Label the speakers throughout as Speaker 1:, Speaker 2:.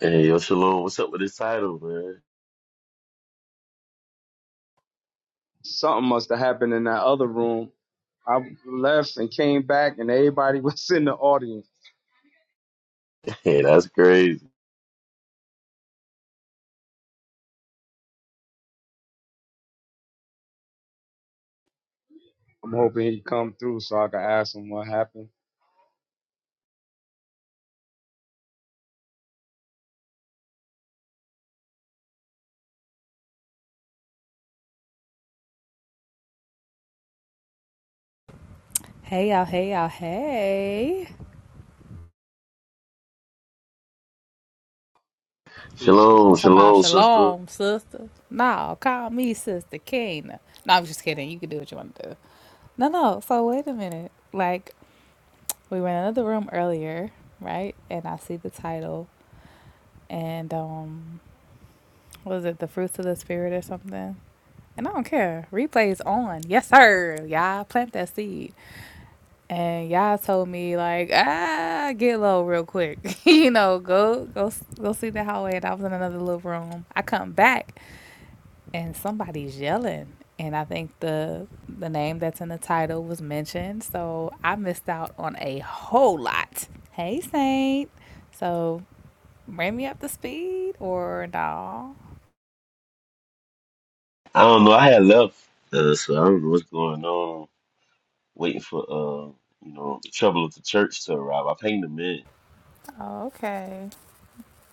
Speaker 1: Hey, yo, Shalom, what's up with this title, man?
Speaker 2: Something must have happened in that other room. I left and came back, and everybody was in the audience.
Speaker 1: Hey, that's crazy.
Speaker 2: I'm hoping he come through so I can ask him what happened.
Speaker 3: Hey y'all, hey y'all, hey.
Speaker 2: Peace,
Speaker 3: I'm
Speaker 1: Shalom,
Speaker 2: sister.
Speaker 3: talking about
Speaker 1: Shalom, sister.
Speaker 3: shalom, sister. No, call me sister Kena. No, I'm just kidding. You can do what you want to do. No, no. So wait a minute. Like we were in another room earlier, right? And I see the title and um was it the fruits of the spirit or something? And I don't care. Replay is on. Yes, sir. Y'all plant that seed. And y'all told me like, ah, get low real quick. you know, go go go see the hallway. And I was in another little room. I come back and somebody's yelling. And I think the the name that's in the title was mentioned. So I missed out on a whole lot. Hey Saint. So bring me up to speed or no?
Speaker 1: I don't know, I had left, uh, so I don't know what's going on. Waiting for, uh, you know, the trouble of the church to arrive. I pinged them in.
Speaker 3: Oh, okay.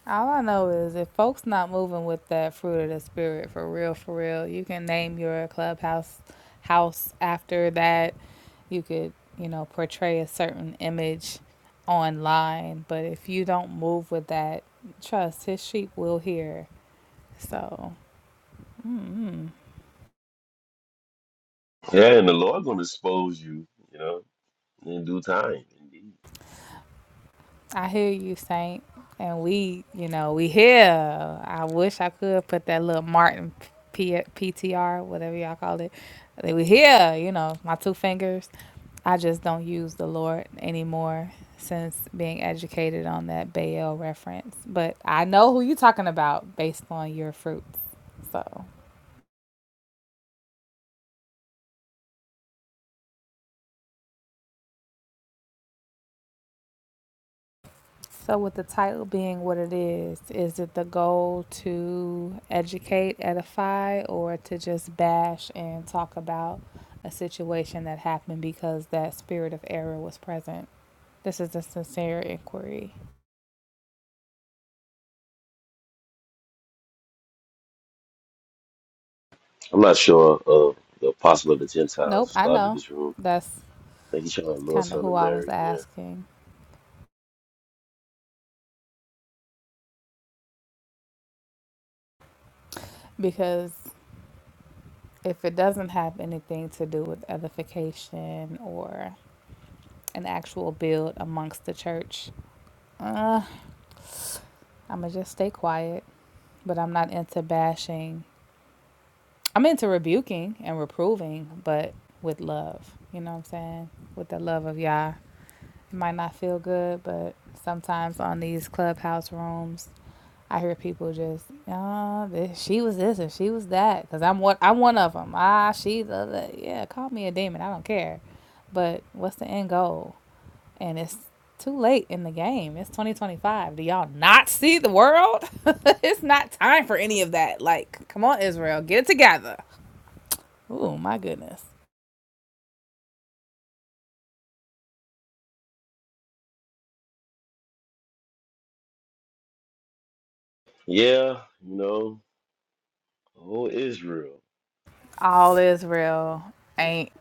Speaker 3: All I know is if folks not moving with that fruit of the spirit for real, for real, you can name your clubhouse house after that. You could, you know, portray a certain image online, but if you don't move with that, trust his sheep will hear. So, mm
Speaker 1: Yeah, and the Lord gonna expose you, you know, in due time, indeed.
Speaker 3: I hear you, Saint, and we, you know, we here. I wish I could put that little Martin P- PTR, whatever y'all call it. Like, We here, you know, my two fingers I just don't use the Lord anymore since being educated on that Baal reference. But I know who you're talking about based on your fruits. So, so with the title being what it is, is it the goal to educate, edify, or to just bash and talk about a situation that happened because that spirit of error was present? This is a sincere inquiry.
Speaker 1: I'm not sure, uh, the apostle of the Gentiles
Speaker 3: Nope, I
Speaker 1: started
Speaker 3: know.
Speaker 1: this room.
Speaker 3: That's
Speaker 1: I think he's trying to Lord
Speaker 3: kind of
Speaker 1: Son
Speaker 3: who
Speaker 1: of
Speaker 3: I was
Speaker 1: Mary, yeah.
Speaker 3: asking because if it doesn't have anything to do with edification or an actual build amongst the church, uh, I'm going to just stay quiet. But I'm not into bashing. I'm into rebuking and reproving, but with love. You know what I'm saying? With the love of Yah. It might not feel good, but sometimes on these clubhouse rooms, I hear people just, ah, this, she was this and she was that, because I'm what I'm one of them. Ah, she the other. Yeah, call me a demon. I don't care. But what's the end goal? And it's too late in the game. It's 2025. Do y'all not see the world? it's not time for any of that. Like, come on, Israel, get it together. Oh my goodness.
Speaker 1: Yeah, you know, oh, Israel.
Speaker 3: All Israel ain't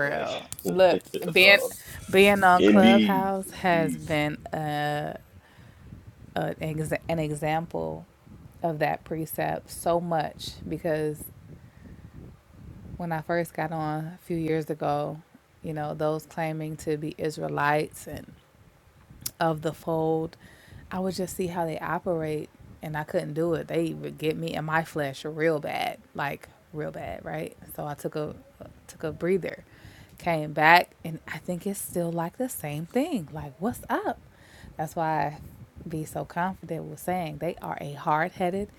Speaker 1: Like,
Speaker 3: Look, being being on
Speaker 1: indeed,
Speaker 3: Clubhouse
Speaker 1: indeed.
Speaker 3: has been a, a ex- an example of that precept so much because when I first got on a few years ago, you know, those claiming to be Israelites and of the fold, I would just see how they operate and I couldn't do it. They would get me in my flesh real bad, like real bad, right? So I took a took a breather, came back, and I think it's still like the same thing. Like, what's up? That's why I be so confident with saying they are a hard headed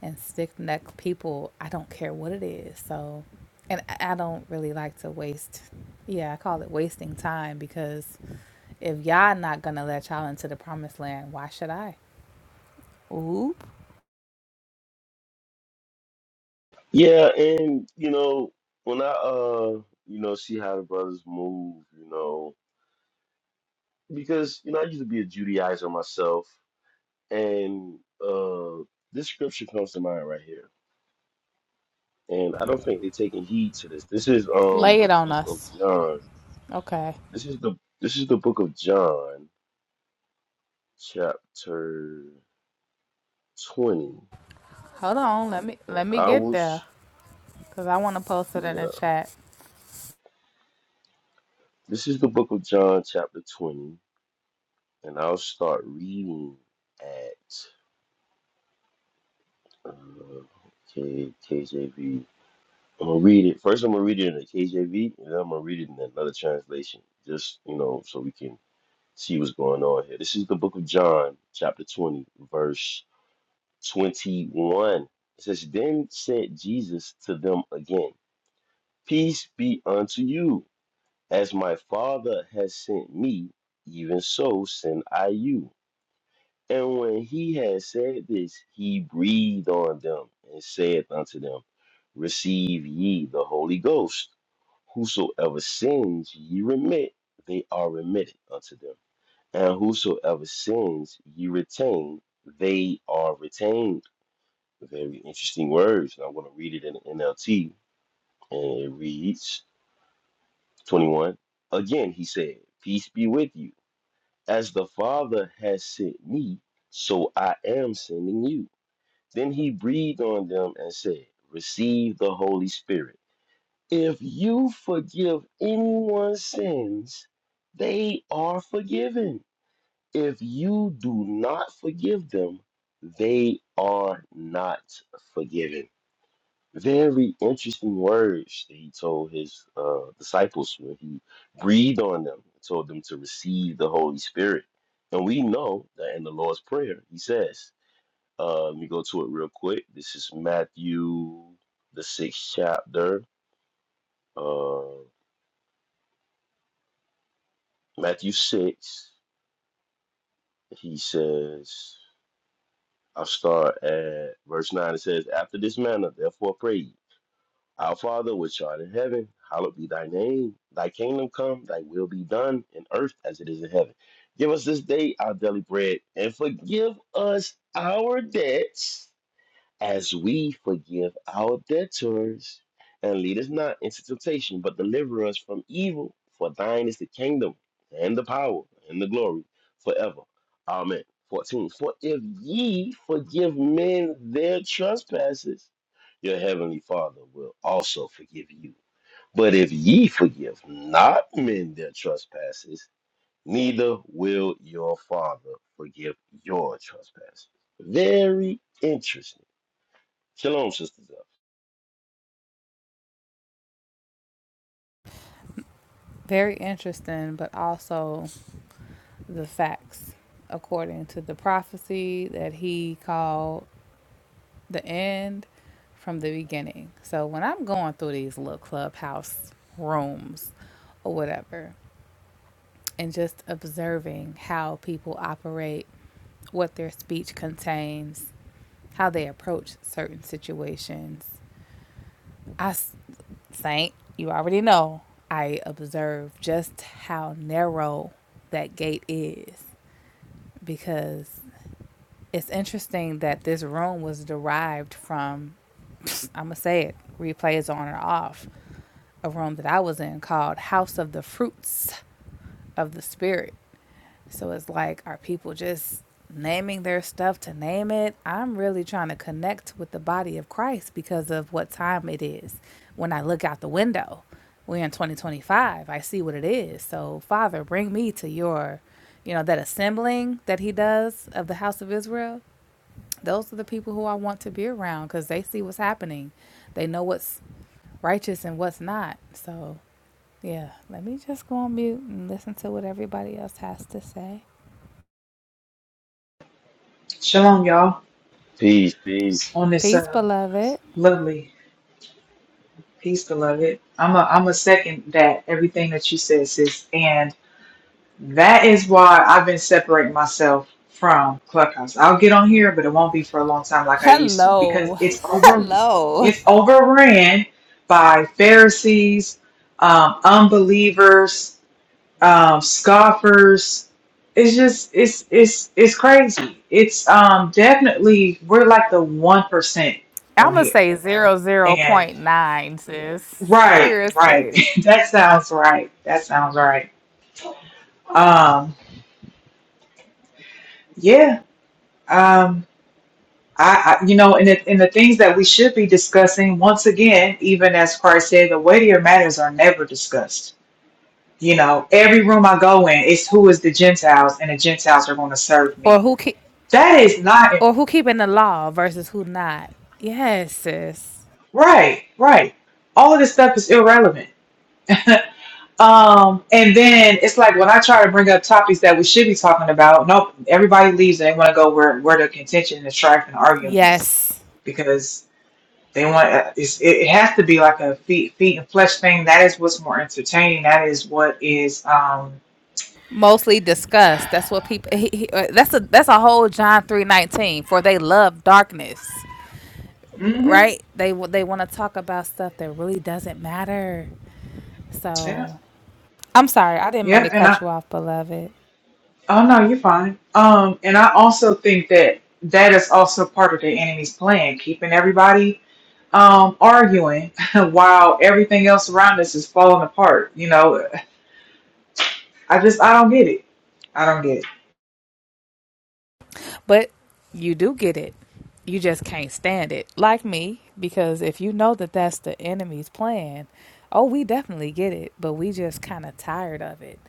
Speaker 3: and stick neck people. I don't care what it is. So, and I I don't really like to waste. Yeah, I call it wasting time because if y'all not gonna let y'all into the promised land, why should I? Oop.
Speaker 1: Yeah, and you know, when I uh you know see how the brothers move, you know, because you know I used to be a Judaizer myself, and uh this scripture comes to mind right here. And I don't think they're taking heed to this. This is um
Speaker 3: Lay
Speaker 1: the
Speaker 3: it on
Speaker 1: book of
Speaker 3: us.
Speaker 1: John.
Speaker 3: Okay.
Speaker 1: This is the this is the book of John, chapter twenty.
Speaker 3: Hold on. Let me
Speaker 1: And
Speaker 3: let me
Speaker 1: I
Speaker 3: get
Speaker 1: will
Speaker 3: there
Speaker 1: s-
Speaker 3: because I want to post it in the
Speaker 1: yeah.
Speaker 3: chat.
Speaker 1: This is the book of John, chapter twenty, and I'll start reading at Uh, K, KJV. I'm gonna read it. First, I'm gonna read it in the KJV, and then I'm gonna read it in another translation, just you know, so we can see what's going on here. This is the book of John, chapter 20, verse 21. It says, Then said Jesus to them again, Peace be unto you. As my Father has sent me, even so send I you. And when he had said this, he breathed on them and saith unto them, Receive ye the Holy Ghost. Whosoever sins ye remit, they are remitted unto them. And whosoever sins ye retain, they are retained. Very interesting words. And I'm going to read it in the NLT. And it reads 21. Again, he said, Peace be with you. As the Father has sent me, so I am sending you. Then he breathed on them and said, Receive the Holy Spirit. If you forgive anyone's sins, they are forgiven. If you do not forgive them, they are not forgiven. Very interesting words that he told his uh, disciples when he breathed on them, and told them to receive the Holy Spirit. And we know that in the Lord's Prayer, he says, uh, let me go to it real quick. This is Matthew, the sixth chapter. Uh, Matthew 6. He says, I'll start at verse 9. It says, After this manner, therefore pray ye, Our Father which art in heaven, hallowed be thy name. Thy kingdom come, thy will be done in earth as it is in heaven. Give us this day our daily bread, and forgive us our debts as we forgive our debtors. And lead us not into temptation, but deliver us from evil. For thine is the kingdom, and the power, and the glory, forever. Amen. 14. For if ye forgive men their trespasses, your heavenly Father will also forgive you. But if ye forgive not men their trespasses, neither will your Father forgive your trespasses. Very interesting Shalom, sisters.
Speaker 3: Very interesting, but also the facts according to the prophecy that he called the end from the beginning. So when I'm going through these little clubhouse rooms or whatever, and just observing how people operate, what their speech contains, how they approach certain situations. I Saint, you already know, I observe just how narrow that gate is because it's interesting that this room was derived from, I'm going to say it, replay is on or off, a room that I was in called House of the Fruits of the Spirit. So it's like, are people just naming their stuff to name it? I'm really trying to connect with the body of Christ because of what time it is. When I look out the window, we're in 2025. I see what it is. So, Father, bring me to your, you know, that assembling that He does of the house of Israel. Those are the people who I want to be around because they see what's happening. They know what's righteous and what's not. So, yeah, let me just go on mute and listen to what everybody else has to say.
Speaker 4: Shalom, y'all.
Speaker 1: Peace, peace.
Speaker 4: On this
Speaker 3: Peace,
Speaker 4: uh,
Speaker 3: beloved.
Speaker 4: lovely piece, beloved. I'm a I'm a second that everything that you said, sis, and that is why I've been separating myself from Clubhouse. I'll get on here, but it won't be for a long time like I used to because
Speaker 3: Hello.
Speaker 4: it's over.
Speaker 3: Hello.
Speaker 4: It's overran by Pharisees, um, unbelievers, um, scoffers. It's just it's it's it's crazy. It's um definitely we're like the one percent
Speaker 3: I'm
Speaker 4: on
Speaker 3: going
Speaker 4: here
Speaker 3: to say zero zero
Speaker 4: And
Speaker 3: point 00.9, sis.
Speaker 4: right, right.
Speaker 3: Seriously.
Speaker 4: that sounds right. That sounds right. Um, yeah. Um, I, I you know, and the, and the things that we should be discussing once again, even as Christ said, the weightier matters are never discussed. You know, every room I go in, it's who is the Gentiles, and the Gentiles are going to serve
Speaker 3: Or
Speaker 4: me.
Speaker 3: who keep
Speaker 4: That is not
Speaker 3: or who keeping the law versus who not? Yes, sis.
Speaker 4: right. Right. All of this stuff is irrelevant. Um, and then it's like when I try to bring up topics that we should be talking about, nope, everybody leaves and they want to go where where the contention and strife and arguing is,
Speaker 3: Yes.
Speaker 4: because they want uh, it's, it it has to be like a feet feet and flesh thing. That is what's more entertaining. That is what is um.
Speaker 3: Mostly disgust. That's what people. He, he, uh, that's a that's a whole John three nineteen. For they love darkness,
Speaker 4: Mm-hmm,
Speaker 3: right? They wa- they want to talk about stuff that really doesn't matter.
Speaker 4: yeah.
Speaker 3: So I'm sorry, I didn't mean to
Speaker 4: Yep. And
Speaker 3: cut
Speaker 4: I
Speaker 3: you off, beloved.
Speaker 4: oh no, you're fine. Um, and I also think that that is also part of the enemy's plan, keeping everybody um arguing while everything else around us is falling apart. You know, I just I don't get it. I don't get it.
Speaker 3: But you do get it. You just can't stand it. Like me, because if you know that that's the enemy's plan, oh, we definitely get it, but we just kind of tired of it.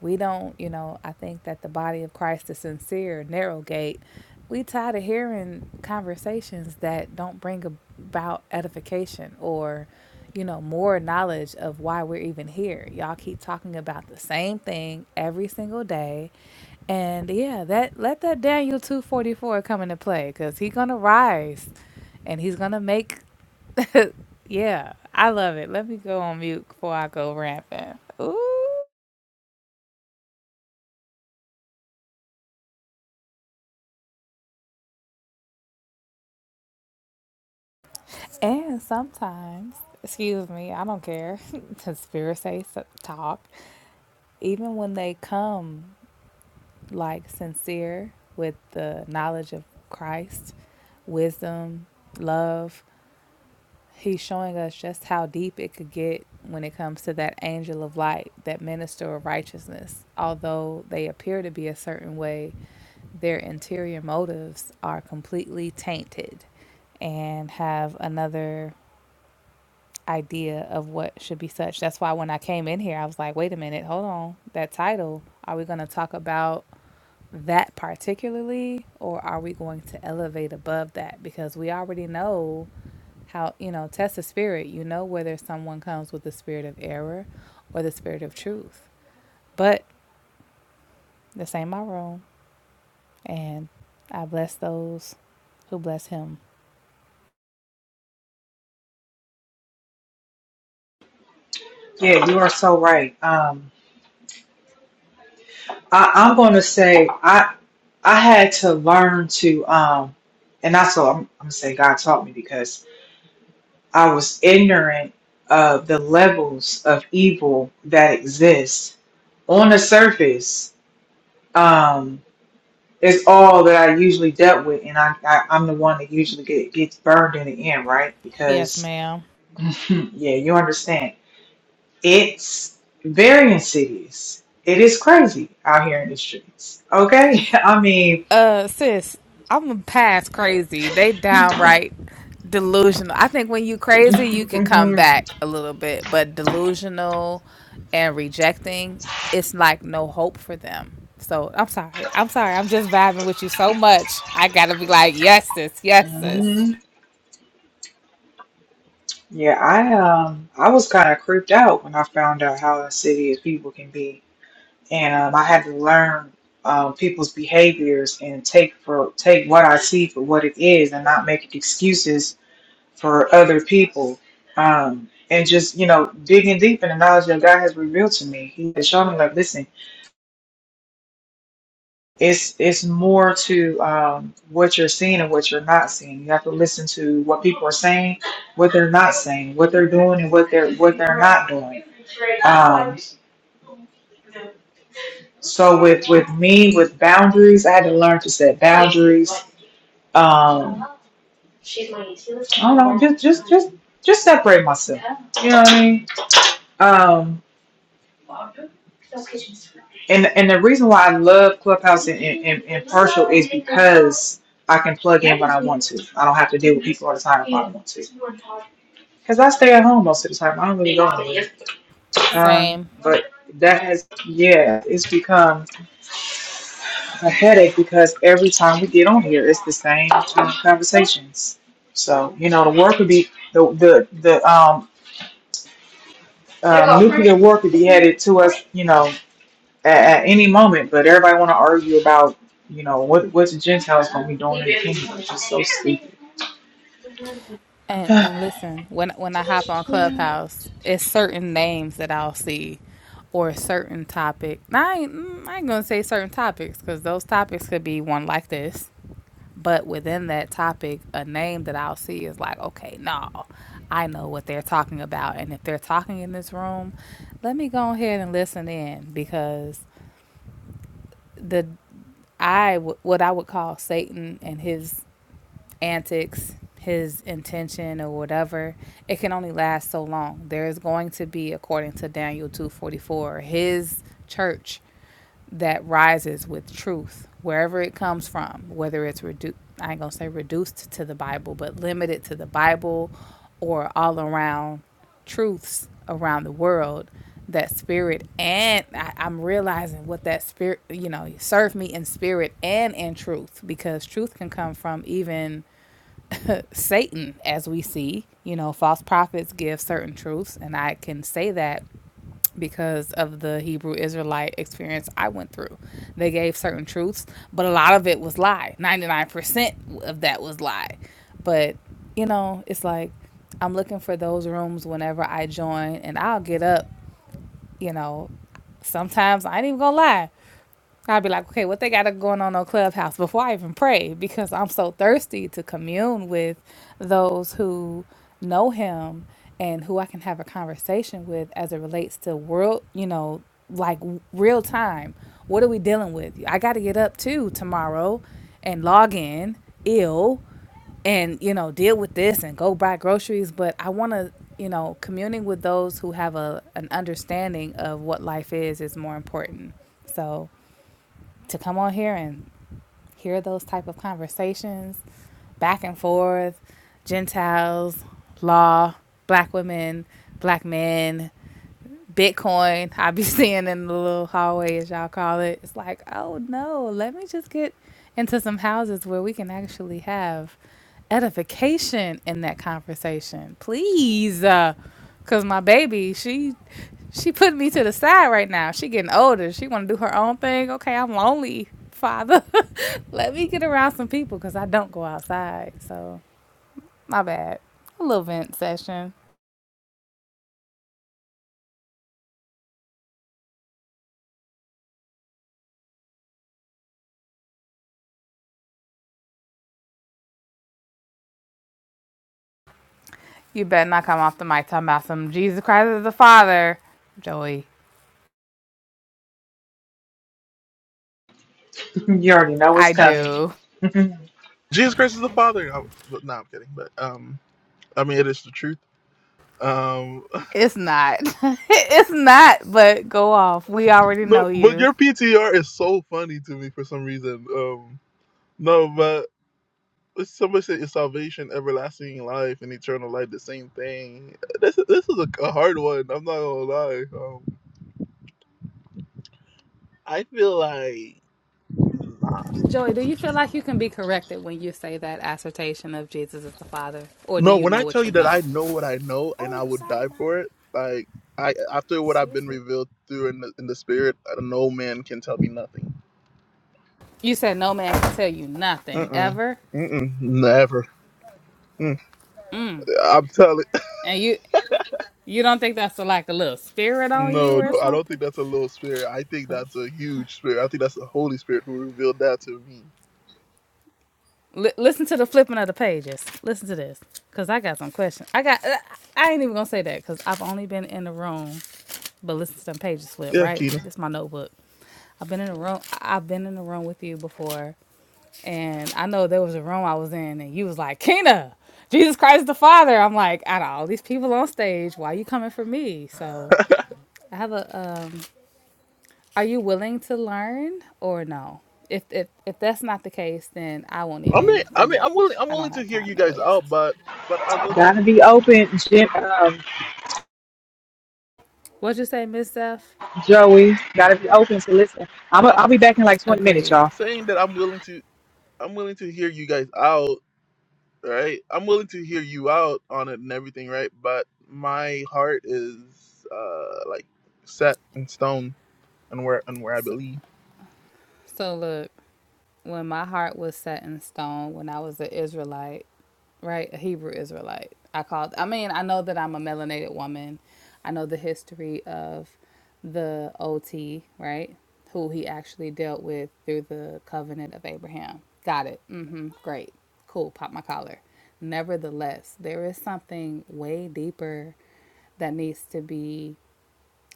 Speaker 3: We don't, you know, I think that the body of Christ is sincere, narrow gate. We tired of hearing conversations that don't bring about edification or you know, more knowledge of why we're even here. Y'all keep talking about the same thing every single day. And yeah, that let that Daniel 244 come into play cuz he's going to rise and he's going to make yeah, I love it. Let me go on mute before I go rampant. Ooh. And sometimes, excuse me, I don't care. the spirits say s- talk. Even when they come like sincere with the knowledge of Christ, wisdom, love. He's showing us just how deep it could get when it comes to that angel of light, that minister of righteousness. Although they appear to be a certain way, their interior motives are completely tainted and have another idea of what should be such. That's why when I came in here, I was like, wait a minute, hold on. That title, are we going to talk about? that particularly or are we going to elevate above that because we already know how you know test the spirit you know whether someone comes with the spirit of error or the spirit of truth but this ain't my room and i bless those who bless him
Speaker 4: Yeah, you are so right. Um, I, I'm gonna say I I had to learn to um, and that's what I'm, I'm gonna say. God taught me because I was ignorant of the levels of evil that exist on the surface. Um, it's all that I usually dealt with, and I, I I'm the one that usually get, gets burned in the end, right?
Speaker 3: yes
Speaker 4: Because
Speaker 3: ma'am
Speaker 4: yeah, you understand It's varying cities. It is crazy out here in the streets. Okay, I mean,
Speaker 3: Uh, sis, I'm past crazy. They downright delusional. I think when you crazy, you could come
Speaker 4: hmm
Speaker 3: back a little bit, but delusional and rejecting, it's like no hope for them. So I'm sorry. I'm sorry. I'm just vibing with you so much. I gotta be like, yes, sis. Yes, sis.
Speaker 4: yeah, I um, I was kind of creeped out when I found out how insidious people can be, and um, I had to learn um, people's behaviors and take for take what I see for what it is, and not make excuses for other people. Um, and just you know, digging deep in the knowledge that God has revealed to me, He has shown me like, listen. it's it's more to um, what you're seeing and what you're not seeing. You have to listen to what people are saying, what they're not saying, what they're doing, and what they're what they're not doing. Um, so with with me with boundaries, I had to learn to set boundaries. Um, I don't know, just just just just separate myself. You know what I mean? Um. And and the reason why I love Clubhouse and, and, and, Partial is because I can plug in when I want to. I don't have to deal with people all the time if I don't want to. Because I stay at home most of the time. I don't really go anywhere. Um,
Speaker 3: Same.
Speaker 4: but that has, yeah, it's become a headache because every time we get on here, it's the same um, conversations. So you know, the work would be the the the um, uh, nuclear work would be headed to us. You know, at, at any moment, but everybody want to argue about, you know, what what's the Gentiles going to be doing in the kingdom, which is so stupid.
Speaker 3: And and listen, when when I hop on Clubhouse, it's certain names that I'll see, or certain topic. Now, I ain't, mm, I ain't gonna say certain topics because those topics could be one like this, but within that topic, a name that I'll see is like, okay, no, I know what they're talking about, and if they're talking in this room, let me go ahead and listen in because the I what I would call Satan and his antics, his intention or whatever, it can only last so long. There is going to be, according to Daniel 2:44, his church that rises with truth, wherever it comes from, whether it's reduced, I ain't gonna say reduced to the Bible, but limited to the Bible or all around truths around the world, that spirit and I, I'm realizing what that spirit, you know, serve me in spirit and in truth because truth can come from even Satan, as we see. You know, false prophets give certain truths, and I can say that because of the Hebrew Israelite experience I went through. They gave certain truths, but a lot of it was lie. 99% of that was lie. But, you know, it's like I'm looking for those rooms whenever I join, and I'll get up, you know, sometimes I ain't even gonna lie. I'd be like, okay, what they got going on on Clubhouse before I even pray because I'm so thirsty to commune with those who know him and who I can have a conversation with as it relates to world, you know, like w- real time. What are we dealing with? I got to get up too tomorrow and log in ill and, you know, deal with this and go buy groceries. But I want to, you know, communing with those who have a, an understanding of what life is is more important. So, to come on here and hear those type of conversations back and forth gentiles law black women black men bitcoin i be seeing in the little hallway as y'all call it it's like oh no let me just get into some houses where we can actually have edification in that conversation please because my baby she she putting me to the side right now she getting older she want to do her own thing okay i'm lonely father let me get around some people because I don't go outside. So, my bad. A little vent session. You better not come off the mic talking about some Jesus Christ is the Father. Joey,
Speaker 4: you already know it's
Speaker 3: I
Speaker 4: coming.
Speaker 3: do.
Speaker 5: Jesus Christ is the Father. I, but, no, I'm kidding. But um, I mean, it is the truth. Um,
Speaker 3: It's not. it's not, but go off. We already
Speaker 5: no,
Speaker 3: know
Speaker 5: but
Speaker 3: you.
Speaker 5: your PTR is so funny to me for some reason. Um, no, but somebody said it's salvation, everlasting life, and eternal life, the same thing. This this is a, a hard one. I'm not gonna lie. Um, I feel like
Speaker 3: Joey, do you feel like you can be corrected when you say that assertion of Jesus is the Father? Or do
Speaker 5: no.
Speaker 3: you
Speaker 5: When
Speaker 3: know
Speaker 5: I tell
Speaker 3: what
Speaker 5: you
Speaker 3: you
Speaker 5: that
Speaker 3: know?
Speaker 5: I know what I know and I
Speaker 3: Oh,
Speaker 5: would
Speaker 3: sorry,
Speaker 5: die
Speaker 3: ma.
Speaker 5: for it, like I after what I've been revealed through in the in the spirit, no man can tell me nothing.
Speaker 3: You said no man can tell you
Speaker 5: Mm
Speaker 3: nothing
Speaker 5: mm.
Speaker 3: ever,
Speaker 5: Mm-mm, never. Mm, I'm telling.
Speaker 3: and you you don't think that's a, like a little spirit on you
Speaker 5: No,
Speaker 3: or
Speaker 5: no, I don't think
Speaker 3: something?
Speaker 5: that's a little spirit. I think that's a huge spirit. I think that's the Holy Spirit who revealed that to me.
Speaker 3: Li- listen to the flipping of the pages. Listen to this, cause I got some questions. I got. Uh, I ain't even gonna say that, cause I've only been in the room, but listen to them pages flip.
Speaker 5: Yeah,
Speaker 3: Right,
Speaker 5: Keena.
Speaker 3: this is my notebook. I've been in the room. I- I've been in the room with you before, and I know there was a room I was in, and you was like, Kena, Jesus Christ the Father. I'm like, out of all these people on stage, why you coming for me? So I have a. Um, are you willing to learn or no? If if if that's not the case, then I won't
Speaker 5: I mean,
Speaker 3: even
Speaker 5: I mean, I'm willing.
Speaker 3: engage.
Speaker 5: I'm
Speaker 3: I don't
Speaker 5: willing to
Speaker 3: have
Speaker 5: hear you
Speaker 3: time to
Speaker 5: guys out,
Speaker 3: waste.
Speaker 5: but but I will.
Speaker 4: Gotta be open, Jim, um,
Speaker 3: What'd you say, Miss Zeph?
Speaker 4: Joey. Gotta be open to listen. I'm. A,
Speaker 5: I,
Speaker 4: I'll be back in like 20
Speaker 5: I,
Speaker 4: minutes,
Speaker 3: Agreed.
Speaker 4: y'all.
Speaker 5: saying that I'm willing to. I'm willing to hear you guys out. Right. I'm willing to hear you out on it and everything. Right. But my heart is uh like set in stone and where and where I
Speaker 3: So,
Speaker 5: believe.
Speaker 3: so look, when my heart was set in stone, when I was an Israelite, right, a Hebrew Israelite, I called. I mean, I know that I'm a melanated woman. I know the history of the OT, right? Who he actually dealt with through the covenant of Abraham. Got it. Mm-hmm. Great. Cool. Pop my collar. Nevertheless, there is something way deeper that needs to be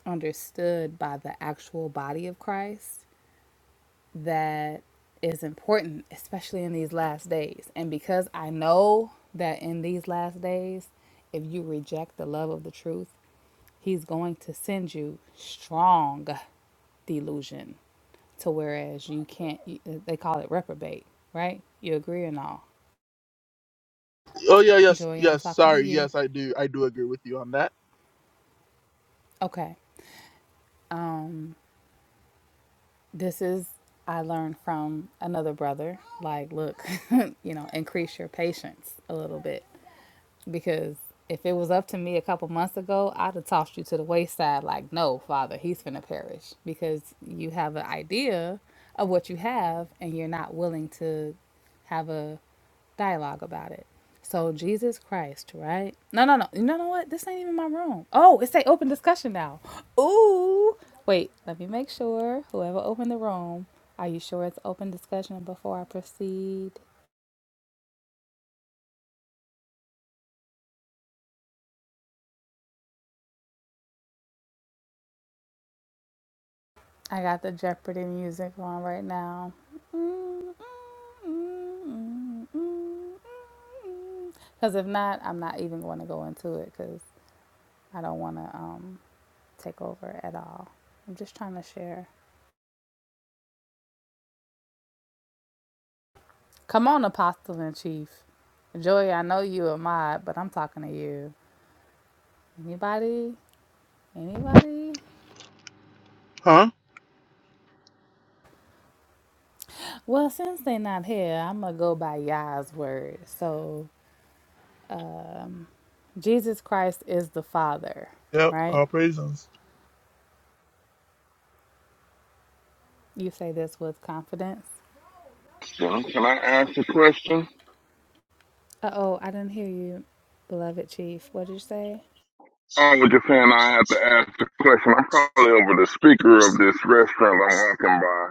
Speaker 3: understood by the actual body of Christ that is important, especially in these last days. And because I know that in these last days, if you reject the love of the truth, He's going to send you strong delusion to whereas you can't, they call it reprobate, right? You agree or not?
Speaker 5: Oh yeah. Yes.
Speaker 3: Joy, I'm
Speaker 5: Yes.
Speaker 3: talking to
Speaker 5: Sorry.
Speaker 3: you.
Speaker 5: Yes, I do. I do agree with you on that.
Speaker 3: Okay. Um, this is I learned from another brother. Like, look, you know, increase your patience a little bit because if it was up to me a couple months ago, I'd have tossed you to the wayside. Like, no, Father, he's finna perish because you have an idea of what you have and you're not willing to have a dialogue about it. So Jesus Christ, right? No, no, no. You know what? This ain't even my room. Oh, it's a open discussion now. Ooh. Wait, let me make sure. Whoever opened the room, are you sure it's open discussion before I proceed? I got the Jeopardy music on right now. Because if not, I'm not even going to go into it because I don't want to um, take over at all. I'm just trying to share. Come on, Apostle in Chief. Joey, I know you a mod, but I'm talking to you. Anybody? Anybody?
Speaker 5: Huh.
Speaker 3: Well, since they not here, I'm going to go by Yah's word. So, um, Jesus Christ is the Father,
Speaker 5: Yep,
Speaker 3: right?
Speaker 5: all praises.
Speaker 3: You say this with confidence.
Speaker 6: Well, can I ask a question?
Speaker 3: Uh oh, I didn't hear you, beloved Chief. What did you say?
Speaker 6: I was just saying I have to ask a question. I'm probably over the speaker of this restaurant I'm walking by.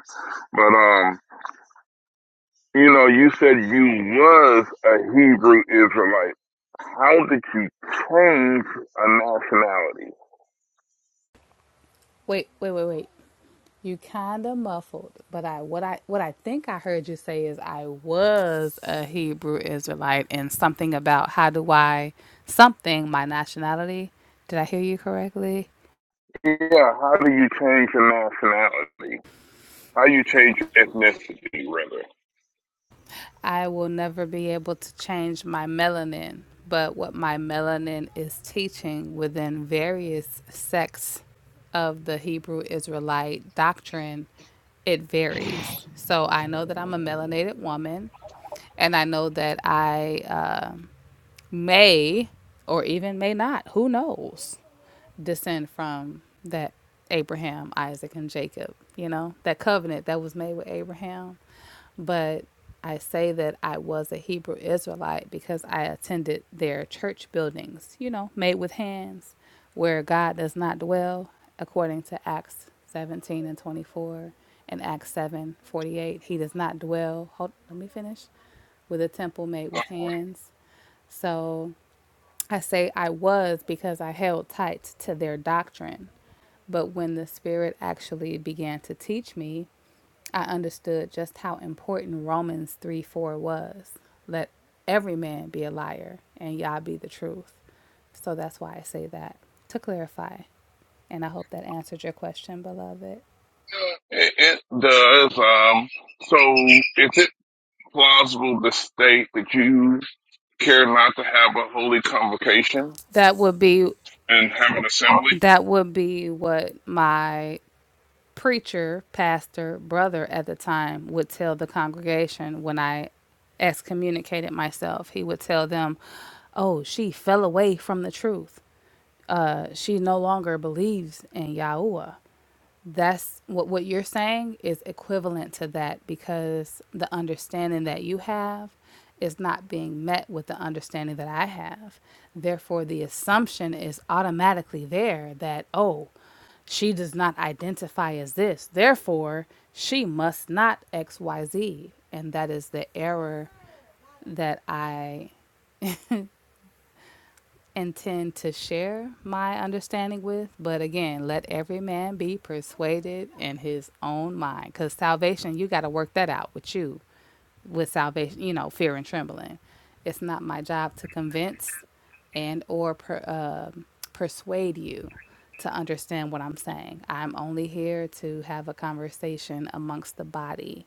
Speaker 6: But um, you know, you said you was a Hebrew Israelite. How did you change a nationality?
Speaker 3: Wait, wait, wait, wait. You kind of muffled, but I what I what I think I heard you say is I was a Hebrew Israelite and something about how do I something my nationality. Did I hear you correctly?
Speaker 6: Yeah, how do you change your nationality? How you change your ethnicity rather?
Speaker 3: I will never be able to change my melanin, but what my melanin is teaching within various sects of the Hebrew Israelite doctrine it varies. So I know that I'm a melanated woman, and I know that I um may or even may not. Who knows? descend from that Abraham, Isaac, and Jacob, you know, that covenant that was made with Abraham. But I say that I was a Hebrew Israelite because I attended their church buildings, you know, made with hands, where God does not dwell, according to Acts 17 and 24 and Acts 7:48. He does not dwell, hold, let me finish, with a temple made with hands. So I say I was because I held tight to their doctrine. But when the Spirit actually began to teach me, I understood just how important Romans 3 4 was. Let every man be a liar and Yah be the truth. So that's why I say that to clarify. And I hope that answered your question, beloved.
Speaker 6: It, it does. Um, so is it plausible to state that you care not to have a holy convocation
Speaker 3: That would be
Speaker 6: and have an assembly.
Speaker 3: that would be what my preacher, pastor, brother at the time would tell the congregation when I excommunicated myself, he would tell them, Oh, she fell away from the truth. Uh, she no longer believes in Yahuwah that's what what you're saying is equivalent to that because the understanding that you have is not being met with the understanding that I have. Therefore, the assumption is automatically there that oh, she does not identify as this. Therefore, she must not XYZ. And that is the error that I intend to share my understanding with, but again, let every man be persuaded in his own mind. Because salvation, you got to work that out with you, with salvation, you know, fear and trembling. It's not my job to convince and or per, um persuade you to understand what I'm saying. I'm only here to have a conversation amongst the body,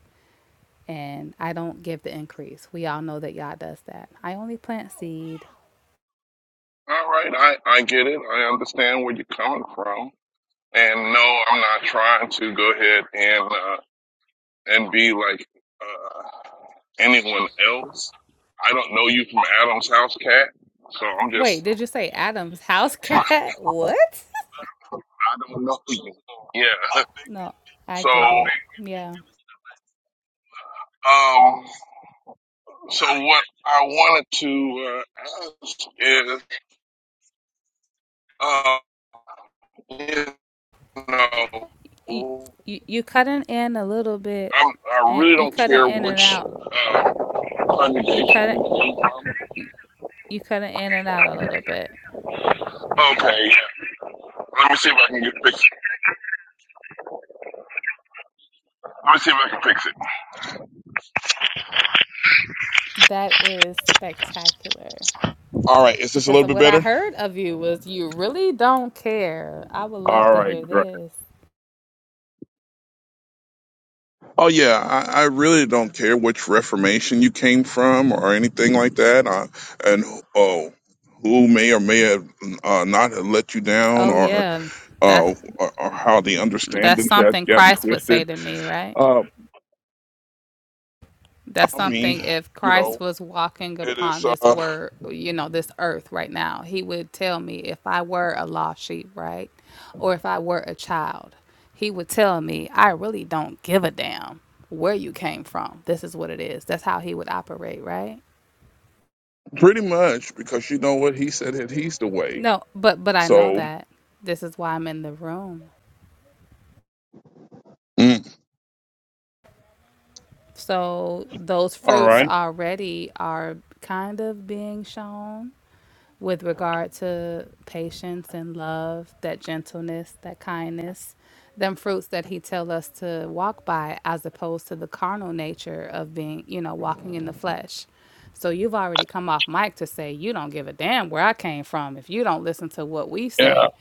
Speaker 3: and I don't give the increase. We all know that Yah does that. I only plant seed
Speaker 6: All right, I, I get it. I understand where you're coming from. And no, I'm not trying to go ahead and uh, and be like uh, anyone else. I don't know you from Adam's house, cat. So I'm
Speaker 3: Wait,
Speaker 6: just
Speaker 3: did you say Adam's house
Speaker 6: trying.
Speaker 3: cat? What?
Speaker 6: I don't know you. Yeah.
Speaker 3: No, I
Speaker 6: So
Speaker 3: get it. Yeah.
Speaker 6: um, so what I wanted to uh, ask is, uh, you
Speaker 3: You,
Speaker 6: know.
Speaker 3: you, you cutting in a little bit
Speaker 6: I'm, I
Speaker 3: and
Speaker 6: really
Speaker 3: you
Speaker 6: don't
Speaker 3: cutting
Speaker 6: care
Speaker 3: in and
Speaker 6: which
Speaker 3: out.
Speaker 6: uh,
Speaker 3: You
Speaker 6: congregation
Speaker 3: cutting
Speaker 6: you came from.
Speaker 3: you cutting in and out a little bit.
Speaker 6: Okay, yeah. Let me see if I can get fix it. Let me see if I can fix it.
Speaker 3: That is spectacular.
Speaker 6: All right, is this a
Speaker 3: Because
Speaker 6: little bit
Speaker 3: what I
Speaker 6: better?
Speaker 3: heard of you was you really don't care. I would love
Speaker 6: All
Speaker 3: to
Speaker 6: right,
Speaker 3: hear
Speaker 6: great.
Speaker 3: this.
Speaker 6: Oh yeah, I, I really don't care which Reformation you came from or anything like that, uh, and oh, who may or may have uh, not have let you down,
Speaker 3: Oh
Speaker 6: or,
Speaker 3: yeah.
Speaker 6: uh,
Speaker 3: That
Speaker 6: or or how the
Speaker 3: that's
Speaker 6: understandings have
Speaker 3: something
Speaker 6: gotten
Speaker 3: Christ would say
Speaker 6: twisted.
Speaker 3: to me, right?
Speaker 6: Uh,
Speaker 3: That's
Speaker 6: I mean,
Speaker 3: something if
Speaker 6: you
Speaker 3: Christ
Speaker 6: know,
Speaker 3: was walking
Speaker 6: it is.
Speaker 3: upon this
Speaker 6: Uh,
Speaker 3: word, you know, this earth right now, he would tell me if I were a lost sheep, right? Or if I were a child, he would tell me, I really don't give a damn where you came from. This is what it is. That's how he would operate, right?
Speaker 6: Pretty much, because you know what he said that he's the way.
Speaker 3: No, but but I know
Speaker 6: So,
Speaker 3: that. This is why I'm in the room.
Speaker 6: mm,
Speaker 3: So those
Speaker 6: all
Speaker 3: fruits
Speaker 6: right,
Speaker 3: already are kind of being shown with regard to patience and love, that gentleness, that kindness, them fruits that he tell us to walk by as opposed to the carnal nature of being, you know, walking in the flesh. So you've already come off mic to say you don't give a damn where I came from. If you don't listen to what we
Speaker 6: yeah.
Speaker 3: say,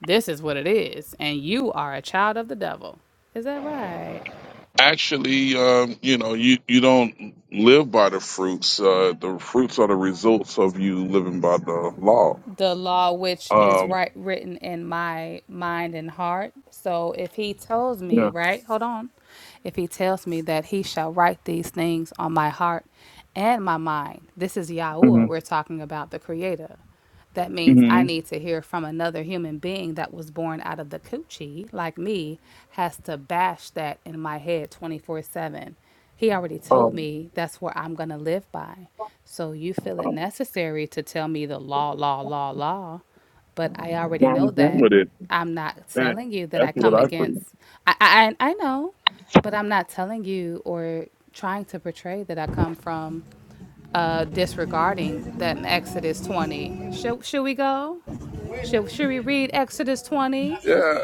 Speaker 3: this is what it is and you are a child of the devil. Is that right?
Speaker 6: Actually, um, you know, you you don't live by the fruits. Uh, the fruits are the results of you living by the law.
Speaker 3: the law which is
Speaker 6: Um,
Speaker 3: right written in my mind and heart. So if he tells me,
Speaker 6: yeah.
Speaker 3: right, hold on, if he tells me that he shall write these things on my heart and my mind, this is
Speaker 6: hmm
Speaker 3: Yahuwah we're talking about, the Creator. That means
Speaker 6: hmm
Speaker 3: I need to hear from another human being that was born out of the coochie, like me, has to bash that in my head 24 7. He already told
Speaker 6: Um,
Speaker 3: me that's what I'm going to live by. So you feel it necessary to tell me the law, law, law, law, but I already know
Speaker 6: that,
Speaker 3: that. I'm not telling you that
Speaker 6: that's
Speaker 3: I
Speaker 6: what
Speaker 3: come
Speaker 6: I preach.
Speaker 3: against. I I, I I know, but I'm not telling you or trying to portray that I come from uh, disregarding that in Exodus 20. Should should we go? Should should we read Exodus 20?
Speaker 6: Yeah.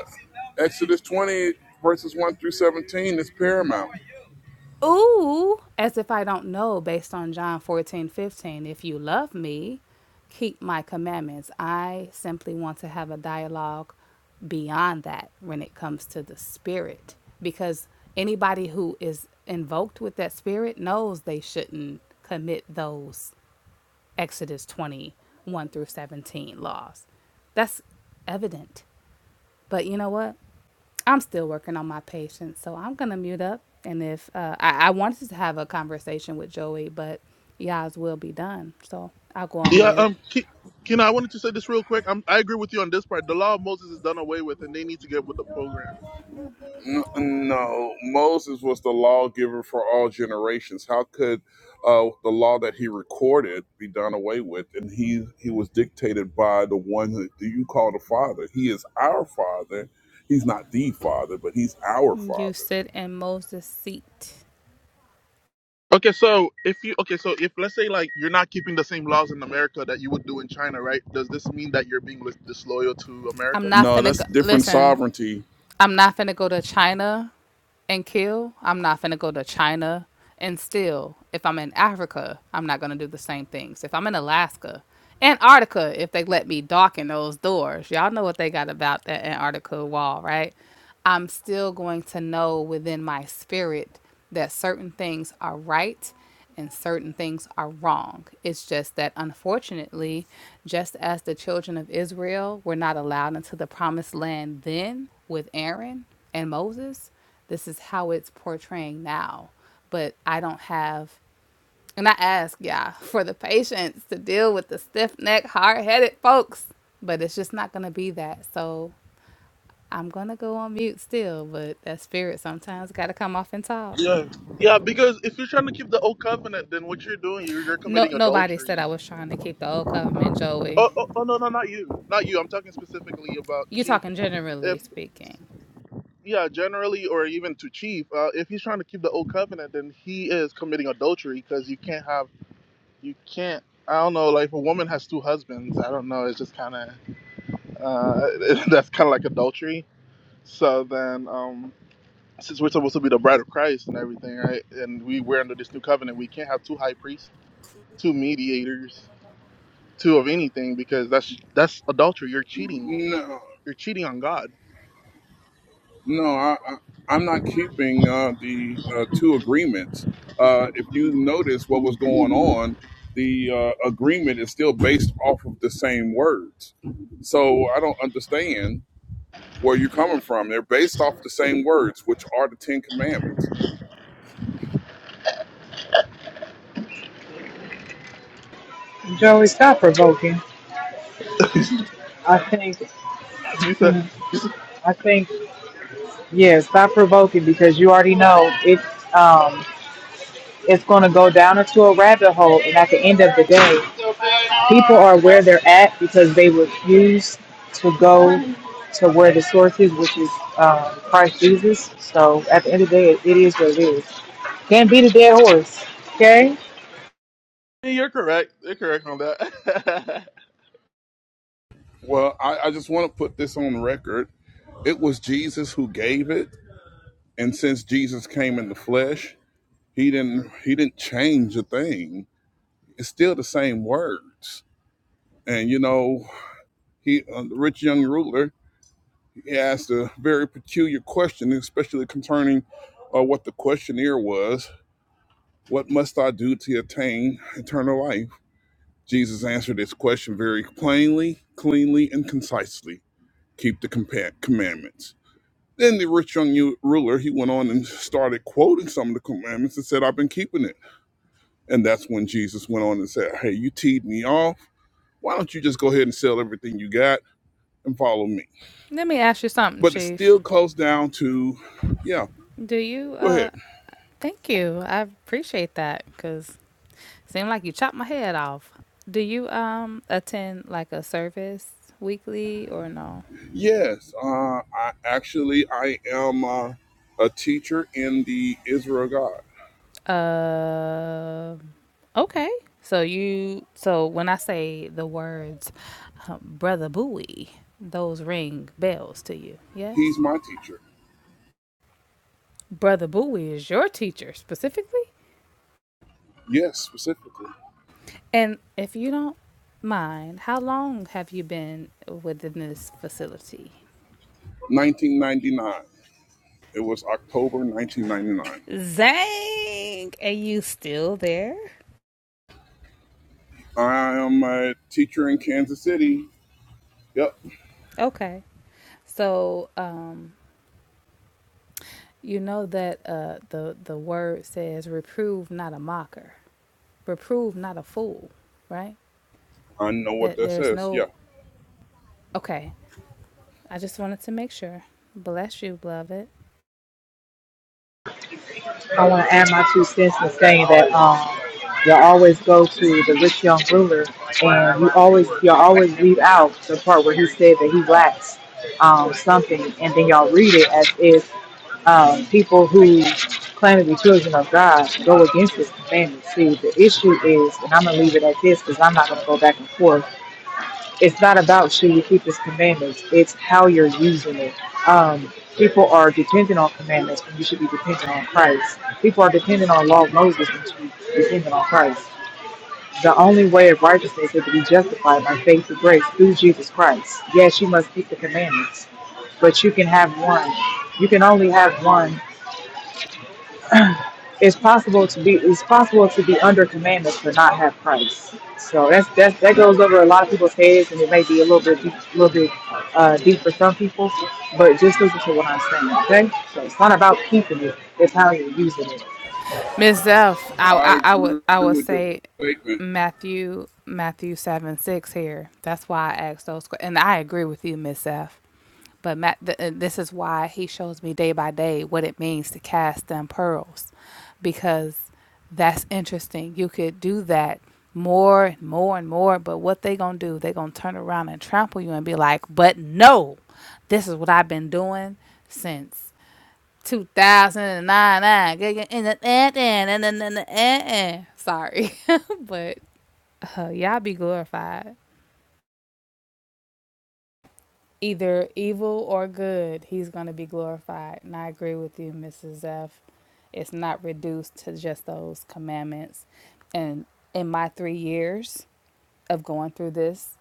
Speaker 6: Exodus twenty verses one through seventeen is paramount.
Speaker 3: Ooh, as if I don't know, based on John 14 15, if you love me, keep my commandments. I simply want to have a dialogue beyond that when it comes to the spirit, because anybody who is invoked with that spirit knows they shouldn't commit those Exodus 21 through 17 laws. That's evident. But you know what? I'm still working on my patience, so I'm gonna mute up. And if uh, I, I wanted to have a conversation with Joey, but y'all's will be done, so I'll go on
Speaker 5: Yeah,
Speaker 3: mute.
Speaker 5: um, Ke- Keena, I wanted to say this real quick. I'm, I agree with you on this part. The law of Moses is done away with, and they need to get with the program.
Speaker 6: N- No, Moses was the lawgiver for all generations. How could uh, the law that he recorded be done away with? And he he was dictated by the one who do you call the Father. He is our Father. He's not the Father, but he's our
Speaker 3: You
Speaker 6: Father.
Speaker 3: sit in Moses' seat.
Speaker 5: Okay, so if you okay, so if let's say like you're not keeping the same laws in America that you would do in China, right? Does this mean that you're being lis- disloyal to
Speaker 3: I'm
Speaker 5: America?
Speaker 3: not
Speaker 6: No,
Speaker 3: finna
Speaker 6: that's
Speaker 3: go,
Speaker 6: different
Speaker 3: listen.
Speaker 6: sovereignty.
Speaker 3: I'm not finna go to China and kill, I'm not finna go to China and still, if I'm in Africa, I'm not gonna do the same things. If I'm in Alaska, Antarctica, if they let me dock in those doors, y'all know what they got about that Antarctica wall, right? I'm still going to know within my spirit that certain things are right and certain things are wrong. It's just that unfortunately, just as the children of Israel were not allowed into the promised land then with Aaron and Moses, this is how it's portraying now but i don't have and i ask yeah for the patience to deal with the stiff-necked hard-headed folks but it's just not gonna be that so i'm gonna go on mute still but that spirit sometimes gotta come off and talk
Speaker 5: Yeah, yeah. Because if you're trying to keep the old covenant, then what you're doing, you're, you're
Speaker 3: no
Speaker 5: committing
Speaker 3: nobody said
Speaker 5: adultery.
Speaker 3: i was trying to keep the old covenant joey
Speaker 5: Oh, oh, oh, no, no, not you, not you. I'm talking specifically about
Speaker 3: you're
Speaker 5: Chief.
Speaker 3: talking generally speaking
Speaker 5: yeah, generally, or even to chief, uh, if he's trying to keep the old covenant, then he is committing adultery because you can't have, you can't. I don't know, like if a woman has two husbands, I don't know. It's just kind of uh, that's kind of like adultery. So then, um, since we're supposed to be the bride of Christ and everything, right? And we we're under this new covenant, we can't have two high priests, two mediators, two of anything because that's that's adultery. You're cheating.
Speaker 6: No.
Speaker 5: You're cheating on God.
Speaker 6: No, I, I, I'm not keeping uh, the uh, two agreements. Uh, if you notice what was going on, the uh, agreement is still based off of the same words. So I don't understand where you're coming from. They're based off the same words, which are the Ten Commandments.
Speaker 4: Joey, stop provoking. I think.
Speaker 5: You said
Speaker 4: I think. Yeah, stop provoking because you already know it's. Um, it's gonna go down into a rabbit hole, and at the end of the day. people are where they're at because they refuse to go to where the source is, which is um, Christ Jesus. So at the end of the day, it is what it is. Can't beat a dead horse. Okay.
Speaker 5: you're correct. You're correct on that.
Speaker 6: Well, I, I just want to put this on record. It was Jesus who gave it, and since Jesus came in the flesh, he didn't he didn't change a thing. It's still the same words. And you know, he, uh, the rich young ruler, he asked a very peculiar question, especially concerning uh, what the questionnaire was. What must I do to attain eternal life? Jesus answered this question very plainly, cleanly, and concisely. Keep the compa- commandments. Then the rich young u- ruler, he went on and started quoting some of the commandments and said, I've been keeping it. And that's when Jesus went on and said, Hey, you teed me off. Why don't you just go ahead and sell everything you got and follow me?
Speaker 3: let me ask you something
Speaker 6: but it
Speaker 3: chief
Speaker 6: still comes down to yeah
Speaker 3: do you
Speaker 6: go ahead
Speaker 3: uh thank you i appreciate that because Seem like you chopped my head off. Do you um attend like a service weekly or no?
Speaker 6: yes uh, i actually i am uh, a teacher in the israel god
Speaker 3: Uh, okay. So you so when I say the words um, brother Bowie, those ring bells to you.
Speaker 6: he's
Speaker 3: Yes.
Speaker 6: my teacher
Speaker 3: Brother Bowie is your teacher specifically?
Speaker 6: yes specifically
Speaker 3: And if you don't mind, how long have you been within this facility?
Speaker 6: 1999 it was october 1999
Speaker 3: Zang, are you still there?
Speaker 6: i am a teacher in kansas city yep
Speaker 3: Okay. So um, you know that uh, the the word says, "Reprove not a mocker, reprove not a fool." Right?
Speaker 6: i know what
Speaker 3: That
Speaker 6: that
Speaker 3: there's
Speaker 6: says yeah
Speaker 3: no okay. I just wanted to make sure. Bless you, beloved.
Speaker 4: I want to add my two cents in saying that um, you'll always go to the rich young ruler, and you always you'll always leave out the part where he said that he lacks um, something, and then y'all read it as if um, people who claim to be children of God go against His commandments. See, the issue is, and I'm gonna leave it at this because I'm not gonna go back and forth it's not about should you keep his commandments it's how you're using it um, people are dependent on commandments when you should be dependent on christ people are dependent on law of moses when you should be dependent on christ the only way of righteousness is to be justified by faith and grace through jesus christ yes you must keep the commandments but you can have one you can only have one it's possible to be it's possible to be under commandments but not have Christ. So that's that's that goes over a lot of people's heads, and it may be a little bit deep, a little bit uh, deep for some people. But just listen to what I'm saying, okay? So it's not about keeping it; it's how you're using it.
Speaker 3: Ms. Zeph, I,
Speaker 6: i
Speaker 3: I, I would
Speaker 6: agree
Speaker 3: I would
Speaker 6: with your
Speaker 3: say
Speaker 6: statement
Speaker 3: Matthew Matthew seven six here. That's why I asked those. que- And I agree with you, Miss Zeph. But Matt, th- uh, this is why he shows me day by day what it means to cast them pearls, because that's interesting. You could do that more and more and more, but what they gonna do? They gonna turn around and trample you and be like, "But no, this is what I've been doing since 2009." Sorry, but uh, y'all be glorified. either evil or good, he's going to be glorified. And I agree with you, Mrs. F. It's not reduced to just those commandments. And in my three years of going through this,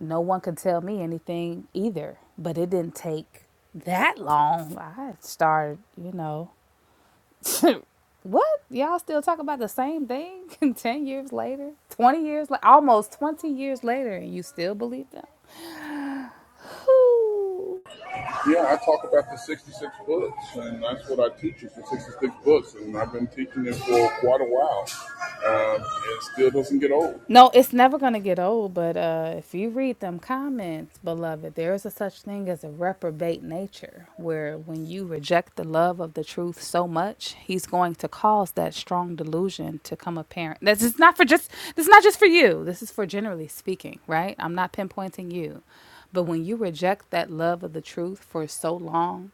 Speaker 3: no one could tell me anything either. But it didn't take that long. I started, you know, what? Y'all still talk about the same thing 10 years later? 20 years, like almost 20 years later, and you still believe them? Whew.
Speaker 6: Yeah, I talk about the 66 books, and that's what I teach is the 66 books, and I've been teaching it for quite a while. Um, it still doesn't get old.
Speaker 3: No, it's never going to get old, but uh, if you read them comments, beloved, there is a such thing as a reprobate nature, where when you reject the love of the truth so much, he's going to cause that strong delusion to come apparent. This is not for just this is not just for you. This is for generally speaking, right? I'm not pinpointing you. But when you reject that love of the truth for so long,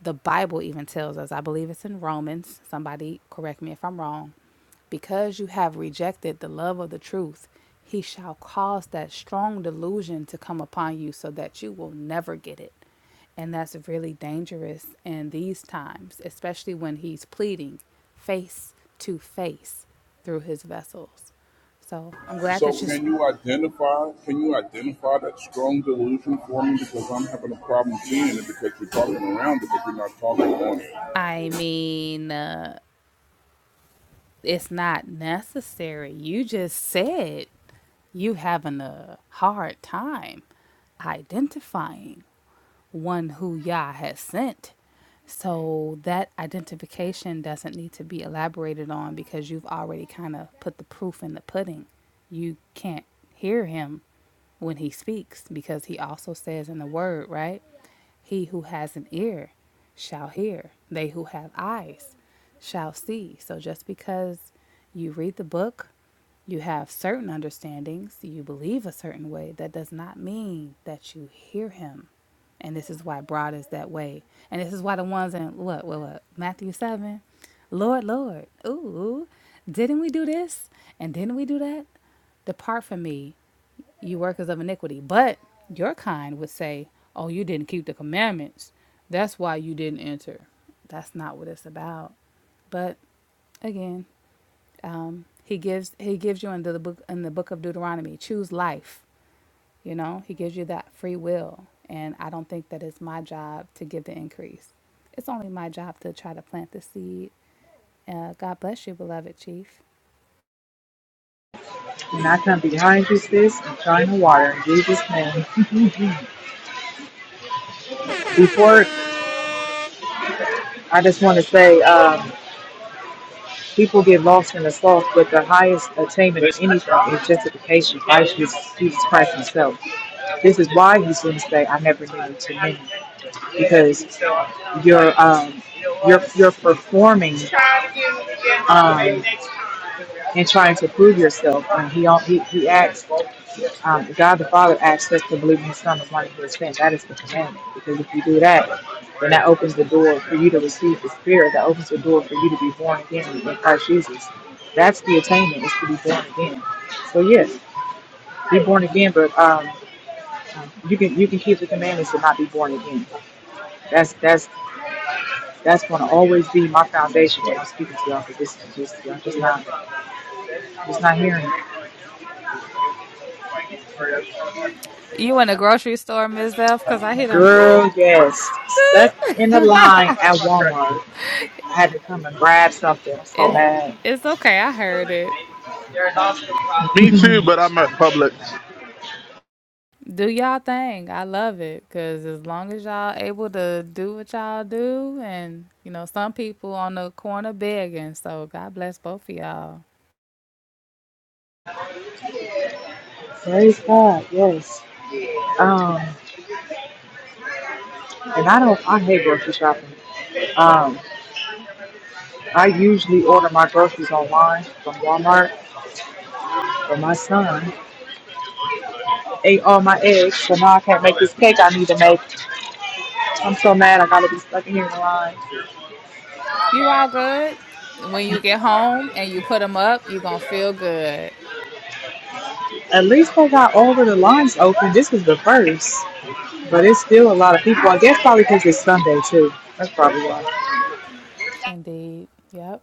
Speaker 3: the Bible even tells us, I believe it's in Romans, somebody correct me if I'm wrong, because you have rejected the love of the truth, he shall cause that strong delusion to come upon you so that you will never get it. And that's really dangerous in these times, especially when he's pleading face to face through his vessels. So I'm glad
Speaker 6: So,
Speaker 3: that you,
Speaker 6: can you identify? Can you identify that strong delusion for me? Because I'm having a problem seeing it because you're talking around it, but you're not talking on it.
Speaker 3: I mean, uh, It's not necessary. You just said you having a hard time identifying one who Yah has sent. So that identification doesn't need to be elaborated on because you've already kind of put the proof in the pudding. You can't hear him when he speaks because he also says in the word, right? He who has an ear shall hear. They who have eyes shall see. So just because you read the book, you have certain understandings, you believe a certain way, that does not mean that you hear him. And this is why broad is that way. And this is why the ones in what, what, what Matthew 7, Lord, Lord, ooh, didn't we do this? And didn't we do that? Depart from me you workers of iniquity. But your kind would say, Oh, you didn't keep the commandments. That's why you didn't enter. That's not what it's about. But again, um, he gives he gives you in the book in the book of Deuteronomy, choose life. You know, he gives you that free will. And I don't think that it's my job to give the increase. It's only my job to try to plant the seed. Uh, God bless you, beloved chief.
Speaker 4: And I come behind you, sis, and shine the water in Jesus' name. Before,
Speaker 7: Thank you.
Speaker 4: I just want to say, um, people get lost in the sauce, but the highest attainment of anything is justification by Jesus, Jesus Christ Himself. This is why he's going to say, "I never knew you to me," because you're um, you're you're performing um, and trying to prove yourself. And he al- he he asks, um, God the Father asks us to believe in His Son, the one who is sent. That is the commandment. Because if you do that, then that opens the door for you to receive the Spirit. That opens the door for you to be born again in Christ Jesus. That's the attainment is to be born again. So yes, be born again, but um, you can you can keep the commandments and not be born again. That's that's that's going to always be my foundation when I'm speaking to y'all because this is just I'm just not just not hearing it.
Speaker 3: You in the grocery store, Ms. F, because I hear them. Doo,
Speaker 4: Girl, yes,
Speaker 3: doo.
Speaker 4: stuck in the line at Walmart. I had to come and grab something. I'm so
Speaker 3: It's
Speaker 4: mad.
Speaker 3: it's okay. I heard it.
Speaker 5: Me too, but I'm at Publix.
Speaker 3: Do y'all thing. I love it because as long as y'all able to do what y'all do, and you know some people on the corner begging. So God bless both of y'all.
Speaker 4: Praise God, yes. Um, and I don't I hate grocery shopping. Um, I usually order my groceries online from Walmart, but my son ate all my eggs, so now I can't make this cake I need to make. I'm so mad I gotta be stuck in here in the line.
Speaker 3: You all good. When you get home and you put them up, you gonna feel good.
Speaker 4: At least I got over the lines open. This was the first, but it's still a lot of people. I guess probably because it's Sunday too. That's probably why.
Speaker 3: Indeed. Yep.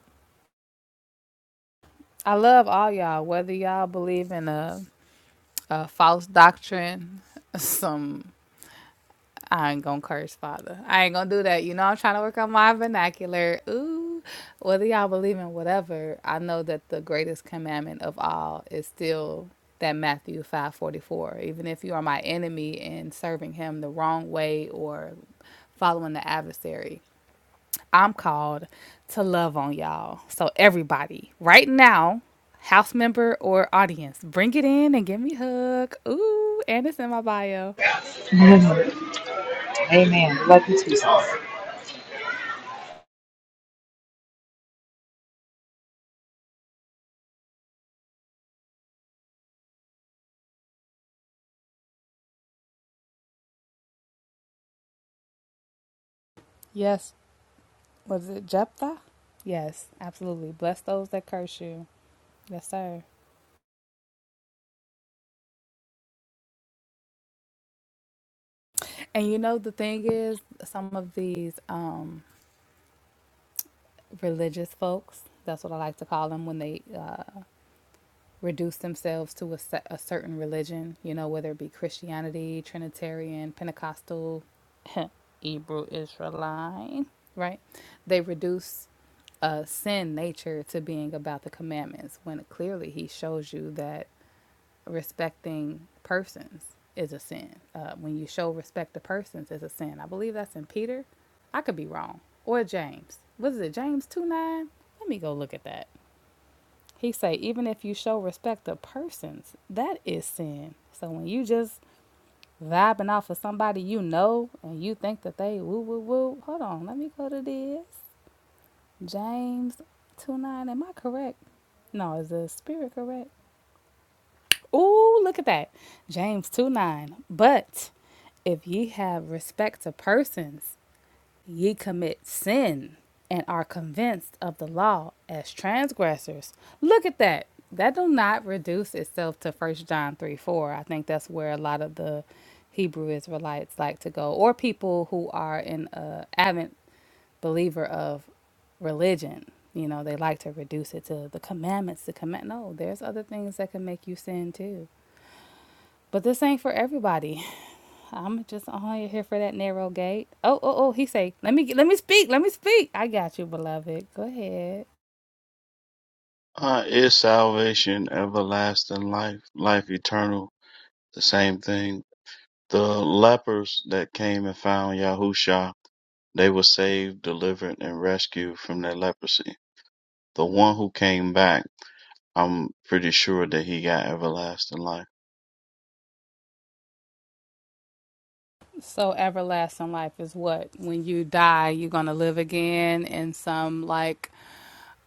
Speaker 3: I love all y'all. Whether y'all believe in a, a false doctrine, some I ain't gonna curse father. I ain't gonna do that. You know, I'm trying to work on my vernacular. Ooh, whether y'all believe in whatever, I know that the greatest commandment of all is still that Matthew five forty four. Even if you are my enemy and serving him the wrong way or following the adversary, I'm called to love on y'all. So everybody, right now, house member or audience, bring it in and give me a hug. Ooh, and it's in my bio.
Speaker 4: Amen. Love you too. sis.
Speaker 3: Yes. was it Jephthah? Yes, absolutely. Bless those that curse you. Yes, sir. And you know the thing is, some of these um, religious folks, that's what I like to call them when they uh, reduce themselves to a, se- a certain religion, you know, whether it be Christianity, Trinitarian, Pentecostal, Hebrew, Israelite, right? They reduce uh, sin nature to being about the commandments when clearly he shows you that respecting persons is a sin. Uh, when you show respect to persons is a sin. I believe that's in Peter. I could be wrong. Or James. Was it James 2 9? Let me go look at that. He say, even if you show respect to persons, that is sin. So when you just vibing off of somebody you know and you think that they woo woo woo, hold on, let me go to this. James 2 9, am I correct? No, is the spirit correct? Ooh, look at that. James 2 9. But if ye have respect to persons, ye commit sin and are convinced of the law as transgressors. Look at that. That do not reduce itself to first John three four. I think that's where a lot of the Hebrew Israelites like to go, or people who are an uh, avid believer of religion. You know, they like to reduce it to the commandments. The command. No, there's other things that can make you sin too. But this ain't for everybody. I'm just only here for that narrow gate. Oh, oh, oh, he say, let me let me speak, let me speak. I got you, beloved. Go ahead.
Speaker 8: Uh, is salvation everlasting life, life eternal, the same thing? The lepers that came and found Yahusha, they were saved, delivered, and rescued from their leprosy. The one who came back, I'm pretty sure that he got everlasting life.
Speaker 3: So everlasting life is what? When you die, you're gonna live again in some like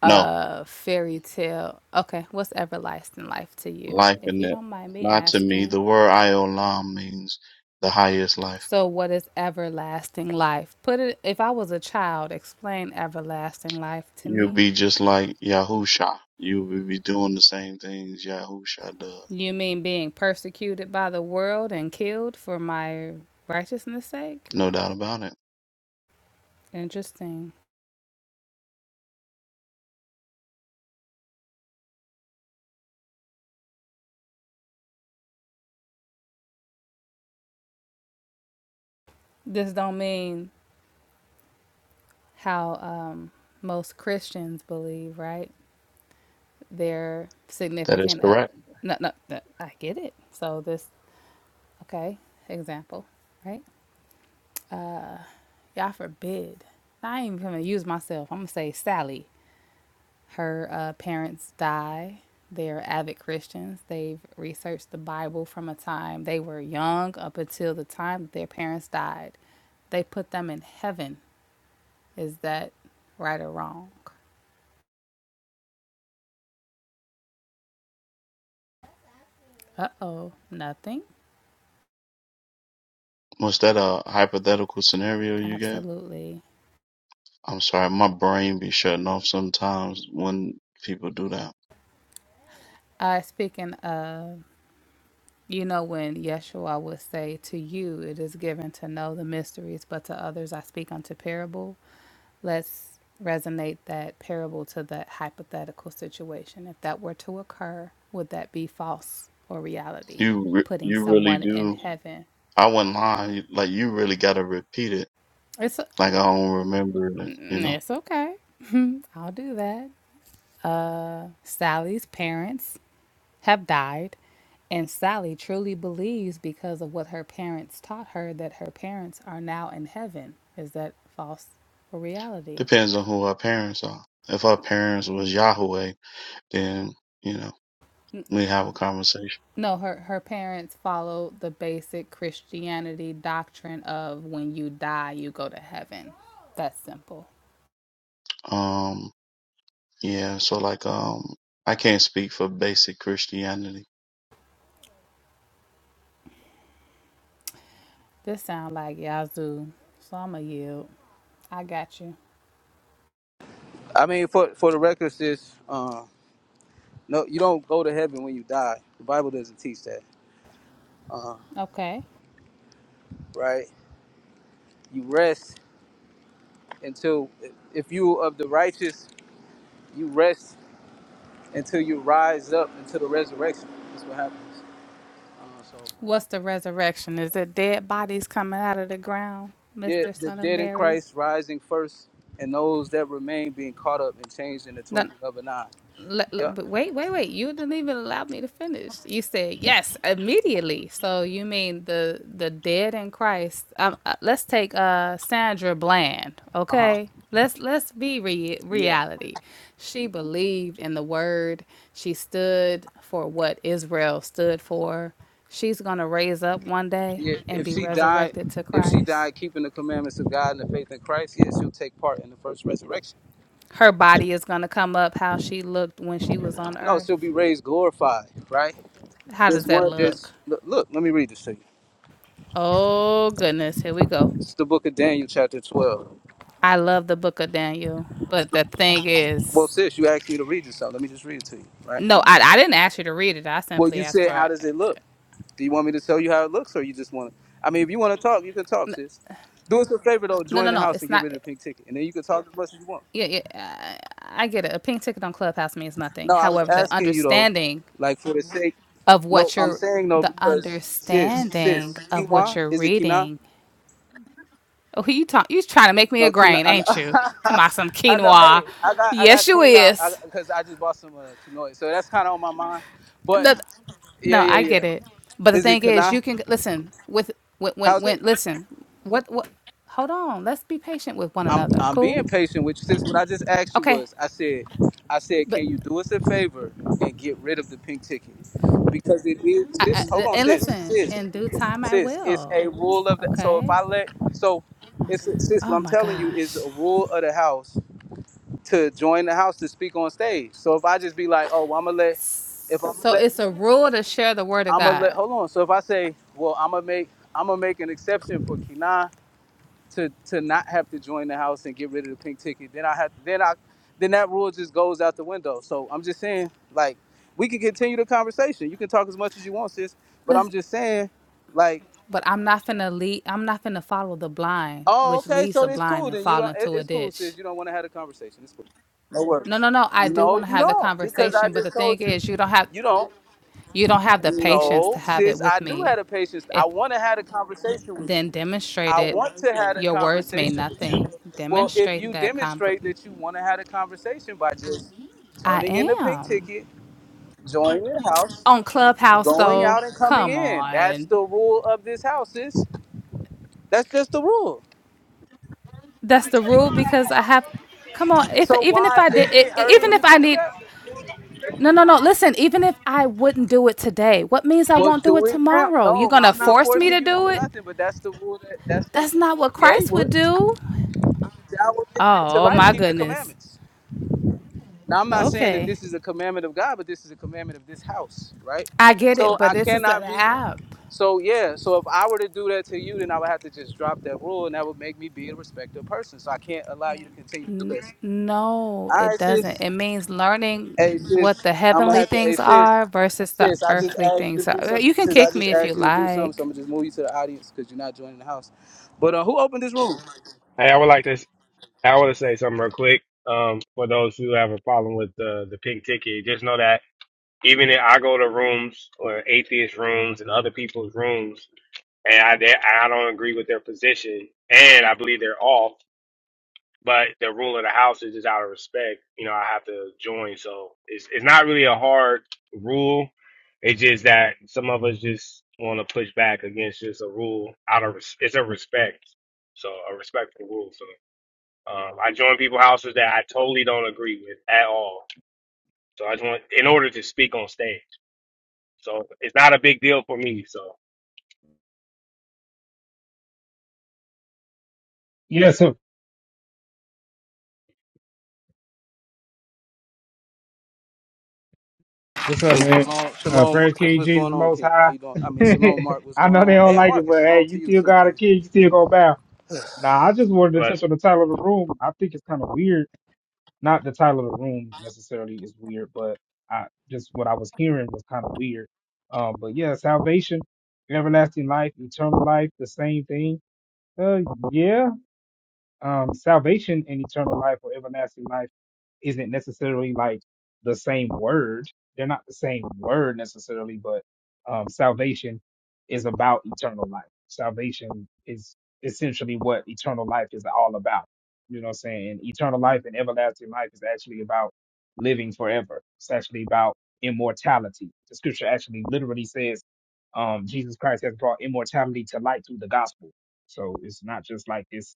Speaker 8: No,
Speaker 3: uh fairy tale. Okay, what's everlasting life to you?
Speaker 8: life
Speaker 3: If
Speaker 8: in
Speaker 3: you
Speaker 8: it.
Speaker 3: don't mind me
Speaker 8: Not to me.
Speaker 3: asking.
Speaker 8: The word Iolam means the highest life.
Speaker 3: So what is everlasting life? Put it if I was a child, explain everlasting life to me.
Speaker 8: You'll be just like Yahusha. You will be doing the same things Yahusha does.
Speaker 3: You mean being persecuted by the world and killed for my righteousness' sake?
Speaker 8: No doubt about it.
Speaker 3: Interesting. This don't mean how um, most Christians believe, right? Their
Speaker 8: That is
Speaker 3: significant. Uh,
Speaker 8: correct.
Speaker 3: no, no, no, I get it. So this, okay, example, right? Uh, y'all forbid. I ain't even gonna use myself. I'm gonna say Sally. Her uh, parents die. They're avid Christians. They've researched the Bible from a time they were young up until the time that their parents died. They put them in heaven. Is that right or wrong? Uh oh, nothing.
Speaker 8: Was that a hypothetical scenario you gave?
Speaker 3: Absolutely.
Speaker 8: I'm sorry, my brain be shutting off sometimes when people do that.
Speaker 3: Uh, speaking of, you know, when Yeshua would say, To you it is given to know the mysteries, but to others I speak unto parable. Let's resonate that parable to that hypothetical situation. If that were to occur, would that be false or reality?
Speaker 8: You re-
Speaker 3: Putting
Speaker 8: you really
Speaker 3: someone in
Speaker 8: do.
Speaker 3: heaven.
Speaker 8: I wouldn't lie. you- Like you really gotta repeat it.
Speaker 3: It's
Speaker 8: Like I don't remember it. You
Speaker 3: mm,
Speaker 8: know,
Speaker 3: it's okay. I'll do that. Uh, Sally's parents have died, and Sally truly believes because of what her parents taught her that her parents are now in heaven. Is that false or reality?
Speaker 8: depends on who our parents are. If our parents was Yahweh, then you know we have a conversation.
Speaker 3: No, her her parents followed the basic Christianity doctrine of when you die, you go to heaven. That's simple.
Speaker 8: Um, yeah. So like, um, I can't speak for basic Christianity.
Speaker 3: This sound like Yazoo, so I'ma yield. I got you.
Speaker 9: I mean, for for the record, sis, uh, no, you don't go to heaven when you die. The Bible doesn't teach that, uh,
Speaker 3: Okay.
Speaker 9: right? You rest until, if you of the righteous, you rest until you rise up into the resurrection. That's what happens. Uh, so,
Speaker 3: What's the resurrection? Is it dead bodies coming out of the ground,
Speaker 9: yeah,
Speaker 3: Mister
Speaker 9: the
Speaker 3: Son of
Speaker 9: dead in
Speaker 3: Mary?
Speaker 9: Christ rising first, and those that remain being caught up and changed in the twinkling of an eye.
Speaker 3: le- le-
Speaker 9: Yep.
Speaker 3: but wait, wait, wait. You didn't even allow me to finish. You said yes immediately. So you mean the the dead in Christ? Um, uh, let's take uh Sandra Bland.
Speaker 9: Uh huh.
Speaker 3: Okay, let's let's be re-
Speaker 9: Yeah.
Speaker 3: reality. She believed in the word. She stood for what Israel stood for. She's gonna raise up one day
Speaker 9: Yeah.
Speaker 3: and
Speaker 9: If
Speaker 3: be
Speaker 9: she died,
Speaker 3: resurrected to
Speaker 9: if she
Speaker 3: Christ.
Speaker 9: died keeping the commandments of God and the faith in Christ, yeah, she'll take part in the first resurrection.
Speaker 3: Her body is gonna come up how she looked when she was on
Speaker 9: No, shall be
Speaker 3: earth.
Speaker 9: raised glorified, right?
Speaker 3: How does
Speaker 9: There's
Speaker 3: that
Speaker 9: one,
Speaker 3: look?
Speaker 9: there's, look, look, let me read this to you.
Speaker 3: Oh goodness, here we go.
Speaker 9: It's the book of Daniel, chapter 12.
Speaker 3: I love the book of Daniel, but the thing
Speaker 9: Well,
Speaker 3: is,
Speaker 9: sis, you asked me to read this, so let me just read it to you, right?
Speaker 3: no, I, I didn't ask you to read it. I
Speaker 9: Well,
Speaker 3: simply
Speaker 9: you
Speaker 3: asked
Speaker 9: said, how
Speaker 3: for
Speaker 9: does it look? Do you want me to tell you how it looks, or you just want to? I mean, if you want to talk, you can talk, sis. Do us a favor, though,
Speaker 3: no,
Speaker 9: join
Speaker 3: no,
Speaker 9: the
Speaker 3: no.
Speaker 9: house and
Speaker 3: It's
Speaker 9: get rid
Speaker 3: not.
Speaker 9: of the pink ticket, and then you can talk as much as you want.
Speaker 3: Yeah, yeah. I, I get it. A pink ticket on Clubhouse means nothing.
Speaker 9: No, I was
Speaker 3: However, the
Speaker 9: asking you, though,
Speaker 3: understanding
Speaker 9: like, for the sake,
Speaker 3: of
Speaker 9: no,
Speaker 3: what
Speaker 9: I'm
Speaker 3: you're,
Speaker 9: saying, no,
Speaker 3: the
Speaker 9: because, sis, sis,
Speaker 3: understanding of what
Speaker 9: Kiwan,
Speaker 3: you're
Speaker 9: is it Kina?
Speaker 3: reading. Oh, who you talk? You trying to make me a
Speaker 9: No, quinoa.
Speaker 3: grain,
Speaker 9: I know.
Speaker 3: ain't you? To my some
Speaker 9: I know.
Speaker 3: quinoa.
Speaker 9: Hey, I got I got
Speaker 3: Yes, you
Speaker 9: quinoa
Speaker 3: is.
Speaker 9: because I, 'cause I just bought some uh, quinoa, so that's kind of on my mind. But
Speaker 3: The
Speaker 9: yeah,
Speaker 3: No,
Speaker 9: yeah,
Speaker 3: I
Speaker 9: yeah.
Speaker 3: get it. But the
Speaker 9: Is it
Speaker 3: thing is,
Speaker 9: quinoa?
Speaker 3: you can listen with when when,
Speaker 9: How's it?
Speaker 3: when listen. What what? Hold on. Let's be patient with one
Speaker 9: I'm
Speaker 3: another.
Speaker 9: I'm
Speaker 3: Cool.
Speaker 9: being patient with you. Since what I just asked you
Speaker 3: Okay.
Speaker 9: was, I said, I said,
Speaker 3: But
Speaker 9: can you do us a favor and get rid of the pink ticket because it is
Speaker 3: I,
Speaker 9: sis. Hold
Speaker 3: I,
Speaker 9: on,
Speaker 3: and
Speaker 9: sis,
Speaker 3: listen.
Speaker 9: sis,
Speaker 3: In due time, I
Speaker 9: sis. It's a
Speaker 3: will.
Speaker 9: rule of the. So if
Speaker 3: Okay.
Speaker 9: I let so, it's sis. What
Speaker 3: Oh
Speaker 9: I'm
Speaker 3: my
Speaker 9: telling you is a
Speaker 3: gosh.
Speaker 9: rule of the house to join the house to speak on stage. So if I just be like, oh, well, I'm gonna let, if I'm gonna
Speaker 3: So
Speaker 9: let,
Speaker 3: it's a rule to share the word of
Speaker 9: I'm gonna let,
Speaker 3: God.
Speaker 9: hold on. So if I say, well, I'm gonna make, I'm gonna make an exception for Kina to to not have to join the house and get rid of the pink ticket, then I have, then I, then that rule just goes out the window. So I'm just saying, like, we can continue the conversation. You can talk as much as you want, sis. But I'm
Speaker 3: Listen,
Speaker 9: just saying, like.
Speaker 3: but I'm not finna lead. I'm not finna follow the blind,
Speaker 9: Oh,
Speaker 3: which
Speaker 9: okay.
Speaker 3: leads
Speaker 9: So
Speaker 3: the
Speaker 9: it's
Speaker 3: blind
Speaker 9: cool.
Speaker 3: and
Speaker 9: Then you
Speaker 3: fall
Speaker 9: don't. It,
Speaker 3: into a
Speaker 9: it's cool,
Speaker 3: ditch.
Speaker 9: sis. You don't want to have a conversation. It's cool. No
Speaker 3: No,
Speaker 9: worries.
Speaker 3: no, no. I do
Speaker 9: No,
Speaker 3: want to
Speaker 9: you
Speaker 3: have the
Speaker 9: don't. Because I
Speaker 3: conversation, but
Speaker 9: just
Speaker 3: the thing
Speaker 9: told you,
Speaker 3: is, you don't have.
Speaker 9: you don't.
Speaker 3: you don't have the patience to
Speaker 9: No,
Speaker 3: have it
Speaker 9: sis. I
Speaker 3: with
Speaker 9: do have
Speaker 3: me.
Speaker 9: a patience. I
Speaker 3: If
Speaker 9: want to have a conversation with
Speaker 3: then
Speaker 9: you.
Speaker 3: demonstrate
Speaker 9: I
Speaker 3: it,
Speaker 9: want to have a
Speaker 3: your words mean
Speaker 9: conversation with you.
Speaker 3: nothing.
Speaker 9: Well, if
Speaker 3: Demonstrate
Speaker 9: you
Speaker 3: that
Speaker 9: demonstrate
Speaker 3: conver-
Speaker 9: that you want to have a conversation by just turning in
Speaker 3: I
Speaker 9: the pink
Speaker 3: am
Speaker 9: ticket, joining the house,
Speaker 3: on Clubhouse
Speaker 9: going
Speaker 3: though.
Speaker 9: out and coming
Speaker 3: Come
Speaker 9: in, that's
Speaker 3: on,
Speaker 9: the rule of this house, sis. That's just the rule.
Speaker 3: that's the rule because I have. Come on, if
Speaker 9: So
Speaker 3: even if
Speaker 9: why
Speaker 3: I did,
Speaker 9: is
Speaker 3: i-
Speaker 9: it
Speaker 3: i-
Speaker 9: hurting
Speaker 3: even if
Speaker 9: you to
Speaker 3: I
Speaker 9: do
Speaker 3: need.
Speaker 9: that?
Speaker 3: No, no, no. Listen, even if I wouldn't do it today, what means I
Speaker 9: Well,
Speaker 3: won't do
Speaker 9: do
Speaker 3: it
Speaker 9: it now.
Speaker 3: tomorrow? You're
Speaker 9: No,
Speaker 3: going to
Speaker 9: I'm not
Speaker 3: force me
Speaker 9: forcing
Speaker 3: to
Speaker 9: you to
Speaker 3: do
Speaker 9: do
Speaker 3: it?
Speaker 9: nothing, but that's the rule that that's what.
Speaker 3: That's not what
Speaker 9: Yeah, he
Speaker 3: Christ would
Speaker 9: would.
Speaker 3: do.
Speaker 9: Thou will enter into
Speaker 3: Oh,
Speaker 9: life,
Speaker 3: my
Speaker 9: keep the
Speaker 3: goodness.
Speaker 9: commandments. Now, I'm not saying that
Speaker 3: Okay.
Speaker 9: this is a commandment of God, but this is a commandment of this house, right?
Speaker 3: I get
Speaker 9: So
Speaker 3: it, but
Speaker 9: I
Speaker 3: this is an
Speaker 9: cannot be.
Speaker 3: app.
Speaker 9: So yeah. So if I were to do that to you, then I would have to just drop that rule, and that would make me be a respectable person. So I can't allow you to continue to do
Speaker 3: N-
Speaker 9: this.
Speaker 3: no,
Speaker 9: All
Speaker 3: it
Speaker 9: right,
Speaker 3: doesn't.
Speaker 9: sis.
Speaker 3: It means
Speaker 9: Hey
Speaker 3: learning what
Speaker 9: sis,
Speaker 3: the
Speaker 9: I'm gonna
Speaker 3: heavenly
Speaker 9: have to. Hey
Speaker 3: things
Speaker 9: sis,
Speaker 3: are versus the
Speaker 9: sis, I just
Speaker 3: earthly
Speaker 9: asked you
Speaker 3: things.
Speaker 9: to
Speaker 3: So
Speaker 9: do
Speaker 3: uh,
Speaker 9: something.
Speaker 3: you can
Speaker 9: Sis, I
Speaker 3: kick
Speaker 9: just
Speaker 3: me if you
Speaker 9: asked you to do something, so
Speaker 3: like.
Speaker 9: I'm gonna just move you to the audience because you're not joining the house. But uh, who opened this room?
Speaker 10: Hey, I would like to. I want to say something real quick. Um, for those who have a problem with the the pink ticket, just know that even if I go to rooms or atheist rooms and other people's rooms, and I they, I don't agree with their position, and I believe they're off, but the rule of the house is just out of respect. You know, I have to join, so it's it's not really a hard rule. It's just that some of us just want to push back against just a rule out of res- it's a respect, so a respectful rule. so. Um, I join people houses that I totally don't agree with at all. So I just want, in order to speak on stage. So it's not a big deal for me. So
Speaker 11: Yeah, so what's up,
Speaker 9: Hey,
Speaker 11: man?
Speaker 9: shalom,
Speaker 11: Uh,
Speaker 9: shalom,
Speaker 11: praise
Speaker 9: Marcus.
Speaker 11: King
Speaker 9: What's
Speaker 11: Jesus
Speaker 9: going
Speaker 11: the
Speaker 9: on,
Speaker 11: Most
Speaker 9: King? How
Speaker 11: High.
Speaker 9: you doing? I mean, shalom, Mark. What's
Speaker 11: I
Speaker 9: going
Speaker 11: know they
Speaker 9: on?
Speaker 11: don't
Speaker 9: Hey,
Speaker 11: like it,
Speaker 9: Marcus,
Speaker 11: but hey,
Speaker 9: shalom to
Speaker 11: you
Speaker 9: you
Speaker 11: still
Speaker 9: too,
Speaker 11: got a
Speaker 9: King.
Speaker 11: kid, you still go bow. Nah, I just wanted to
Speaker 10: bless.
Speaker 11: touch on the title of the room. I think it's kind of weird. Not the title of the room necessarily is weird, but I just what I was hearing was kind of weird. Um, but yeah, salvation, everlasting life, eternal life, the same thing. Uh, yeah, um, salvation and eternal life or everlasting life. isn't necessarily like the same word. They're not the same word necessarily, but um, salvation is about eternal life. Salvation is essentially what eternal life is all about. You know what I'm saying? And eternal life and everlasting life is actually about living forever. It's actually about immortality. The scripture actually literally says um, Jesus Christ has brought immortality to light through the gospel. So it's not just like this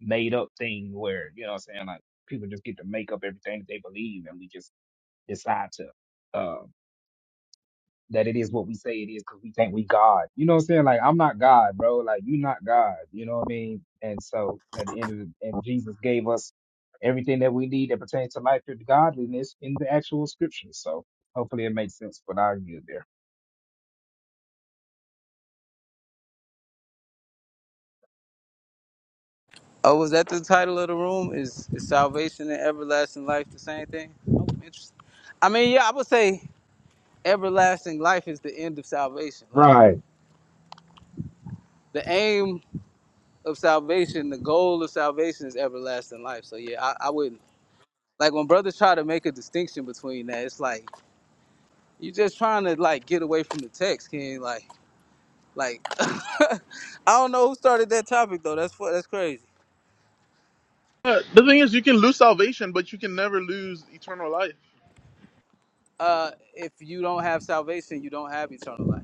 Speaker 11: made up thing where, you know what I'm saying, like people just get to make up everything that they believe and we just decide to uh, that it is what we say it is because we think we God. You know what I'm saying? Like I'm not God, bro. Like you not God. You know what I mean? And so at the end of the and Jesus gave us everything that we need that pertains to life and godliness in the actual scriptures. So hopefully it makes sense, but I'll get there.
Speaker 9: Oh, was that the title of the room? Is is salvation and everlasting life the same thing? Oh, interesting. I mean, yeah, I would say everlasting life is the end of salvation. Like
Speaker 11: Right.
Speaker 9: the aim. of salvation, the goal of salvation is everlasting life. So yeah, I, I wouldn't like when brothers try to make a distinction between that. It's like you're just trying to like get away from the text, King. Like, like I don't know who started that topic though. That's fu- that's crazy.
Speaker 5: Uh, The thing is, you can lose salvation, but you can never lose eternal life.
Speaker 9: Uh, if you don't have salvation, you don't have eternal life.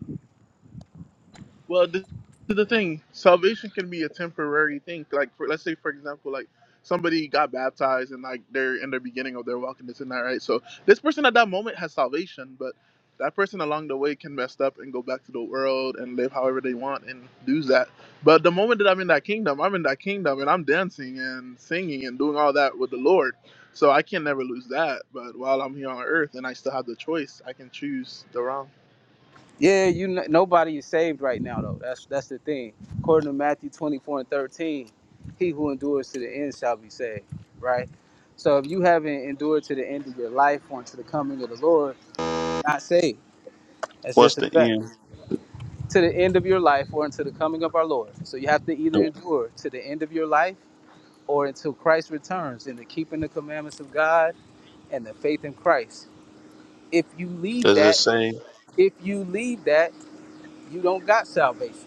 Speaker 5: Well, this is the thing. Salvation can be a temporary thing. Like, for, let's say, for example, like somebody got baptized and like they're in the beginning of their walk and this and that, right? So this person at that moment has salvation, but that person along the way can mess up and go back to the world and live however they want and do that. But the moment that I'm in that kingdom, I'm in that kingdom and I'm dancing and singing and doing all that with the Lord. So I can never lose that. But while I'm here on earth and I still have the choice, I can choose the wrong.
Speaker 9: Yeah, you kn- nobody is saved right now though. That's that's the thing. According to Matthew 24 and 13, he who endures to the end shall be saved, right? So if you haven't endured to the end of your life or unto the coming of the Lord, you're not saved. That's
Speaker 8: What's
Speaker 9: just a
Speaker 8: the
Speaker 9: fact.
Speaker 8: end?
Speaker 9: To the end of your life or unto the coming of our Lord. So you have to either endure to the end of your life or until Christ returns in the keeping the commandments of God and the faith in Christ. If you leave
Speaker 8: Does it
Speaker 9: that,
Speaker 8: say?
Speaker 9: if you leave that, you don't got salvation.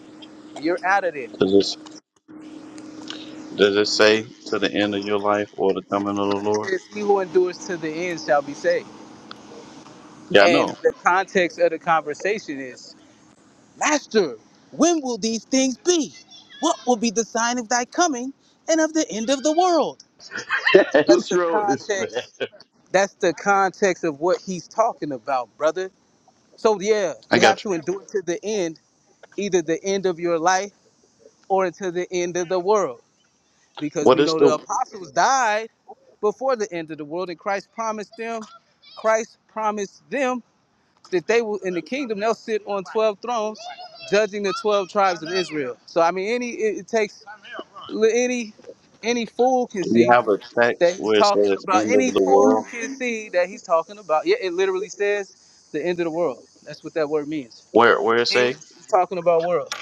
Speaker 9: You're out of there.
Speaker 8: Does it Does it say to the end of your life or the coming of the
Speaker 9: It
Speaker 8: Lord?
Speaker 9: says, "He who endures to the end shall be saved."
Speaker 8: Yeah, I
Speaker 9: And
Speaker 8: know.
Speaker 9: the context of the conversation is, "Master, when will these things be? What will be the sign of thy coming and of the end of the world?" So that's
Speaker 1: What's
Speaker 9: the
Speaker 1: wrong with this, man.
Speaker 9: context. That's the context of what he's talking about, brother. So yeah, you
Speaker 8: I
Speaker 9: have
Speaker 8: got you.
Speaker 9: to endure to the end, either the end of your life or to the end of the world, because
Speaker 8: What
Speaker 9: we
Speaker 8: is
Speaker 9: know the
Speaker 8: the?
Speaker 9: apostles died before the end of the world, and Christ promised them. Christ promised them that they will in the kingdom they'll sit on 12 thrones judging the 12 tribes of israel so i mean any it, it takes any any fool can
Speaker 8: Do you
Speaker 9: see
Speaker 8: have a
Speaker 9: that
Speaker 8: text
Speaker 9: he's
Speaker 8: where it
Speaker 9: talking
Speaker 8: says
Speaker 9: about
Speaker 8: end of
Speaker 9: any
Speaker 8: the
Speaker 9: fool
Speaker 8: world?
Speaker 9: can see that he's talking about yeah it literally says the end of the world that's what that word means
Speaker 8: Where where it say?
Speaker 9: he's talking about world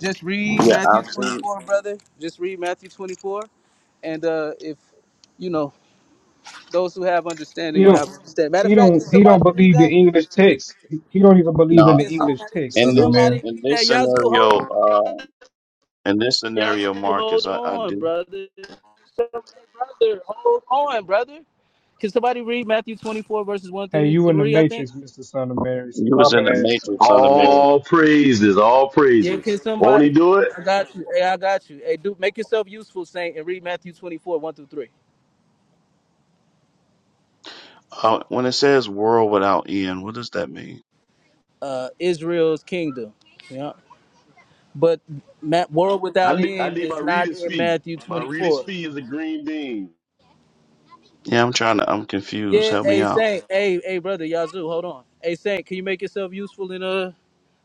Speaker 9: just read
Speaker 8: Yeah,
Speaker 9: matthew
Speaker 8: I've seen.
Speaker 9: 24 brother just read matthew 24 and uh if you know those who have understanding
Speaker 11: He
Speaker 9: will have
Speaker 11: don't
Speaker 9: understanding matter of
Speaker 11: he
Speaker 9: fact can
Speaker 11: don't he
Speaker 9: somebody
Speaker 11: don't
Speaker 9: read
Speaker 11: believe the
Speaker 9: that
Speaker 11: English text. He he don't even believe in
Speaker 8: No,
Speaker 11: the
Speaker 9: Can
Speaker 11: English
Speaker 9: somebody
Speaker 11: text,
Speaker 9: can
Speaker 8: in
Speaker 11: son of
Speaker 8: this
Speaker 9: somebody
Speaker 11: Mary.
Speaker 9: read
Speaker 8: in this
Speaker 9: that? Yazoo, hold
Speaker 8: scenario,
Speaker 9: on.
Speaker 8: uh, in this scenario,
Speaker 9: Yazoo, hold
Speaker 8: Marcus, I, I
Speaker 9: on,
Speaker 8: do.
Speaker 9: brother. Hey, Brother, hold on, brother. Can somebody read Matthew 24 verses 1
Speaker 11: Hey,
Speaker 9: through
Speaker 11: you in the
Speaker 9: 3, I think?
Speaker 11: Matrix, Mr. Son of Mary.
Speaker 8: You
Speaker 11: My
Speaker 8: was in the
Speaker 11: bad.
Speaker 8: Matrix, son of Mary.
Speaker 1: All praises, all
Speaker 9: Yeah, can
Speaker 1: praises. Won't
Speaker 9: somebody?
Speaker 1: he do it?
Speaker 9: I got you. Hey, I got you. Hey, dude, make yourself useful, Saint, and read Matthew 24, 1 through 3.
Speaker 8: Uh, when it says world without end, what does that mean?
Speaker 9: Uh Israel's kingdom. Yeah. But Matt, world
Speaker 1: I
Speaker 9: without
Speaker 1: need, I
Speaker 9: end
Speaker 1: need my
Speaker 9: is not
Speaker 1: reader's
Speaker 9: in
Speaker 1: fee.
Speaker 9: Matthew
Speaker 1: My reader's
Speaker 9: 24.
Speaker 1: fee is a green bean.
Speaker 8: Yeah, I'm trying to. I'm confused.
Speaker 9: Yeah,
Speaker 8: Help me
Speaker 9: hey
Speaker 8: out.
Speaker 9: Saint, hey, hey brother, Yazoo, hold on. Hey Saint, can you make yourself useful in uh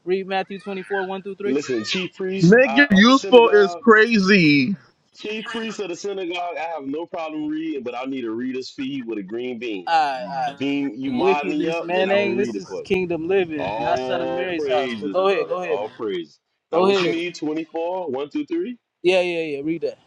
Speaker 9: Read Matthew 24, 1 through 3.
Speaker 1: Listen, chief priest
Speaker 5: Make
Speaker 1: uh,
Speaker 5: it
Speaker 1: of the
Speaker 5: useful is
Speaker 1: synagogue,
Speaker 5: crazy.
Speaker 1: chief priest of the synagogue, I have no problem reading, but I need a reader's fee with a green bean.
Speaker 9: Alright,
Speaker 1: You
Speaker 9: alright.
Speaker 1: beam, you mod me
Speaker 9: Wickedness,
Speaker 1: up, and
Speaker 9: man.
Speaker 1: I will
Speaker 9: Ain't
Speaker 1: read
Speaker 9: this
Speaker 1: it for
Speaker 9: is
Speaker 1: you.
Speaker 9: kingdom living, not son of
Speaker 1: All
Speaker 9: Mary's house. But
Speaker 1: praises,
Speaker 9: go ahead,
Speaker 1: brother.
Speaker 9: go ahead,
Speaker 1: All
Speaker 9: man.
Speaker 1: praises. Now,
Speaker 9: Go
Speaker 1: what you
Speaker 9: ahead.
Speaker 1: need? Twenty-four, one through three.
Speaker 9: Yeah, yeah, yeah. Read that.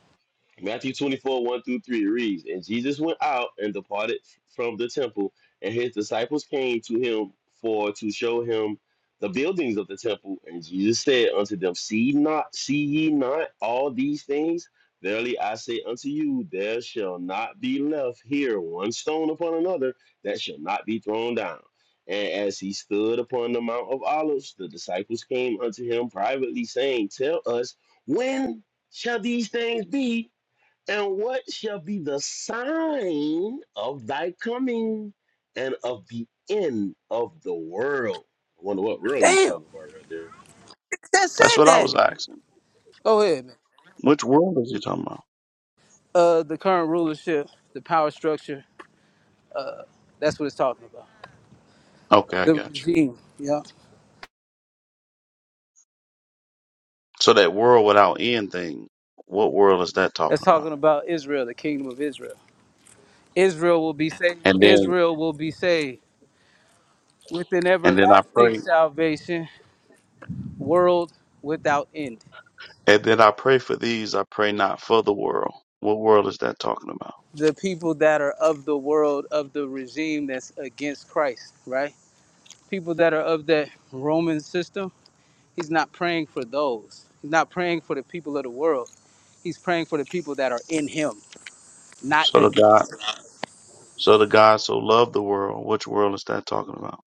Speaker 1: Matthew 24, 1 through 3 reads, And Jesus went out and departed from the temple, and his disciples came to him for to show him the buildings of the temple. And Jesus said unto them, See not, see ye not all these things? Verily I say unto you, there shall not be left here one stone upon another that shall not be thrown down. And as he stood upon the Mount of Olives, the disciples came unto him privately, saying, Tell us, when shall these things be? And what shall be the sign of thy coming and of the end of the world? I wonder what world he's
Speaker 9: Damn.
Speaker 1: talking about right there.
Speaker 9: That
Speaker 8: That's
Speaker 9: said
Speaker 8: what I
Speaker 9: that.
Speaker 8: was asking.
Speaker 9: Go ahead, man.
Speaker 8: Which world is he talking about?
Speaker 9: Uh the current rulership, the power structure, that's what it's talking about.
Speaker 8: Okay, I
Speaker 9: The
Speaker 8: got you.
Speaker 9: regime. Yeah.
Speaker 8: So that world without end thing. What world is that
Speaker 9: That's
Speaker 8: talking about?
Speaker 9: talking about Israel, the kingdom of Israel. Israel will be saved.
Speaker 8: And then,
Speaker 9: Israel will be saved with an
Speaker 8: and then I
Speaker 9: everlasting
Speaker 8: pray,
Speaker 9: salvation, world without end.
Speaker 8: and then I pray for these. I pray not for the world. What world is that talking about?
Speaker 9: the people that are of the world of the regime that's against Christ, right? People that are of that Roman system, he's not praying for those. He's not praying for the people of the world. He's praying for the people that are in him, not
Speaker 8: So the God.
Speaker 9: against.
Speaker 8: So the God so loved the world. Which world is that talking about?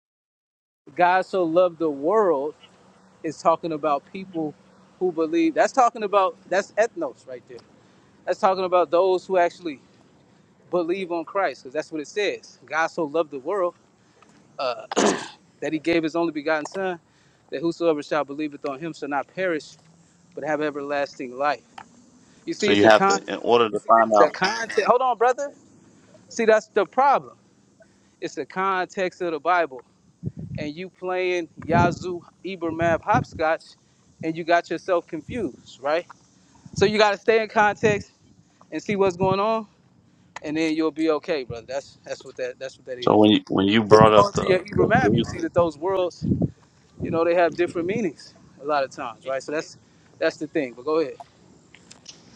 Speaker 9: God so loved the world is talking about people who believe. That's talking about that's ethnos right there. That's talking about those who actually believe on Christ, because that's what it says. God so loved the world that he gave his only begotten son, that whosoever shall believeth on him shall not perish, but have everlasting life. You see,
Speaker 8: So
Speaker 9: it's
Speaker 8: you
Speaker 9: a
Speaker 8: have to,
Speaker 9: con
Speaker 8: in order to find
Speaker 9: the
Speaker 8: out.
Speaker 9: context hold on, brother. See, that's the problem. It's the context of the Bible. And you playing Yazoo Ibermab hopscotch and you got yourself confused, right? So you gotta stay in context and see what's going on, and then you'll be okay, brother. That's that's what that that's what that is.
Speaker 8: So when you when you
Speaker 9: So if you
Speaker 8: brought
Speaker 9: go
Speaker 8: up
Speaker 9: into
Speaker 8: the
Speaker 9: your
Speaker 8: the
Speaker 9: Ibermab, you'll
Speaker 8: Greek,
Speaker 9: see that those worlds you know, they have different meanings a lot of times, right? So that's that's the thing. But go ahead.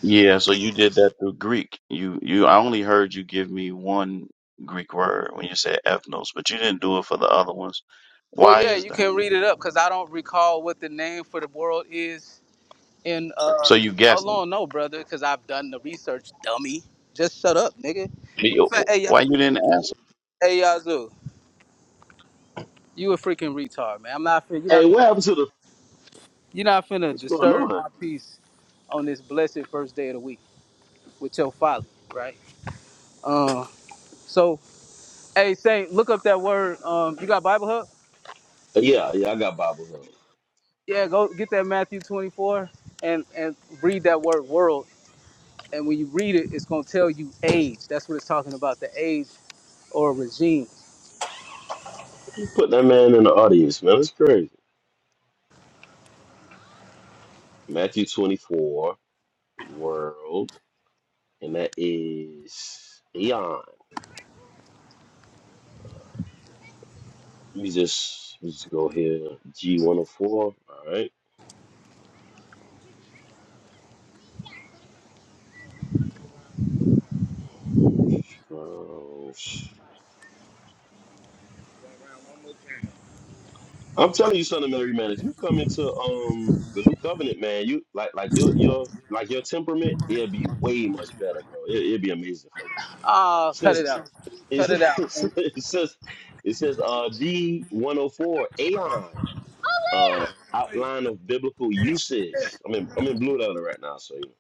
Speaker 8: yeah. So you did that through Greek. You you. I only heard you give me one Greek word when you said ethnos, but you didn't do it for the other ones.
Speaker 9: Well,
Speaker 8: Why
Speaker 9: yeah,
Speaker 8: is
Speaker 9: you
Speaker 8: that?
Speaker 9: can read it up because I don't recall what the name for the world is in. Uh,
Speaker 8: So you
Speaker 9: how
Speaker 8: guessing?
Speaker 9: long? No, brother, because I've done the research, dummy. Just shut up, nigga. Fa- Hey, Ya-
Speaker 8: Why you didn't answer?
Speaker 9: hey, Yazoo, you a freaking retard, man. I'm not. fin- You're
Speaker 1: Hey,
Speaker 9: not.
Speaker 1: what happened to the
Speaker 9: You're not finna
Speaker 1: what's going
Speaker 9: disturb
Speaker 1: on?
Speaker 9: my peace on this blessed first day of the week with your folly, right? Uh, so, hey, Saint, look up that word. Um, you got Bible Hub?
Speaker 1: Yeah, yeah, I got Bible Hub.
Speaker 9: Yeah, go get that Matthew 24 and and read that word world. And when you read it, it's gonna tell you age. That's what it's talking about, the age or regime.
Speaker 1: You put that man in the audience, man. That's crazy. Matthew 24, world, and that is Eon. Let me just let me just go here. G104. All right. So, I'm telling you, son of Mary, man. If you come into um the new covenant, man, you like like your your like your temperament, it'll be way much better, bro. It, it'll be amazing for you.
Speaker 9: Ah, cut
Speaker 1: Since
Speaker 9: it out.
Speaker 1: it's,
Speaker 9: Cut it out.
Speaker 1: it says
Speaker 9: man.
Speaker 1: it says it says uh G one hundred four Aeon uh outline of biblical usage. I'm in I'm in blue letter right now, so you know.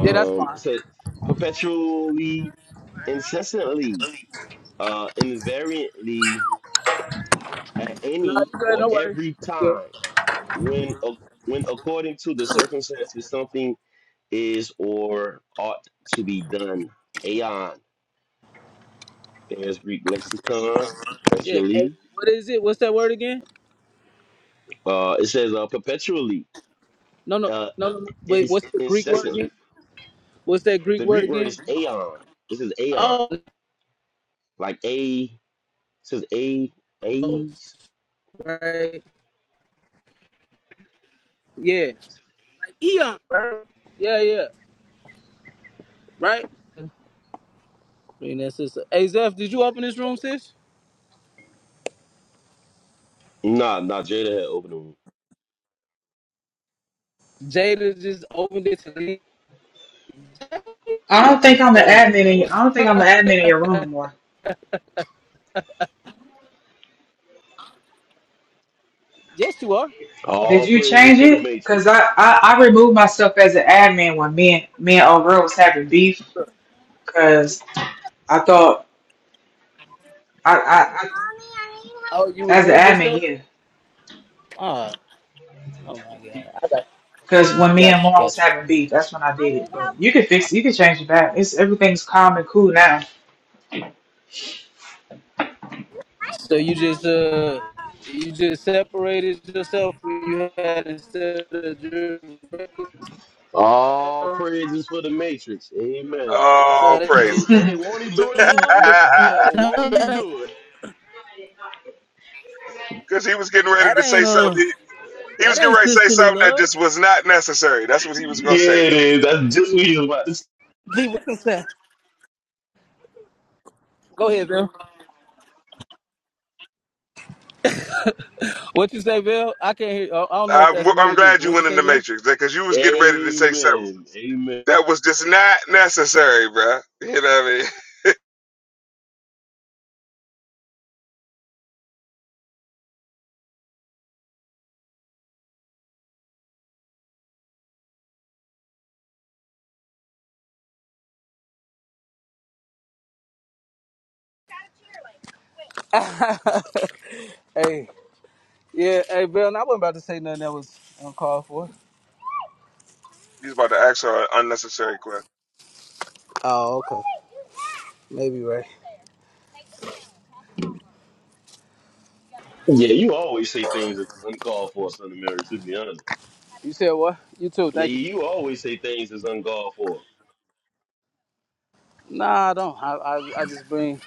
Speaker 9: Yeah, that's
Speaker 1: Um,
Speaker 9: fine.
Speaker 1: it says perpetually, incessantly, uh, invariantly, at
Speaker 9: No,
Speaker 1: any
Speaker 9: you good,
Speaker 1: or
Speaker 9: no worries.
Speaker 1: every
Speaker 9: That's good.
Speaker 1: time. when a- when according to the circumstances something is or ought to be done aeon there's greek lexicon
Speaker 9: Yeah. Hey,
Speaker 1: perpetually
Speaker 9: what is it? What's that word again?
Speaker 1: uh it says uh perpetually
Speaker 9: No, no,
Speaker 1: uh
Speaker 9: no, no. no.
Speaker 1: it
Speaker 9: Wait,
Speaker 1: is
Speaker 9: what's the Greek word
Speaker 1: incessantly
Speaker 9: again? What's that Greek
Speaker 1: the
Speaker 9: word
Speaker 1: greek word
Speaker 9: again?
Speaker 1: is aeon this is aeon
Speaker 9: Oh,
Speaker 1: like a it says a a's
Speaker 9: right. Yeah. Eon. right? Yeah, yeah. Right? I mean, that's just, hey, Zeph, did you open this room, sis?
Speaker 1: nah nah jada had opened the room
Speaker 9: Jada just opened it to leave.
Speaker 4: I don't
Speaker 9: It
Speaker 4: think
Speaker 9: is
Speaker 4: I'm the
Speaker 9: crazy,
Speaker 4: admin.
Speaker 9: man.
Speaker 4: In, your, I don't think I'm the admin in your room no more.
Speaker 9: yes, you are.
Speaker 4: Did
Speaker 1: all
Speaker 4: you
Speaker 1: praises
Speaker 4: change
Speaker 1: for the
Speaker 4: it? Cause
Speaker 1: matrix
Speaker 4: I, I, I removed myself as an admin when me and me and O'Reilly was having beef.
Speaker 9: Mommy,
Speaker 4: Cause I thought I, I, I
Speaker 9: I need help. Oh, you
Speaker 4: as an
Speaker 9: removed
Speaker 4: admin,
Speaker 9: yourself?
Speaker 4: yeah.
Speaker 9: Oh, oh my god. I got you.
Speaker 4: Because
Speaker 9: Yeah,
Speaker 4: when me and
Speaker 9: Got you,
Speaker 4: Lauren was
Speaker 9: got you.
Speaker 4: having beef, that's when I
Speaker 9: I
Speaker 4: did
Speaker 9: need
Speaker 4: it. But
Speaker 9: help.
Speaker 4: you can fix it. You can change it back. It's everything's calm and cool now.
Speaker 9: So you just uh you just separated yourself when you had instead of jury
Speaker 1: all praises for the matrix amen
Speaker 9: so
Speaker 12: Oh,
Speaker 9: that's
Speaker 1: The
Speaker 9: just
Speaker 12: praises.
Speaker 1: hey, won't he do it,
Speaker 9: leave
Speaker 1: Val?
Speaker 9: the room.
Speaker 1: Val, won't he
Speaker 9: That ain't
Speaker 1: do it?
Speaker 12: Because he was getting ready
Speaker 9: that
Speaker 12: to say
Speaker 9: ain't
Speaker 12: something.
Speaker 9: uh
Speaker 12: He, he
Speaker 9: that
Speaker 12: was getting
Speaker 9: ain't
Speaker 12: ready to say
Speaker 9: sisterly
Speaker 12: something that
Speaker 9: love.
Speaker 12: just was not necessary. That's what he was going to say.
Speaker 1: Yeah, it is. That's just what he was about to say.
Speaker 9: Leave it consent. Go ahead, bro. What you say, Bill? I can't hear. I don't know if
Speaker 12: I'm,
Speaker 9: that's me or
Speaker 12: I'm
Speaker 9: you, but
Speaker 12: glad you
Speaker 9: what you
Speaker 12: went in
Speaker 9: say,
Speaker 12: the
Speaker 9: Bill?
Speaker 12: Matrix because you was getting ready to say something
Speaker 1: Amen. Amen.
Speaker 12: that was just not necessary, bruh. You know what I mean?
Speaker 9: hey, yeah, hey, Bill. And I wasn't about to say nothing that was uncalled for.
Speaker 12: He's about to ask her an unnecessary question.
Speaker 9: Oh, okay. Maybe right.
Speaker 1: Yeah, you always say things that's uncalled for, son of Mary, to be honest.
Speaker 9: You said what? You too.
Speaker 1: Yeah,
Speaker 9: Thank you.
Speaker 1: you always say things that's uncalled for.
Speaker 9: Nah, I don't. I, I, I just bring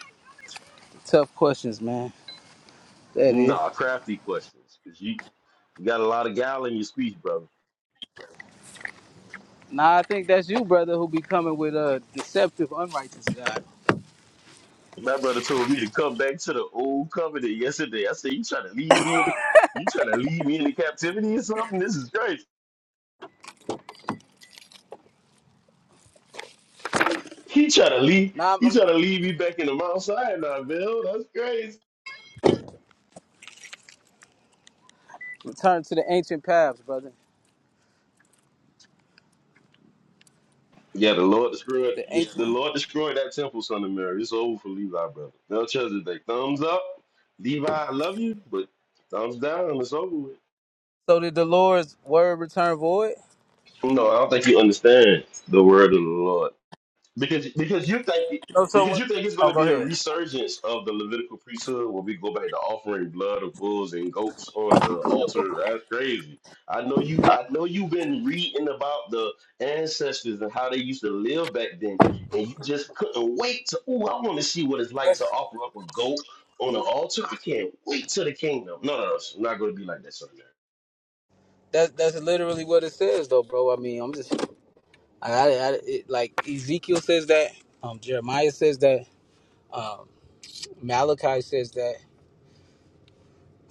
Speaker 9: tough questions, man. That is.
Speaker 1: Nah, crafty questions. Because you, you got a lot of gal in your speech, brother.
Speaker 9: Nah, I think that's you, brother, who be coming with a deceptive, unrighteous God.
Speaker 1: My brother told me to come back to the old covenant yesterday. I said, You trying to leave me in you trying to leave me in captivity or something? This is crazy. He tried to leave.
Speaker 9: Nah, I'm,
Speaker 1: He
Speaker 9: I'm
Speaker 1: tried
Speaker 9: just
Speaker 1: to leave me back in the Mount Sinai, Bill. That's crazy.
Speaker 9: return to the ancient paths, brother.
Speaker 1: Yeah, the Lord destroyed
Speaker 9: The
Speaker 1: this, the
Speaker 9: ancient.
Speaker 1: Lord destroyed that temple, son of Mary. It's over for Levi, brother. Belshazzar, they thumbs up. Levi, I love you, but thumbs down. It's over with.
Speaker 9: So did the Lord's word return void?
Speaker 1: No, I don't think you understand the word of the Lord. Because because you think
Speaker 9: No, so
Speaker 1: because
Speaker 9: what?
Speaker 1: you think it's going
Speaker 9: Oh,
Speaker 1: to
Speaker 9: go
Speaker 1: be a
Speaker 9: ahead.
Speaker 1: resurgence of the Levitical priesthood where we go back to offering blood of bulls and goats on the altar. That's crazy. I know you. I know you've been reading about the ancestors and how they used to live back then, and you just couldn't wait to. Oh, I want to see what it's like to offer up a goat on an altar. I can't wait to the kingdom. No, no, no it's not going to be like that, son.
Speaker 9: That's that's literally what it says, though, bro. I mean, I'm just, I, I, I it, like Ezekiel says that, um, Jeremiah says that, um, Malachi says that,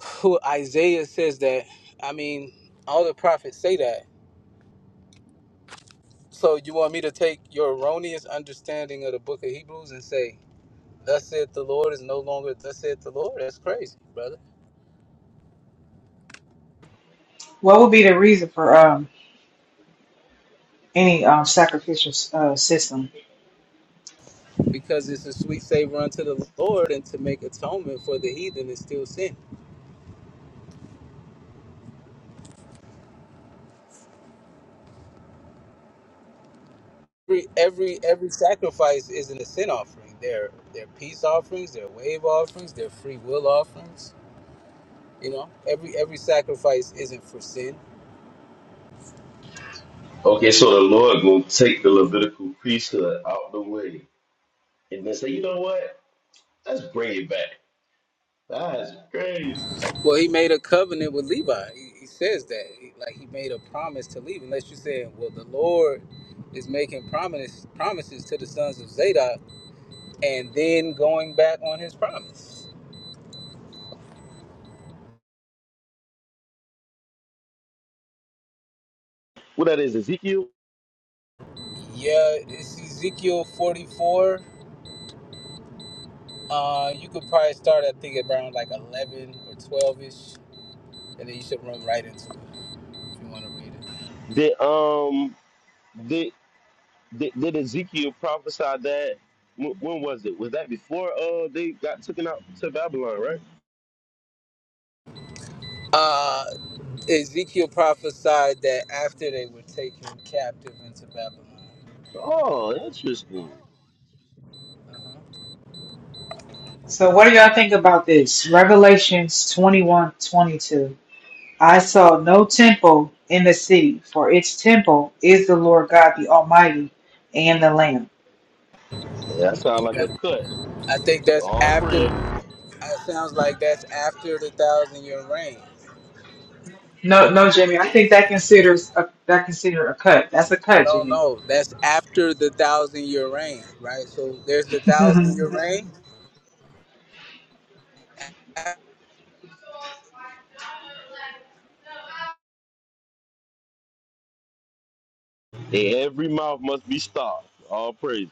Speaker 9: who Isaiah says that. I mean, all the prophets say that. So you want me to take your erroneous understanding of the Book of Hebrews and say, "Thus saith the Lord" is no longer "Thus saith the Lord." That's crazy, brother.
Speaker 4: what would be the reason for um any um sacrificial uh, system?
Speaker 9: Because it's a sweet savor unto the Lord, and to make atonement for the heathen is still sin. every every every sacrifice isn't a sin offering. They're they're peace offerings, they're wave offerings, they're free will offerings. You know, every every sacrifice isn't for sin.
Speaker 1: Okay, so the Lord gonna take the Levitical priesthood out the way, and then say, you know what? Let's bring it back. That's crazy.
Speaker 9: Well, he made a covenant with Levi. He, he says that, he, like he made a promise to Levi. Unless you're saying, well, the Lord is making promises promises to the sons of Zadok, and then going back on his promise.
Speaker 1: What that is Ezekiel.
Speaker 9: Yeah, it's Ezekiel 44. Uh, you could probably start, I think, around like 11 or 12 ish and then you should run right into it if you want to read it.
Speaker 1: Did um did did, did Ezekiel prophesy that? When, when was it? Was that before uh they got taken out to Babylon, right?
Speaker 9: Uh, Ezekiel prophesied that after they were taken captive into Babylon.
Speaker 1: Oh, interesting.
Speaker 4: So what do y'all think about this? Revelations twenty one twenty two. I saw no temple in the city, for its temple is the Lord God the Almighty and the Lamb.
Speaker 1: Yeah, that sounds like a cut.
Speaker 9: I think that's
Speaker 1: All
Speaker 9: after.
Speaker 1: praise.
Speaker 9: It sounds like that's after the thousand year reign.
Speaker 4: No, no, Jimmy. I think that considers a, that consider a cut. That's a cut,
Speaker 9: No,
Speaker 4: Jimmy.
Speaker 9: no, that's after the thousand year reign, right? So there's the
Speaker 4: you
Speaker 9: thousand year reign.
Speaker 1: Every mouth must be stopped. All praise.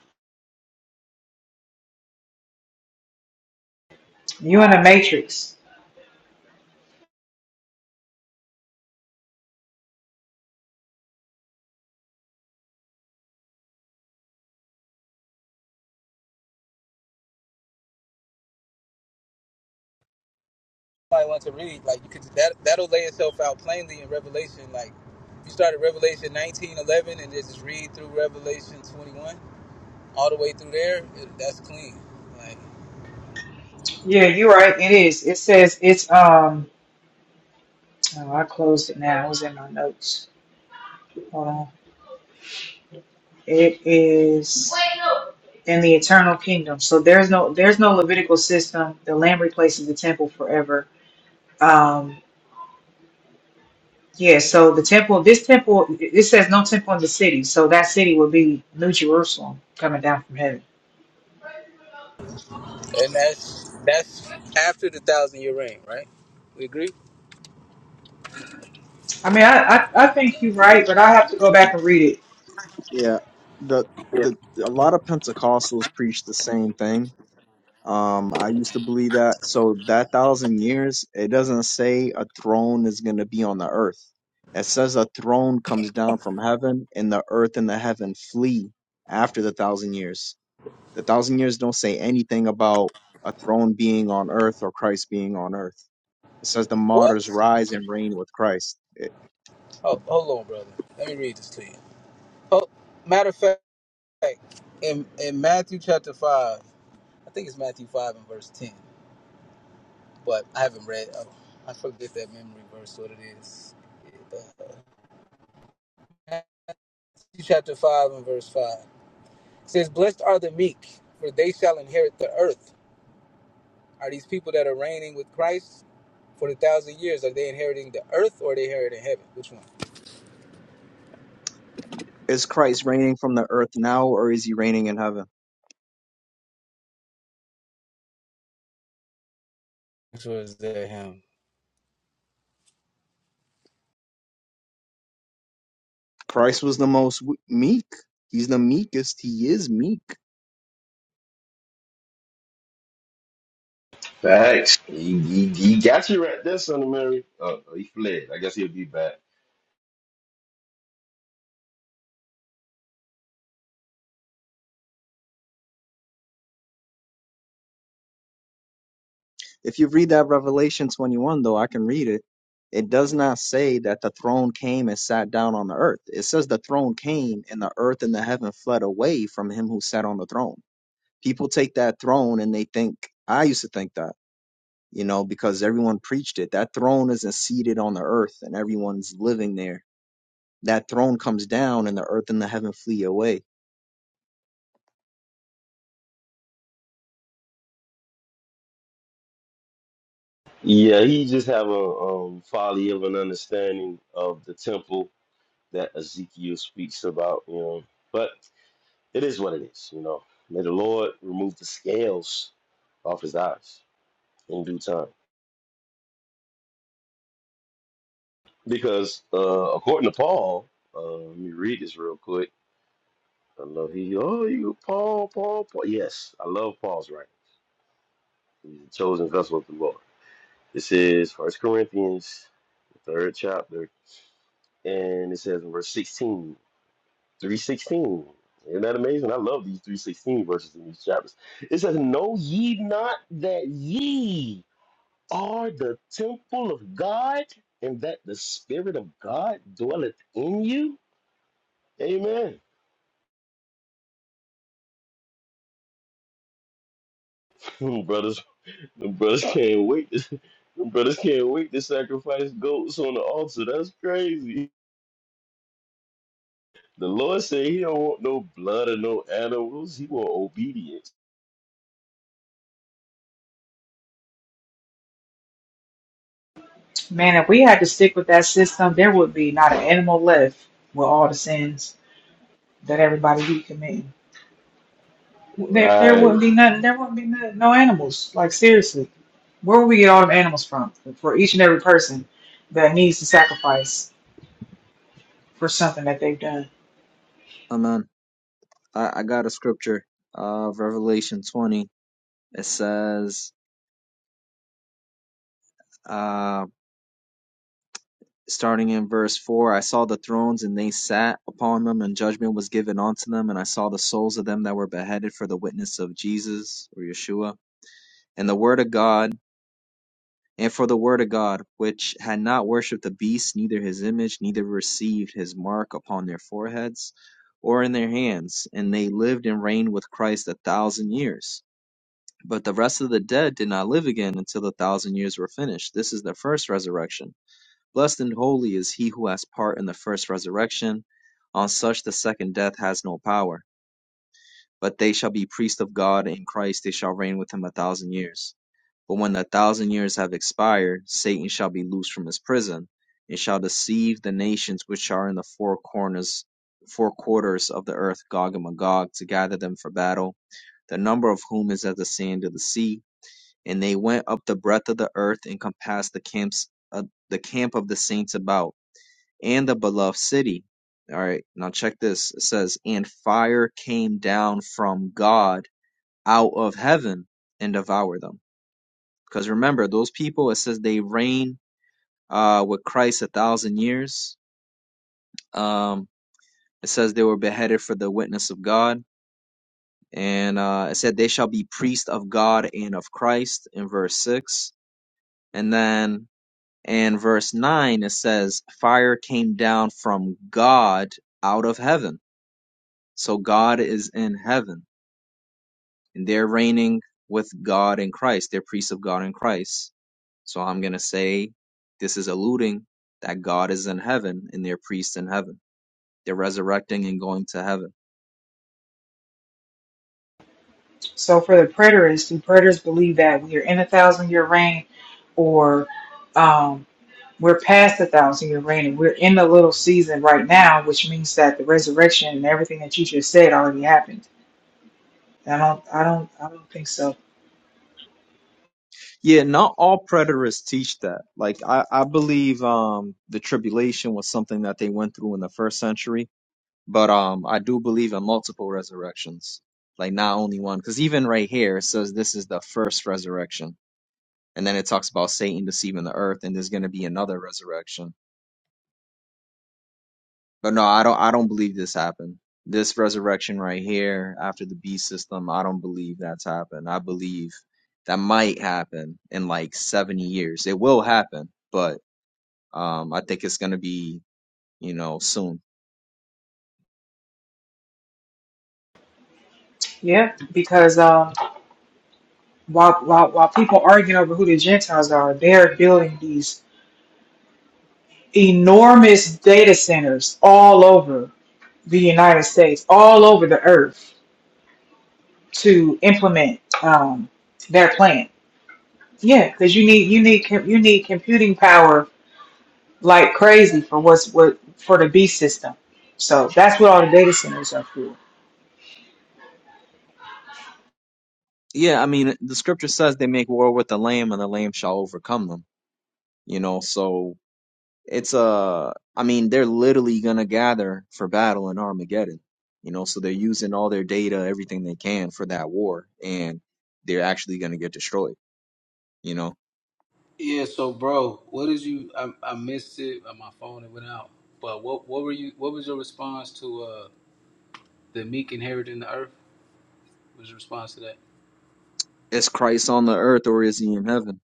Speaker 4: in a matrix.
Speaker 9: I want to read like you could that that'll lay itself out plainly in Revelation. Like if you start at Revelation 19:11 and just read through Revelation 21. all the way through there, that's clean. Like,
Speaker 4: Yeah, you're right. It is. It says it's um. Oh, I closed it now. It was in my notes. Hold on. It is in the eternal kingdom. So there's no there's no Levitical system. The Lamb replaces the temple forever. Um. Yeah. So the temple. This temple. It it says no temple in the city. So that city would be New Jerusalem coming down from heaven.
Speaker 9: and that's that's after the thousand year reign, right? We agree.
Speaker 4: I mean, I I, I think you're right, but I have to go back and read it.
Speaker 13: Yeah, the the a lot of Pentecostals preach the same thing. Um, I used to believe that. So that thousand years, it doesn't say a throne is going to be on the earth. It says a throne comes down from heaven, and the earth and the heaven flee after the thousand years. The thousand years don't say anything about a throne being on earth or Christ being on earth. It says the martyrs
Speaker 9: What?
Speaker 13: rise and reign with Christ. It-
Speaker 9: Oh, hold on, brother. Let me read this to you. Oh, matter of fact, in in Matthew chapter five, I think it's Matthew five and verse ten, but I haven't read. Oh, I forget that memory verse. What it is? Uh, Matthew chapter five and verse five says, "Blessed are the meek, for they shall inherit the earth." Are these people that are reigning with Christ? for the thousand years? Are they inheriting the earth or are they inheriting heaven? Which one?
Speaker 13: Is Christ reigning from the earth now, or is he reigning in heaven?
Speaker 9: Which was the him.
Speaker 13: Christ was the most w- meek. He's the meekest. He is meek.
Speaker 1: Facts. He, he, he got you right there, son of Mary. Oh, he fled. I guess he'll be back.
Speaker 13: If you read that Revelation 21, though, I can read it. It does not say that the throne came and sat down on the earth. It says the throne came and the earth and the heaven fled away from him who sat on the throne. People take that throne and they think, I used to think that, you know, because everyone preached it. That throne isn't seated on the earth and everyone's living there. That throne comes down and the earth and the heaven flee away.
Speaker 1: Yeah, he just have a um, folly of an understanding of the temple that Ezekiel speaks about, you know. But it is what it is, you know. May the Lord remove the scales off his eyes in due time. Because uh, according to Paul, uh, let me read this real quick. I love he oh you Paul, Paul, Paul. Yes, I love Paul's writing. He's a chosen vessel of the Lord. This is First Corinthians, the third chapter, and it says in verse 16. 316. Isn't that amazing? I love these 316 verses in these chapters. It says, Know ye not that ye are the temple of God, and that the Spirit of God dwelleth in you? Amen. Them brothers, them brothers can't wait. To, them brothers can't wait to sacrifice goats on the altar. That's crazy. The Lord said he don't want no blood or no animals. He want obedience.
Speaker 4: Man, if we had to stick with that system, there would be not an animal left with all the sins. that everybody be committing. There, there wouldn't
Speaker 1: Right.
Speaker 4: be nothing. There wouldn't be no, no animals. Like seriously, where would we get all them animals from for each and every person that needs to sacrifice for something that they've done?
Speaker 13: Amen. I, I got a scripture of Revelation 20. It says, uh, starting in verse 4, I saw the thrones and they sat upon them, and judgment was given unto them. And I saw the souls of them that were beheaded for the witness of Jesus or Yeshua and the word of God, and for the word of God, which had not worshipped the beast, neither his image, neither received his mark upon their foreheads or in their hands. And they lived and reigned with Christ a thousand years. But the rest of the dead did not live again until the thousand years were finished. This is the first resurrection. Blessed and holy is he who has part in the first resurrection. On such the second death has no power. But they shall be priests of God in Christ, they shall reign with him a thousand years. But when the thousand years have expired, Satan shall be loosed from his prison, and shall deceive the nations which are in the four corners four quarters of the earth, Gog and Magog, to gather them for battle, the number of whom is as the sand of the sea and they went up the breadth of the earth and compassed the camps uh, the camp of the saints about and the beloved city. All right, now check this. It says, and fire came down from God out of heaven and devoured them. Because remember, those people, it says they reign uh, with Christ a thousand years. Um, it says they were beheaded for the witness of God. And uh, it said they shall be priests of God and of Christ in verse 6. And then and verse 9 it says fire came down from god out of heaven so god is in heaven and they're reigning with god in christ they're priests of god in christ so i'm going to say this is alluding that god is in heaven and they're priests in heaven they're resurrecting and going to heaven
Speaker 4: So for the preterists, do preterists believe that we are in a thousand year reign, or um, we're past the thousand year reign and we're in the little season right now, which means that the resurrection and everything that you just said already happened? I don't, I don't, I don't think so.
Speaker 13: yeah not all preterists teach that like i, I believe um the tribulation was something that they went through in the first century But um, I do believe in multiple resurrections, like not only one. Because even right here, it says this is the first resurrection, and then it talks about Satan deceiving the earth, and there's going to be another resurrection. But no, I don't. I don't believe this happened. This resurrection right here after the beast system, I don't believe that's happened. I believe that might happen in like 70 years. It will happen, but um, I think it's going to be, you know, soon.
Speaker 4: Yeah, because um. while, while, while people arguing over who the Gentiles are, they're building these enormous data centers all over the United States, all over the earth to implement um, their plan. Yeah, because you need you need com- you need computing power like crazy for what's what for the B system. So that's what all the data centers are for.
Speaker 13: Yeah, I mean, the scripture says they make war with the lamb, and the lamb shall overcome them. you know so it's uh i mean they're literally gonna gather for battle in armageddon you know so they're using all their data everything they can for that war and they're actually gonna get destroyed you know
Speaker 9: Yeah, so bro, what did you? I, I missed it. uh, My phone it went out. But what what were you? What was your response to uh the meek inheriting the earth? What was your response to that?
Speaker 13: is christ on the earth or is he in heaven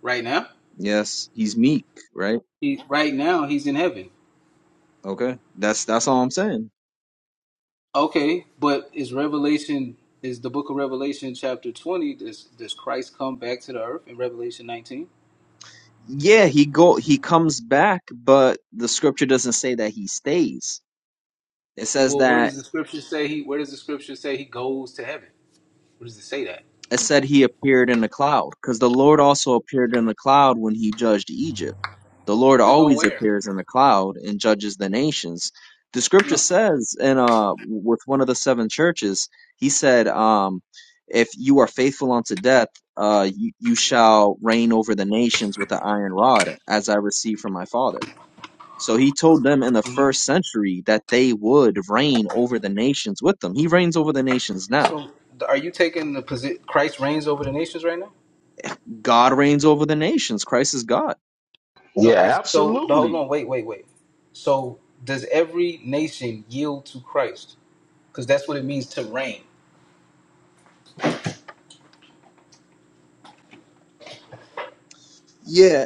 Speaker 9: Right now,
Speaker 13: yes he's meek right
Speaker 9: he right now he's in heaven.
Speaker 13: okay that's that's all i'm saying
Speaker 9: Okay, but is Revelation is the book of Revelation chapter twenty? Does does Christ come back to the earth in Revelation nineteen?
Speaker 13: yeah he go he comes back but the scripture doesn't say that he stays it says
Speaker 9: Well, where
Speaker 13: that
Speaker 9: does the scripture say he? Where does the scripture say he goes to heaven? Where does it say that?
Speaker 13: It said he appeared in the cloud, because the Lord also appeared in the cloud when he judged Egypt. The Lord
Speaker 9: To go
Speaker 13: always
Speaker 9: where?
Speaker 13: appears in the cloud and judges the nations. The scripture
Speaker 9: No.
Speaker 13: says in uh with one of the seven churches, he said, um, if you are faithful unto death, uh you, you shall reign over the nations with an iron rod, as I received from my father. So he told them in the first century that they would reign over the nations with them. He reigns over the nations now
Speaker 9: So th- are you taking the position Christ reigns over the nations right now?
Speaker 13: God reigns over the nations. Christ is God.
Speaker 9: No.
Speaker 1: Yeah,
Speaker 9: it's- So the hold
Speaker 1: absolutely.
Speaker 9: on, wait, wait, wait. So does every nation yield to Christ? Because that's what it means to reign.
Speaker 13: Yeah,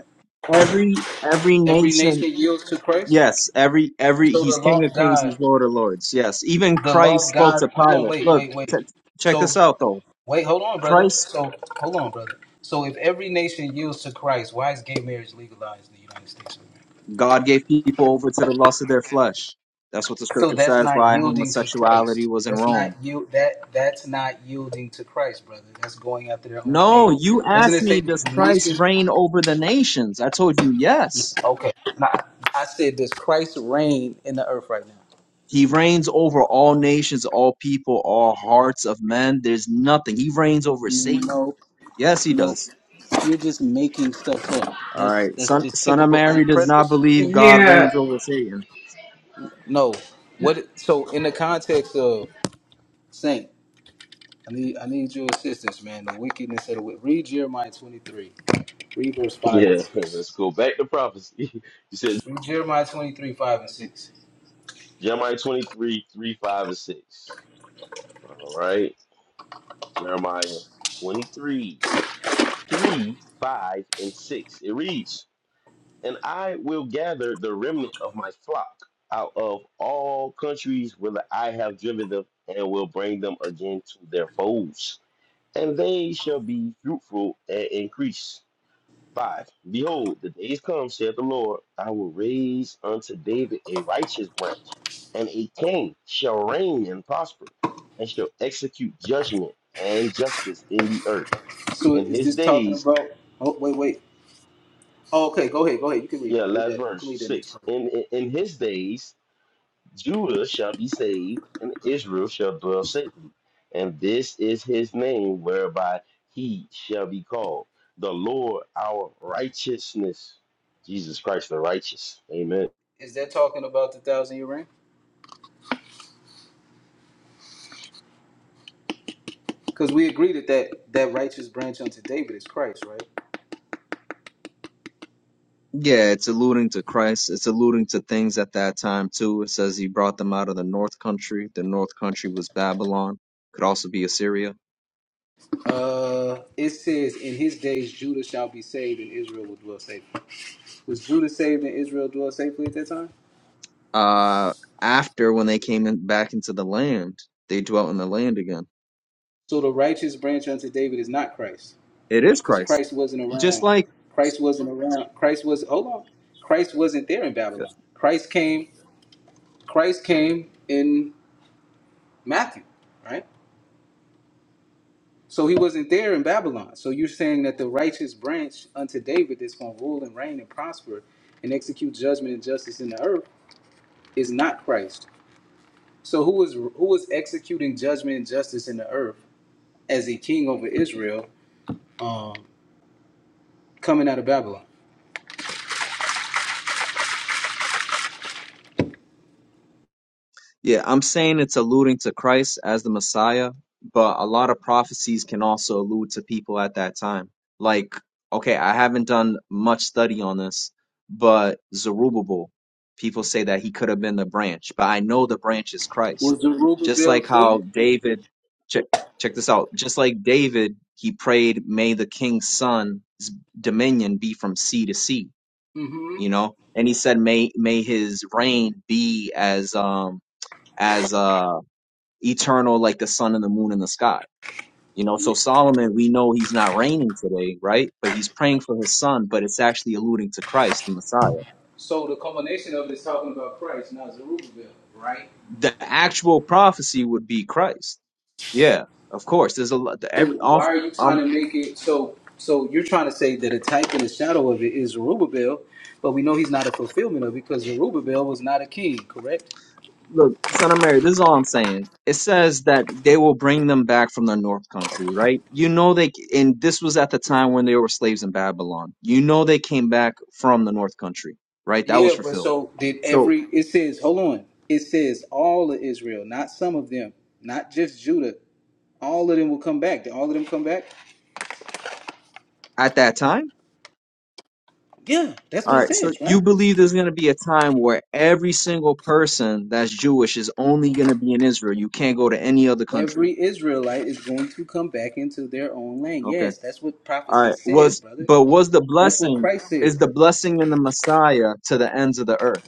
Speaker 13: every every
Speaker 9: Every
Speaker 13: nation.
Speaker 9: nation yields to Christ.
Speaker 13: Yes, every every
Speaker 9: So the
Speaker 13: he's King
Speaker 9: law
Speaker 13: of
Speaker 9: of
Speaker 13: Kings, he's
Speaker 9: God,
Speaker 13: Lord of Lords. Yes, even
Speaker 9: the law
Speaker 13: Christ
Speaker 9: of
Speaker 13: spoke
Speaker 9: God.
Speaker 13: to
Speaker 9: Hold on,
Speaker 13: Pilate.
Speaker 9: wait,
Speaker 13: Look,
Speaker 9: wait,
Speaker 13: ch
Speaker 9: wait.
Speaker 13: check
Speaker 9: So
Speaker 13: this out though.
Speaker 9: wait, hold on, brother.
Speaker 13: Christ,
Speaker 9: So hold on, brother. So if every nation yields to Christ, why is gay marriage legalized in the United States? of America?
Speaker 13: God gave people over to the lust of their flesh. That's what the
Speaker 9: So
Speaker 13: scripture
Speaker 9: that's
Speaker 13: says.
Speaker 9: not
Speaker 13: Why
Speaker 9: yielding to
Speaker 13: homosexuality
Speaker 9: Christ.
Speaker 13: was in
Speaker 9: That's not
Speaker 13: Rome.
Speaker 9: you. That that's not yielding to Christ, brother. That's going after their own
Speaker 13: No,
Speaker 9: thing.
Speaker 13: you
Speaker 9: Doesn't
Speaker 13: asked
Speaker 9: it say
Speaker 13: me,
Speaker 9: that
Speaker 13: does
Speaker 9: the
Speaker 13: Christ
Speaker 9: nation?
Speaker 13: reign over the nations? I told you yes.
Speaker 9: Okay, nah, I said does Christ reign in the earth right now?
Speaker 13: He reigns over all nations, all people, all hearts of men. There's nothing. He reigns over Satan.
Speaker 9: Nope,
Speaker 13: Yes, he
Speaker 9: nope.
Speaker 13: does.
Speaker 9: You're just making stuff up.
Speaker 13: All
Speaker 9: That's
Speaker 13: right.
Speaker 9: that's
Speaker 13: Son,
Speaker 9: just
Speaker 13: son of
Speaker 9: typical. Are
Speaker 13: Mary
Speaker 9: you
Speaker 13: does not
Speaker 9: preterist?
Speaker 13: believe God
Speaker 4: Yeah,
Speaker 13: reigns over Satan.
Speaker 9: No. What? So in the context of saint, I need I need your assistance, man. The wickedness of the wicked. Read Jeremiah 23. Read verse five. and
Speaker 1: Yeah,
Speaker 9: six.
Speaker 1: let's go back to prophecy. You said
Speaker 9: Through Jeremiah 23, 5 and 6.
Speaker 1: Jeremiah 23 3 5 and 6. All right. Jeremiah 23 3 5 and 6. It reads, And I will gather the remnant of my flock out of all countries whither I have driven them, and will bring them again to their folds. And they shall be fruitful and increase 5. Behold, the days come, saith the Lord, I will raise unto David a righteous branch, and a king shall reign and prosper, and shall execute judgment and justice in the earth.
Speaker 9: So
Speaker 1: In
Speaker 9: is
Speaker 1: his
Speaker 9: this talking
Speaker 1: days,
Speaker 9: about? Oh wait, wait. Oh, okay, go ahead, go ahead. You can read
Speaker 1: yeah,
Speaker 9: that. Read
Speaker 1: last
Speaker 9: that. You can
Speaker 1: verse
Speaker 9: read that next
Speaker 1: 6.
Speaker 9: part.
Speaker 1: In, in, in his days, Judah shall be saved, and Israel shall dwell safely. And this is his name whereby he shall be called the Lord our righteousness. Jesus Christ the righteous. Amen.
Speaker 9: Is that talking about the thousand year reign? Because we agree that, that that righteous branch unto David is Christ, right?
Speaker 13: Yeah, it's alluding to Christ. It's alluding to things at that time too. It says he brought them out of the north country. The north country was Babylon. Could also be Assyria.
Speaker 9: Uh, it says, "In his days Judah shall be saved, and Israel will dwell safely." Was Judah saved and Israel dwell safely at that time?
Speaker 13: Uh, after when they came in, back into the land, they dwelt in the land again.
Speaker 9: So the righteous branch unto David is not Christ,
Speaker 13: It is
Speaker 9: because
Speaker 13: Christ.
Speaker 9: Christ wasn't
Speaker 13: Just
Speaker 9: around.
Speaker 13: like
Speaker 9: Christ wasn't around. Christ was hold on. Christ wasn't there in Babylon. Christ came. Christ came in Matthew, right? So he wasn't there in Babylon. So you're saying that the righteous branch unto David that's going to rule and reign and prosper and execute judgment and justice in the earth is not Christ. So who was who was executing judgment and justice in the earth as a king over Israel um, coming out of Babylon?
Speaker 13: Yeah, I'm saying it's alluding to Christ as the Messiah, but a lot of prophecies can also allude to people at that time. Like, okay, I haven't done much study on this, but Zerubbabel, people say that he could have been the branch, but I know the branch is Christ.
Speaker 9: Was
Speaker 13: Just
Speaker 9: Zerubbabel
Speaker 13: like how
Speaker 9: king?
Speaker 13: David, check check this out. Just like David, he prayed, "May the king's son's dominion be from sea to sea,"
Speaker 9: Mm-hmm.
Speaker 13: you know, and he said, "May may his reign be as um." as uh eternal like the sun and the moon in the sky you know so
Speaker 9: Yeah.
Speaker 13: solomon we know he's not reigning today right but he's praying for his son but it's actually alluding to christ the messiah
Speaker 9: So the culmination of it is talking about Christ, not Zerubbabel, right?
Speaker 13: the actual prophecy would be christ yeah of course there's a lot the-
Speaker 9: So
Speaker 13: every all,
Speaker 9: why are you
Speaker 13: um
Speaker 9: trying to make it so? So you're trying to say that a type in the shadow of it is Zerubbabel, but we know he's not a fulfillment of it because Zerubbabel was not a king, correct?
Speaker 13: look son of mary this is all i'm saying it says that they will bring them back from the north country right you know they and this was at the time when they were slaves in babylon you know they came back from the north country right that was
Speaker 9: Yeah, but
Speaker 13: fulfilled
Speaker 9: so did
Speaker 13: So.
Speaker 9: every. It says, hold on. It says all of Israel, not some of them, not just Judah. All of them will come back. Did all of them come back?
Speaker 13: at that time?
Speaker 9: Yeah, that's
Speaker 13: All
Speaker 9: what it
Speaker 13: right, so
Speaker 9: says,
Speaker 13: you
Speaker 9: right?
Speaker 13: believe there's going to be a time where every single person that's Jewish is only going to be in Israel. You can't go to any other country.
Speaker 9: Every Israelite is going to come back into their own land.
Speaker 13: Okay.
Speaker 9: Yes, that's what
Speaker 13: All
Speaker 9: prophecy
Speaker 13: right.
Speaker 9: says,
Speaker 13: Was
Speaker 9: brother.
Speaker 13: but was the
Speaker 9: That's what
Speaker 13: blessing
Speaker 9: Christ says.
Speaker 13: is the blessing in the Messiah to the ends of the earth,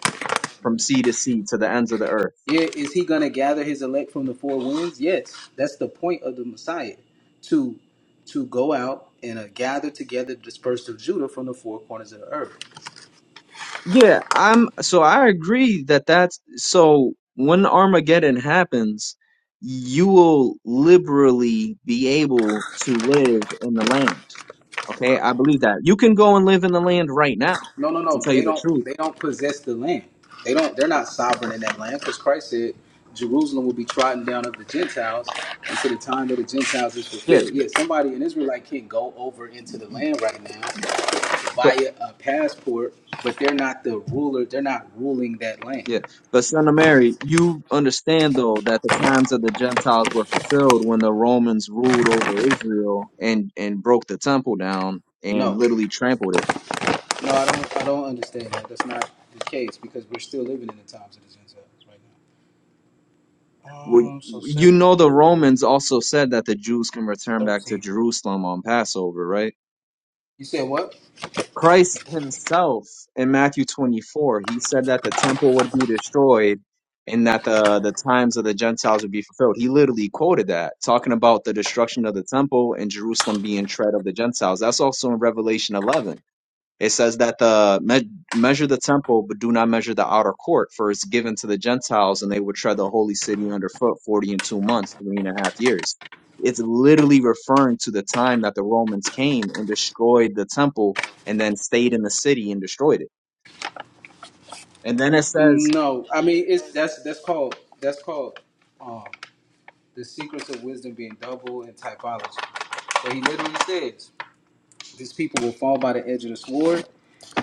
Speaker 13: from sea to sea to the ends of the earth?
Speaker 9: Yeah, is he going to gather his elect from the four winds? Yes, that's the point of the Messiah, to to go out and uh, gather together the dispersed of Judah from the four corners of the earth.
Speaker 13: Yeah, I'm so I agree that that's so when Armageddon happens, you will liberally be able to live in the land. Okay, I believe that. You can go and live in the land right now,
Speaker 9: No, no,
Speaker 13: to
Speaker 9: no,
Speaker 13: tell you
Speaker 9: they
Speaker 13: the
Speaker 9: don't
Speaker 13: truth.
Speaker 9: they don't possess the land. They don't. They're not sovereign in that land because Christ said Jerusalem will be trodden down of the Gentiles until the time that the Gentiles is
Speaker 13: Yeah,
Speaker 9: fulfilled. Yeah, somebody in Israelite can not go over into the land right now
Speaker 13: but
Speaker 9: via a passport, but they're not the ruler. They're not ruling that land.
Speaker 13: yeah, but son of Mary, you understand though that the times of the Gentiles were fulfilled when the Romans ruled over Israel and and broke the temple down and
Speaker 9: No.
Speaker 13: literally trampled it.
Speaker 9: No, I don't. I don't understand that. That's not the case because we're still living in the times of the Gentiles right now.
Speaker 13: Well,
Speaker 9: Um. So
Speaker 13: you know the
Speaker 9: seventy-three,
Speaker 13: Romans also said that the Jews can return back to
Speaker 9: thirteen.
Speaker 13: Jerusalem on Passover, right?
Speaker 9: You said what?
Speaker 13: Christ himself in Matthew 24, he said that the temple would be destroyed and that the the times of the Gentiles would be fulfilled. He literally quoted that, talking about the destruction of the temple and Jerusalem being tread of the Gentiles. That's also in Revelation 11. It says that the me- measure the temple, but do not measure the outer court, for it's given to the Gentiles, and they would tread the holy city underfoot forty and two months, three and a half years. It's literally referring to the time that the Romans came and destroyed the temple, and then stayed in the city and destroyed it. And then it says,
Speaker 9: No, I mean it's that's that's called that's called um the secrets of wisdom being double in typology. So he literally says, "These people will fall by the edge of the sword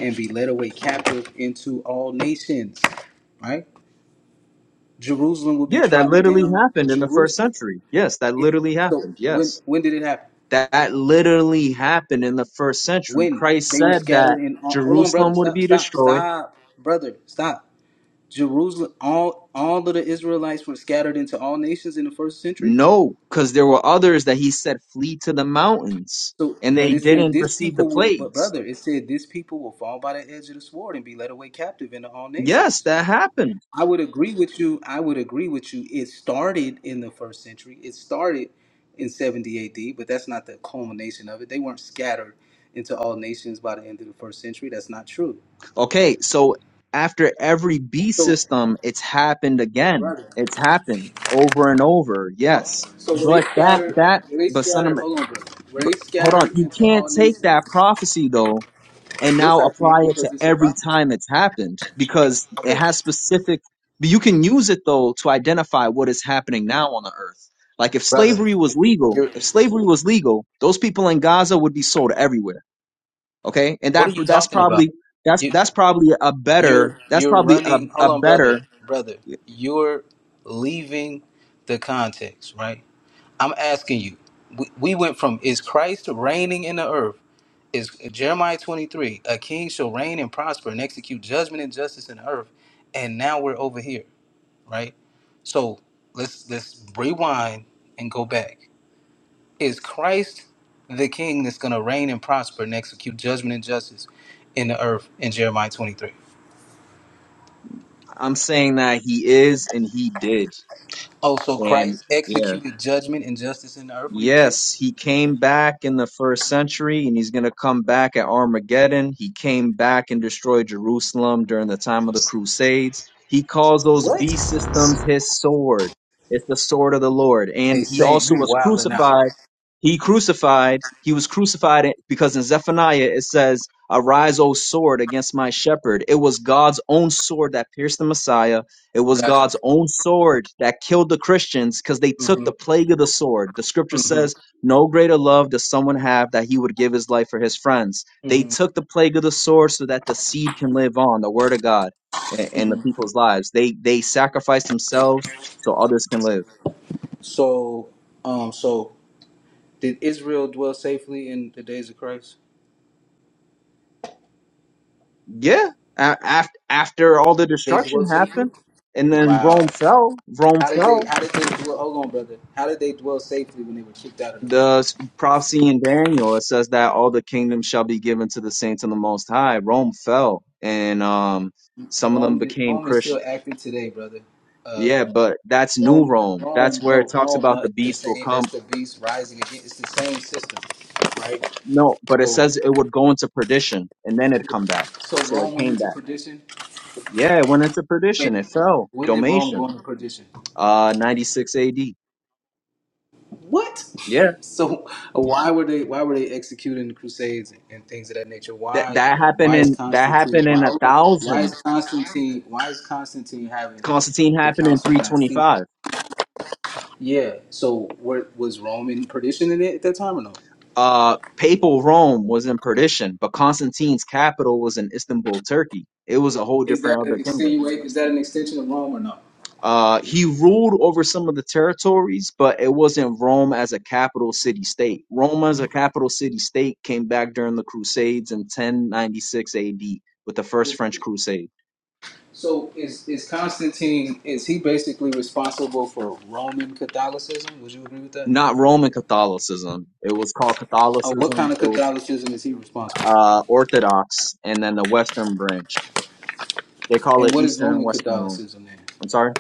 Speaker 9: and be led away captive into all nations." Right? Jerusalem will be
Speaker 13: yeah, that
Speaker 9: trodden
Speaker 13: literally
Speaker 9: down.
Speaker 13: happened in the first
Speaker 9: Jerusalem.
Speaker 13: century. Yes, that
Speaker 9: yeah.
Speaker 13: literally
Speaker 9: So
Speaker 13: happened.
Speaker 9: when
Speaker 13: Yes,
Speaker 9: when did it happen?
Speaker 13: that literally happened in the first century.
Speaker 9: when
Speaker 13: Christ
Speaker 9: they were
Speaker 13: said that
Speaker 9: scattered in all, hold on
Speaker 13: Jerusalem
Speaker 9: brother
Speaker 13: would
Speaker 9: stop
Speaker 13: be
Speaker 9: stop
Speaker 13: destroyed
Speaker 9: stop brother stop jerusalem all all of the israelites were scattered into all nations in the first century
Speaker 13: No, because there were others that he said flee to the mountains
Speaker 9: so
Speaker 13: and
Speaker 9: but
Speaker 13: they
Speaker 9: it said
Speaker 13: didn't
Speaker 9: this
Speaker 13: receive the
Speaker 9: people will but
Speaker 13: plagues.
Speaker 9: brother it said this people will fall by the edge of the sword and be led away captive into all
Speaker 13: Yes,
Speaker 9: nations
Speaker 13: that happened.
Speaker 9: i would agree with you i would agree with you it started in the first century it started in 70 ad but that's not the culmination of it they weren't scattered into all nations by the end of the first century that's not true
Speaker 13: Okay, so after every B
Speaker 9: so
Speaker 13: system, it's happened
Speaker 9: but
Speaker 13: again.
Speaker 9: brother
Speaker 13: It's happened over and over.
Speaker 9: Oh,
Speaker 13: Yes.
Speaker 9: so were they
Speaker 13: But that,
Speaker 9: scattered?
Speaker 13: that,
Speaker 9: Were they
Speaker 13: but son of,
Speaker 9: scattered?
Speaker 13: a-
Speaker 9: Hold on, bro. Were
Speaker 13: but,
Speaker 9: they
Speaker 13: hold on.
Speaker 9: scattered
Speaker 13: You
Speaker 9: into
Speaker 13: can't
Speaker 9: all
Speaker 13: take
Speaker 9: nations?
Speaker 13: that prophecy though and
Speaker 9: Yes,
Speaker 13: now
Speaker 9: I can
Speaker 13: apply it
Speaker 9: because
Speaker 13: to
Speaker 9: it's a
Speaker 13: every
Speaker 9: prophecy.
Speaker 13: time it's happened because it
Speaker 9: Brother,
Speaker 13: has specific but you can use it though to identify what is happening now on the earth like if
Speaker 9: brother,
Speaker 13: slavery was legal
Speaker 9: you're.
Speaker 13: if slavery was legal those people in gaza would be sold everywhere okay and
Speaker 9: What
Speaker 13: that
Speaker 9: are you
Speaker 13: that's
Speaker 9: talking about?
Speaker 13: probably that's
Speaker 9: You,
Speaker 13: that's probably a better
Speaker 9: you're
Speaker 13: that's
Speaker 9: you're
Speaker 13: probably a,
Speaker 9: running. Hold
Speaker 13: a
Speaker 9: on, brother,
Speaker 13: better
Speaker 9: brother. You're leaving the context, right? I'm asking you. We, we went from is Christ reigning in the earth? Is Jeremiah 23 a king shall reign and prosper and execute judgment and justice in the earth? And now we're over here. right? So let's let's rewind and go back. Is Christ the King that's going to reign and prosper and execute judgment and justice in the earth in Jeremiah 23?
Speaker 13: i'm saying that he is and he did
Speaker 9: Oh, so
Speaker 13: and
Speaker 9: Christ
Speaker 13: yeah
Speaker 9: executed judgment and justice in the earth when he was here?
Speaker 13: Yes, he came back in the first century and he's going to come back at Armageddon. He came back and destroyed Jerusalem during the time of the Crusades. He calls those
Speaker 9: What?
Speaker 13: beast systems his sword. It's the sword of the Lord. And
Speaker 9: Hey,
Speaker 13: he
Speaker 9: Saint,
Speaker 13: also
Speaker 9: you
Speaker 13: was
Speaker 9: wilding out.
Speaker 13: crucified. He crucified, he was crucified because in Zephaniah it says, Arise, O sword, against my shepherd. It was God's own sword that pierced the Messiah it was
Speaker 9: Gotcha.
Speaker 13: God's own sword that killed the Christians because they took
Speaker 9: hmm
Speaker 13: the plague of the sword. The scripture
Speaker 9: hmm
Speaker 13: says, No greater love does someone have that he would give his life for his friends. They
Speaker 9: hmm
Speaker 13: took the plague of the sword so that the seed can live on, the word of God, a- in the
Speaker 9: hmm
Speaker 13: people's lives. They they sacrificed themselves so others can live.
Speaker 9: So, um, so did Israel dwell safely in the days of Christ?
Speaker 13: Yeah. After, after all the
Speaker 9: They
Speaker 13: destruction
Speaker 9: dwell safely.
Speaker 13: happened, and then
Speaker 9: Wow.
Speaker 13: Rome fell, Rome
Speaker 9: How did they?
Speaker 13: fell
Speaker 9: How did they dwell? Hold on, brother. How did they dwell safely when they were kicked out of the land?
Speaker 13: The s- prophecy in Daniel it says that all the kingdoms shall be given to the saints of the Most High. Rome fell, and um, some of them
Speaker 9: Rome. Did,
Speaker 13: became
Speaker 9: Rome is
Speaker 13: Christian.
Speaker 9: still active today, brother. Uh,
Speaker 13: Yeah, but that's New
Speaker 9: Rome.
Speaker 13: Rome. That's
Speaker 9: Rome.
Speaker 13: where it
Speaker 9: No,
Speaker 13: talks
Speaker 9: Rome.
Speaker 13: about
Speaker 9: No,
Speaker 13: the
Speaker 9: it's the
Speaker 13: beast will
Speaker 9: same.
Speaker 13: come.
Speaker 9: That's the beast rising again. It's the same system, right?
Speaker 13: No, but it
Speaker 9: So,
Speaker 13: says it would go into perdition and then it'd come back.
Speaker 9: so
Speaker 13: So it
Speaker 9: Rome went
Speaker 13: came
Speaker 9: into
Speaker 13: back.
Speaker 9: perdition.
Speaker 13: Yeah, it went into perdition.
Speaker 9: When?
Speaker 13: It fell.
Speaker 9: When did Rome
Speaker 13: Domation,
Speaker 9: go into perdition?
Speaker 13: uh, 96 A.D.
Speaker 9: What?
Speaker 13: Yeah,
Speaker 9: So why were they why were they executing the crusades and things of that nature?
Speaker 13: that
Speaker 9: Why
Speaker 13: that happened
Speaker 9: why is
Speaker 13: in that
Speaker 9: Constantine
Speaker 13: happened
Speaker 9: why
Speaker 13: in a
Speaker 9: hold on, why
Speaker 13: thousand.
Speaker 9: is Constantine why is Constantine having
Speaker 13: Constantine
Speaker 9: the
Speaker 13: happened in
Speaker 9: Council of Nicaea?
Speaker 13: 325.
Speaker 9: Yeah. So were, was Rome in perdition in it at that time or no?
Speaker 13: Uh, papal Rome was in perdition, but Constantine's capital was in Istanbul, Turkey. It was a whole
Speaker 9: Is that
Speaker 13: different other
Speaker 9: an
Speaker 13: kingdom.
Speaker 9: extenuate is that an extension of Rome or no?
Speaker 13: Uh, he ruled over some of the territories, but it wasn't Rome as a capital city state. Rome as a capital city state came back during the Crusades in 1096 AD with the first
Speaker 9: Is-
Speaker 13: French Crusade.
Speaker 9: So is is Constantine is he basically responsible for Roman Catholicism? Would you agree with that?
Speaker 13: Not Roman Catholicism. It was called
Speaker 9: Or what kind
Speaker 13: Catholicism.
Speaker 9: of
Speaker 13: It was
Speaker 9: Catholicism is he responsible for?
Speaker 13: uh, Orthodox, and then the Western branch. They call
Speaker 9: And
Speaker 13: it
Speaker 9: what is
Speaker 13: Eastern and
Speaker 9: Roman
Speaker 13: Western Rome.
Speaker 9: Catholicism then?
Speaker 13: I'm sorry.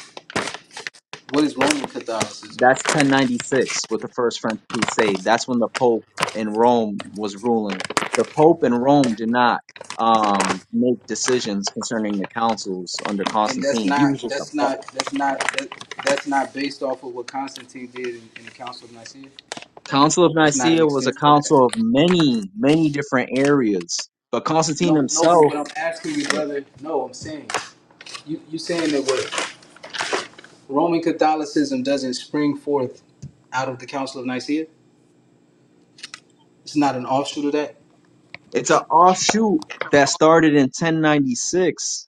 Speaker 9: What is Roman Catholicism?
Speaker 13: That's
Speaker 9: Then?
Speaker 13: 1096 with the First French Crusade. That's when the Pope in Rome was ruling. The Pope in Rome did not um, make decisions concerning the councils under
Speaker 9: And that's
Speaker 13: Constantine. He
Speaker 9: not
Speaker 13: was just a
Speaker 9: that's
Speaker 13: pu-
Speaker 9: not that's not that, that's not based off of what Constantine did in, in the Council of Nicaea.
Speaker 13: Council of
Speaker 9: That's not an
Speaker 13: Nicaea was a
Speaker 9: extension of that.
Speaker 13: council of many, many different areas. But Constantine
Speaker 9: No, no. But
Speaker 13: himself,
Speaker 9: what I'm asking you, brother, no, I'm saying you you saying that what Roman Catholicism doesn't spring forth out of the Council of Nicaea. It's not an offshoot of that,
Speaker 13: it's an offshoot that started in 1096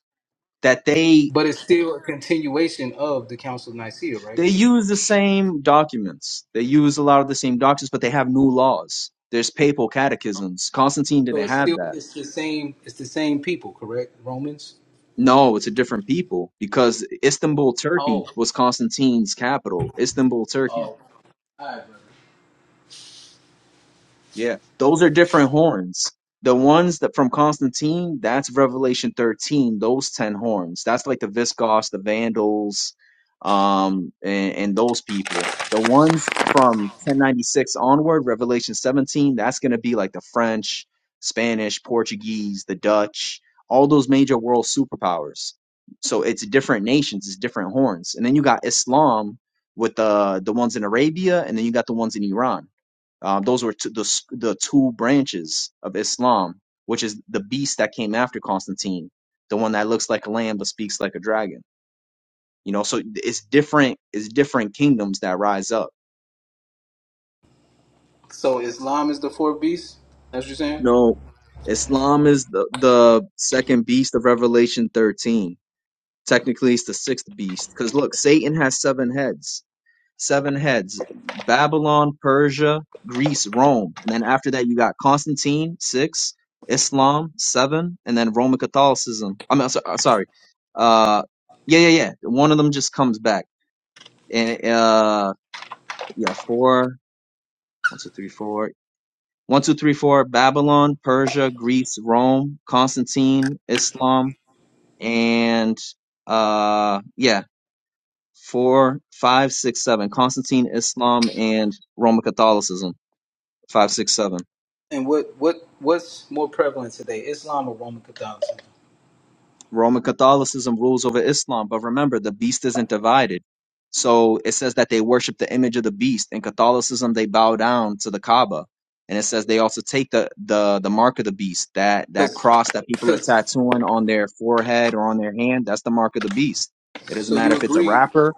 Speaker 13: that they
Speaker 9: but it's still a continuation of the Council of Nicaea, right?
Speaker 13: They use the same documents. They use a lot of the same documents, but they have new laws. There's papal catechisms. Constantine
Speaker 9: So
Speaker 13: didn't
Speaker 9: it's
Speaker 13: have
Speaker 9: still
Speaker 13: that.
Speaker 9: it's the same it's the same people, correct? Romans.
Speaker 13: No, it's a different people because Istanbul, Turkey
Speaker 9: Oh.
Speaker 13: was Constantine's capital. Istanbul, Turkey.
Speaker 9: Oh, all right, brother.
Speaker 13: Yeah, those are different horns. The ones that from Constantine, that's Revelation 13, those 10 horns. That's like the Viscos, the Vandals, um, and, and those people. The ones from 1096 onward, Revelation 17, that's going to be like the French, Spanish, Portuguese, the Dutch, all those major world superpowers. So it's different nations, it's different horns. And then you got Islam with the the ones in Arabia, and then you got the ones in Iran. Um, those were t- the, s- the two branches of Islam, which is the beast that came after Constantine, the one that looks like a lamb but speaks like a dragon. You know, so it's different. It's different kingdoms that rise up.
Speaker 9: So Islam is the four beasts. That's what you're saying.
Speaker 13: No, Islam is the the second beast of Revelation 13. Technically, it's the sixth beast because look, Satan has seven heads seven heads Babylon, Persia, Greece, Rome. And then after that, you got Constantine, six, Islam, seven, and then Roman Catholicism. I mean, so- uh, sorry. Uh, yeah, yeah, yeah. One of them just comes back. And, uh, yeah, four, one, two, three, four. One, two, three, four. Babylon, Persia, Greece, Rome, Constantine, Islam, and, uh, yeah, four, five, six, seven. Constantine, Islam, and Roman Catholicism. Five, six, seven.
Speaker 9: And what what what's more prevalent today, Islam or Roman Catholicism?
Speaker 13: Roman Catholicism rules over Islam, but remember the beast isn't divided. So it says that they worship the image of the beast. In Catholicism, they bow down to the Kaaba, and it says they also take the the the mark of the beast that that
Speaker 9: Because
Speaker 13: cross that people are
Speaker 9: because
Speaker 13: tattooing on their forehead or on their hand. That's the mark of the beast. It doesn't
Speaker 9: so you
Speaker 13: matter if it's a
Speaker 9: agree
Speaker 13: rapper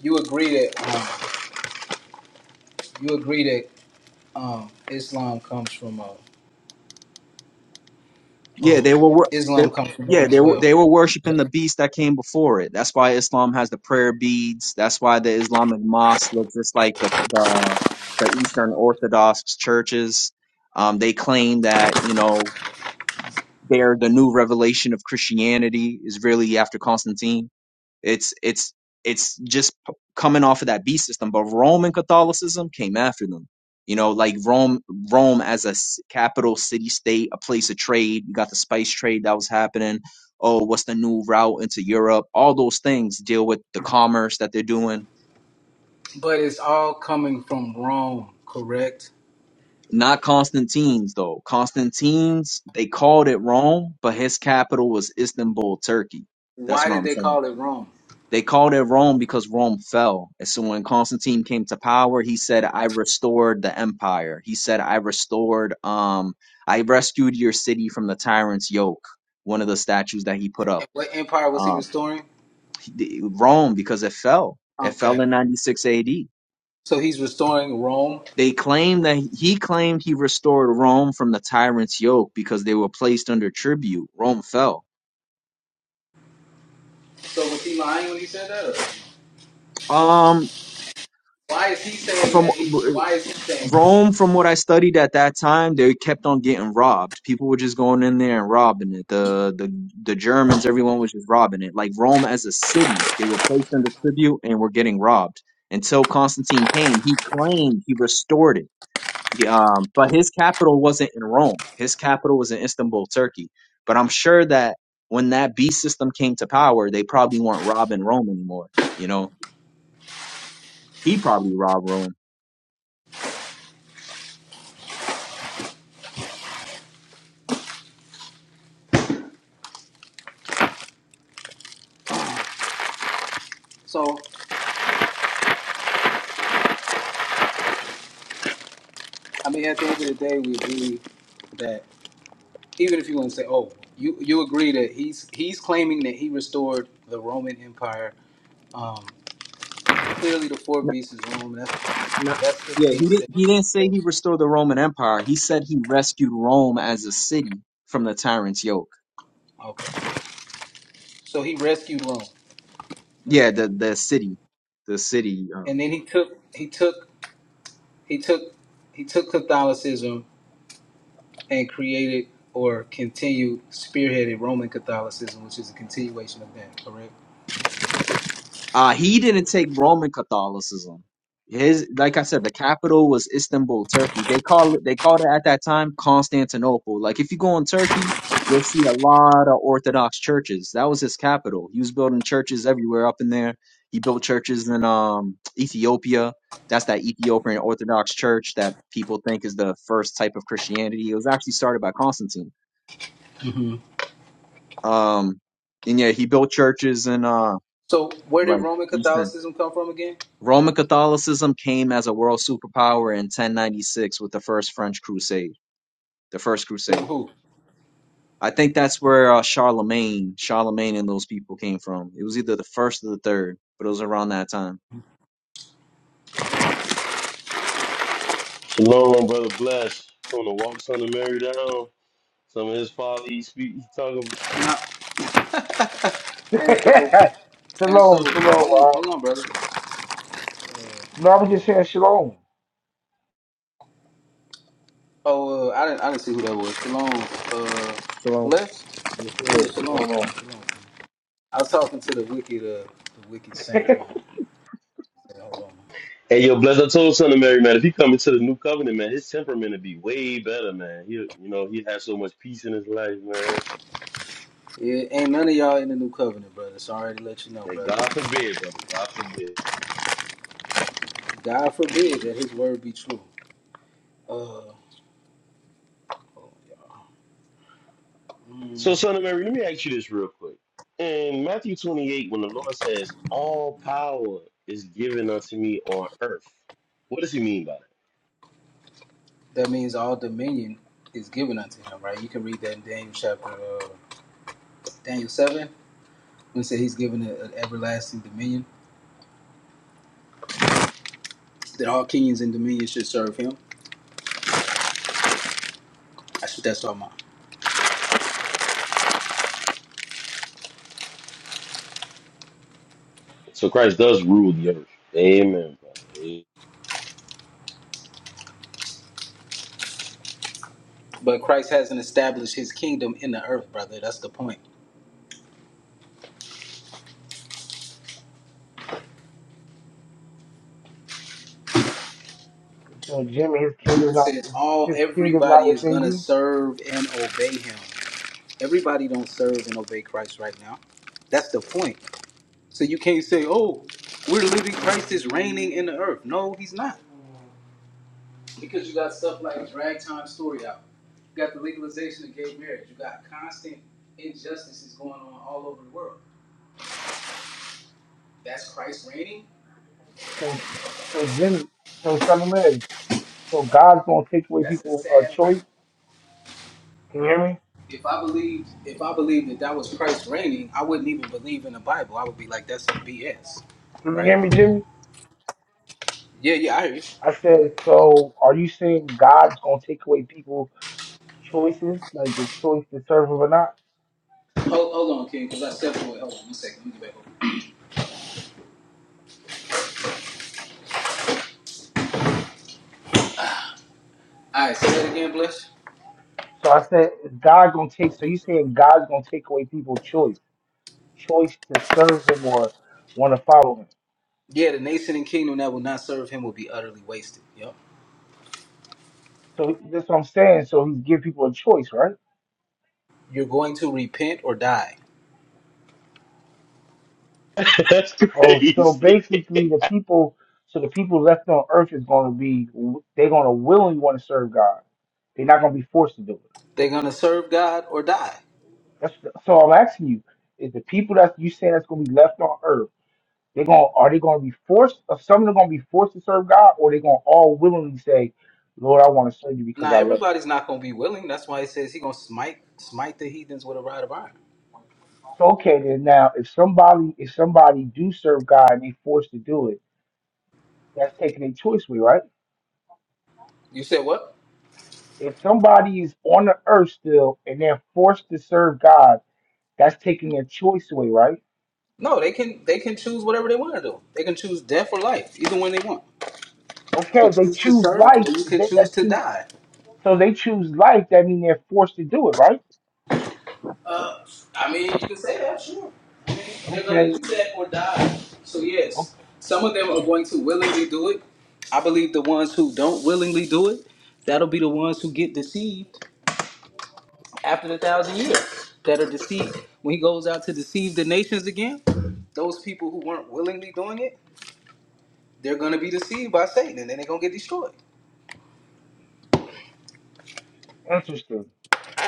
Speaker 9: you agree that um, you agree that um, Islam comes from uh,
Speaker 13: Yeah,
Speaker 9: oh,
Speaker 13: they were. wor- They,
Speaker 9: Islam comes from Rome
Speaker 13: yeah,
Speaker 9: as
Speaker 13: they were.
Speaker 9: well,
Speaker 13: They were worshiping the beast that came before it. That's why Islam has the prayer beads. That's why the Islamic mosque looks just like the the the Eastern Orthodox churches. Um, they claim that you know they're the new revelation of Christianity is really after Constantine. It's it's it's just p- coming off of that B system. But Roman Catholicism came after them. You know, like Rome, Rome as a s- capital city state, a place of trade. You got the spice trade that was happening. Oh, what's the new route into Europe? All those things deal with the commerce that they're doing.
Speaker 9: but it's all coming from Rome, correct?
Speaker 13: Not Constantine's though. Constantine's they called it Rome, but his capital was Istanbul, Turkey. That's
Speaker 9: Why
Speaker 13: what
Speaker 9: did
Speaker 13: I'm
Speaker 9: they
Speaker 13: saying.
Speaker 9: call it Rome?
Speaker 13: They called it Rome because Rome fell. And so when Constantine came to power, he said, I restored the empire. He said, I restored, um, I rescued your city from the tyrant's yoke, one of the statues that he put up.
Speaker 9: And what empire was he
Speaker 13: Um,
Speaker 9: restoring?
Speaker 13: he- Rome, because it fell. It fell
Speaker 9: Okay,
Speaker 13: in 96 AD.
Speaker 9: so he's restoring Rome.
Speaker 13: They claim that he claimed he restored Rome from the tyrant's yoke because they were placed under tribute. Rome fell.
Speaker 9: So was he lying when he said that? Or?
Speaker 13: Um,
Speaker 9: Why is he saying
Speaker 13: from
Speaker 9: that he? Why is he saying?
Speaker 13: Rome, from what I studied at that time, they kept on getting robbed. People were just going in there and robbing it. The the the Germans, everyone was just robbing it. Like Rome as a city, they were placed under tribute and were getting robbed until Constantine came. He claimed he restored it, He, um, but his capital wasn't in Rome. His capital was in Istanbul, Turkey. But I'm sure that when that beast system came to power, they probably weren't robbing Rome anymore. You know, he probably robbed Rome.
Speaker 9: So, I mean, at the end of the day, we agree that even if you want to say, oh, you you agree that he's he's claiming that he restored the Roman Empire. Um, clearly, the four beasts is Rome. That's
Speaker 13: Not,
Speaker 9: that's
Speaker 13: yeah,
Speaker 9: the
Speaker 13: he
Speaker 9: beast
Speaker 13: didn't. He didn't say
Speaker 9: that.
Speaker 13: he restored the Roman Empire. He said he rescued Rome as a city from the tyrant's yoke.
Speaker 9: Okay. So he rescued Rome, right?
Speaker 13: Yeah, the the city, the city. Um,
Speaker 9: And then he took he took he took he took Catholicism and created or continued spearheaded Roman Catholicism, which is a continuation of that. Correct.
Speaker 13: Uh, he didn't take Roman Catholicism. His, like I said, the capital was Istanbul, Turkey. They call it, they called it at that time Constantinople. Like if you go in Turkey, you'll see a lot of Orthodox churches. That was his capital. He was building churches everywhere up in there. He built churches in um Ethiopia. That's that Ethiopian Orthodox church that people think is the first type of Christianity. It was actually started by Constantine. Um, and yeah, he built churches in uh
Speaker 9: So where did
Speaker 13: like
Speaker 9: Roman
Speaker 13: Eastern.
Speaker 9: Catholicism come from again?
Speaker 13: Roman Catholicism came as a world superpower in 1096 with the first French crusade, the first
Speaker 9: Through
Speaker 13: crusade.
Speaker 9: who?
Speaker 13: I think that's where uh, Charlemagne, Charlemagne and those people came from. It was either the first or the third, but it was around that time.
Speaker 1: Shalom, brother. Bless. On the walk, son of Mary down. Some of his father, he speak, he talking.
Speaker 9: And, and so and so
Speaker 14: shalom, shalom.
Speaker 9: hold on,
Speaker 14: Uh,
Speaker 9: hold on, brother. Uh,
Speaker 14: no, I was
Speaker 9: hold on.
Speaker 14: just saying shalom.
Speaker 9: Oh, uh, I didn't I didn't see who that was. Shalom, uh,
Speaker 13: Shalom.
Speaker 9: blessed.
Speaker 14: Yes,
Speaker 9: Yeah,
Speaker 14: sir. What's
Speaker 9: Shalom, shalom.
Speaker 14: going
Speaker 9: shalom, I was talking to the wicked. Uh, The wicked saint,
Speaker 14: on?
Speaker 9: man. Say, hold on.
Speaker 1: Hey, yo, bless. I told son of Mary, man, if he come into the new covenant, man, his temperament would be way better, man. He, you know, he had so much peace in his life, man.
Speaker 9: yeah, ain't none of y'all in the new covenant, brother. So I already let you know,
Speaker 1: Hey,
Speaker 9: brother.
Speaker 1: God forbid, brother. God forbid.
Speaker 9: God forbid that His word be true. Uh,
Speaker 1: So,
Speaker 9: mm,
Speaker 1: son of Mary, let me ask you this real quick. In Matthew 28, when the Lord says, "All power is given unto me on earth," what does He mean by that?
Speaker 9: that means all dominion is given unto Him, right? You can read that in Daniel chapter. uh, Daniel 7, when it said he's given an everlasting dominion, that all kings and dominions should serve him. I should that's all mine.
Speaker 1: So Christ does rule the earth. Amen, brother.
Speaker 9: But Christ hasn't established his kingdom in the earth, brother. That's the point.
Speaker 14: So Jimmy, his kingdom's
Speaker 9: It
Speaker 14: not
Speaker 9: says all
Speaker 14: his kingdom not
Speaker 9: everybody is
Speaker 14: within
Speaker 9: gonna
Speaker 14: you.
Speaker 9: serve and obey him. Everybody don't serve and obey Christ right now. That's the point. So you can't say, Oh, we're living Christ is reigning in the earth. No, he's not. Because you got stuff like ragtime story out. You got the legalization of gay marriage. You got constant injustices going on all over the world. That's Christ reigning.
Speaker 14: So so Jimmy, so Son of Mary. So God's gonna take away
Speaker 9: That's a
Speaker 14: people's uh,
Speaker 9: sad
Speaker 14: choice.
Speaker 9: reign.
Speaker 14: Can you hear me?
Speaker 9: If I believed, if I believed that that was Christ reigning, I wouldn't even believe in the Bible. I would be like, that's some BS,
Speaker 14: Can you
Speaker 9: right?
Speaker 14: hear me, Jimmy?
Speaker 9: Yeah, yeah, I hear you.
Speaker 14: I said, so are you saying God's gonna take away people's choices, like the choice to serve him or not?
Speaker 9: Hold, hold on, King, because I stepped away. Hold on, one second. Let me get back over. All right, say that again, Bless.
Speaker 14: So I said, is God gonna take so you saying God's gonna take away people's choice. choice to serve him or want to follow him.
Speaker 9: Yeah, the nation and kingdom that will not serve him will be utterly wasted. Yep.
Speaker 14: So that's what I'm saying. So he's give people a choice, right?
Speaker 9: You're going to repent or die.
Speaker 1: That's
Speaker 14: Oh, so
Speaker 1: crazy.
Speaker 14: basically the people, so the people left on earth is going to be, they're going to willingly want to serve God. They're not going to be forced to do it.
Speaker 9: They're going to serve God or die.
Speaker 14: That's so I'm asking you, is the people that you saying that's going to be left on earth, they're going, are they going to be forced? Are some of them going to be forced to serve God, or they going to all willingly say, Lord, I want to serve you because
Speaker 9: Now
Speaker 14: I love you?
Speaker 9: everybody's not gonna be willing. That's why he says he gonna smite smite the heathens with a rod of iron.
Speaker 14: So okay then now if somebody if somebody do serve God and they forced to do it, that's taking a choice away, right?
Speaker 9: You said what?
Speaker 14: If somebody is on the earth still and they're forced to serve God, that's taking their choice away, right?
Speaker 9: No, they can they can choose whatever they want to do. They can choose death or life, either one they want.
Speaker 14: Okay,
Speaker 9: You can
Speaker 14: they
Speaker 9: choose to
Speaker 14: choose
Speaker 9: serve,
Speaker 14: life,
Speaker 9: or you
Speaker 14: if
Speaker 9: can
Speaker 14: they
Speaker 9: choose
Speaker 14: that
Speaker 9: to
Speaker 14: choose
Speaker 9: die.
Speaker 14: so they choose life, that means they're forced to do it, right?
Speaker 9: Uh, I mean, you can say that, sure. I mean, they're gonna do
Speaker 14: Okay.
Speaker 9: that or die. So
Speaker 14: okay.
Speaker 9: yes, some of them are going to willingly do it. I believe the ones who don't willingly do it, that'll be the ones who get deceived after the thousand years that are deceived. When he goes out to deceive the nations again, those people who weren't willingly doing it, they're going to be deceived by Satan and then they're going to get destroyed.
Speaker 14: Interesting.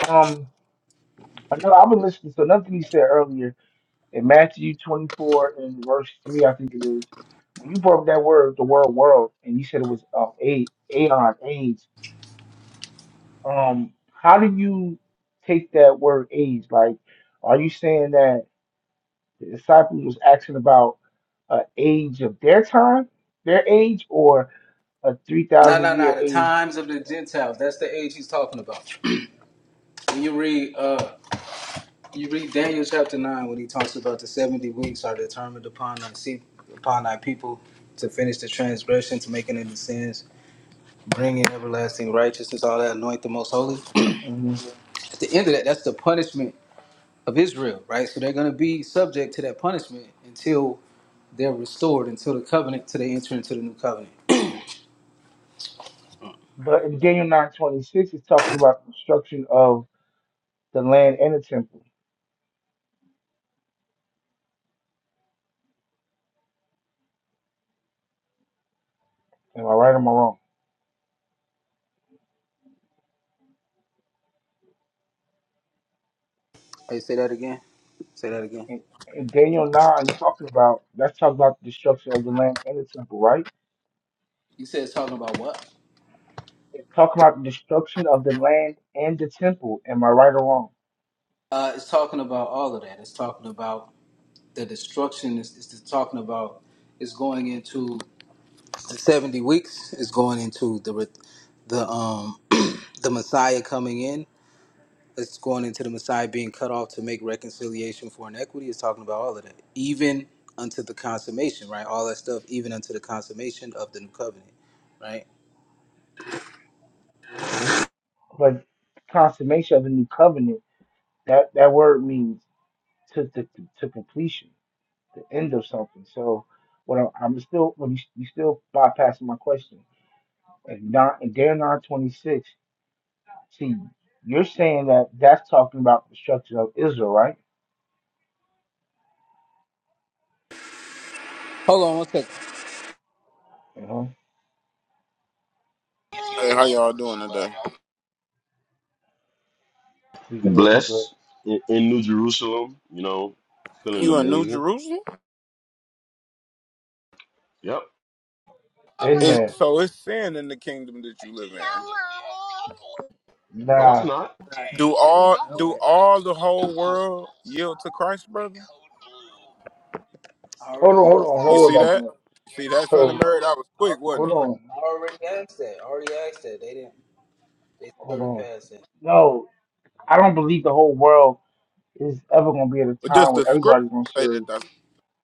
Speaker 14: Um another I've been listening to another thing you said earlier In Matthew 24 and verse 3, I think it is, when you brought up that word, the word world, and you said it was uh, a- aeon, age, um, how do you take that word age? Like, are you saying that the disciples was asking about a age of their time, their age, or a
Speaker 9: No,
Speaker 14: 3,000
Speaker 9: no,
Speaker 14: year
Speaker 9: no. The
Speaker 14: age.
Speaker 9: times of the Gentiles. That's the age he's talking about. When you read, uh, you read Daniel chapter nine when he talks about the seventy weeks are determined upon thy se- upon thy people to finish the transgression, to make an end of sins, bring in everlasting righteousness, all that, anoint the most holy.
Speaker 14: Mhm.
Speaker 9: At the end of that, that's the punishment of Israel, right? So they're going to be subject to that punishment until they're restored, until the covenant, till they enter into the new covenant.
Speaker 14: But in Daniel 9:26, it's talking about the destruction of the land and the temple. Am I right or am I wrong?
Speaker 9: Hey, say that again. Say that again.
Speaker 14: In, in Daniel 9, he's talking about, that's talking about the destruction of the land and the temple, right?
Speaker 9: You said it's talking about what?
Speaker 14: It's talking about the destruction of the land and the temple. Am I right or wrong?
Speaker 9: Uh, it's talking about all of that. It's talking about the destruction. It's, it's just talking about it's going into the seventy weeks. It's going into the re- the um the Messiah coming in it's going into the Messiah being cut off to make reconciliation for inequity. It's talking about all of that, even unto the consummation, right? All that stuff, even unto the consummation of the new covenant, right?
Speaker 14: But consummation of the new covenant, that, that word means to, to, to, to completion, the end of something. So what I'm, I'm still, well, you, you still bypassing my question. And not, in Daniel 9 26, see, you're saying that that's talking about the destruction of Israel, right?
Speaker 9: Hold on one second.
Speaker 14: Uh-huh.
Speaker 15: Hey, how y'all doing today?
Speaker 14: We good, we good.
Speaker 1: Blessed in, in New Jerusalem, you know, feeling
Speaker 15: You in New
Speaker 1: amazing.
Speaker 15: Jerusalem?
Speaker 1: Yep.
Speaker 14: Been
Speaker 15: It,
Speaker 14: there.
Speaker 15: so it's sin in the kingdom that you live in.
Speaker 1: No, it's
Speaker 14: nah.
Speaker 1: not.
Speaker 9: All right,
Speaker 15: Do all
Speaker 9: I'm
Speaker 15: do
Speaker 9: back.
Speaker 15: all the whole world yield to Christ, brother?
Speaker 9: I
Speaker 14: Hold
Speaker 9: already
Speaker 14: on, hold
Speaker 9: asked
Speaker 14: on, don't
Speaker 15: You
Speaker 9: that.
Speaker 14: worry
Speaker 15: see
Speaker 14: about
Speaker 15: that?
Speaker 14: that.
Speaker 15: See that son of
Speaker 14: So
Speaker 15: Mary? That was
Speaker 9: I
Speaker 15: quick,
Speaker 9: already
Speaker 15: wasn't
Speaker 14: hold
Speaker 15: it?
Speaker 14: on,
Speaker 9: I already asked that. I already asked that. They didn't. They
Speaker 14: hold
Speaker 9: started
Speaker 14: on.
Speaker 9: past that.
Speaker 14: No, I don't believe the whole world is ever gonna be at a
Speaker 15: But does
Speaker 14: time
Speaker 15: the
Speaker 14: where
Speaker 15: scripture
Speaker 14: everybody's gonna
Speaker 15: say
Speaker 14: serve
Speaker 15: that? Does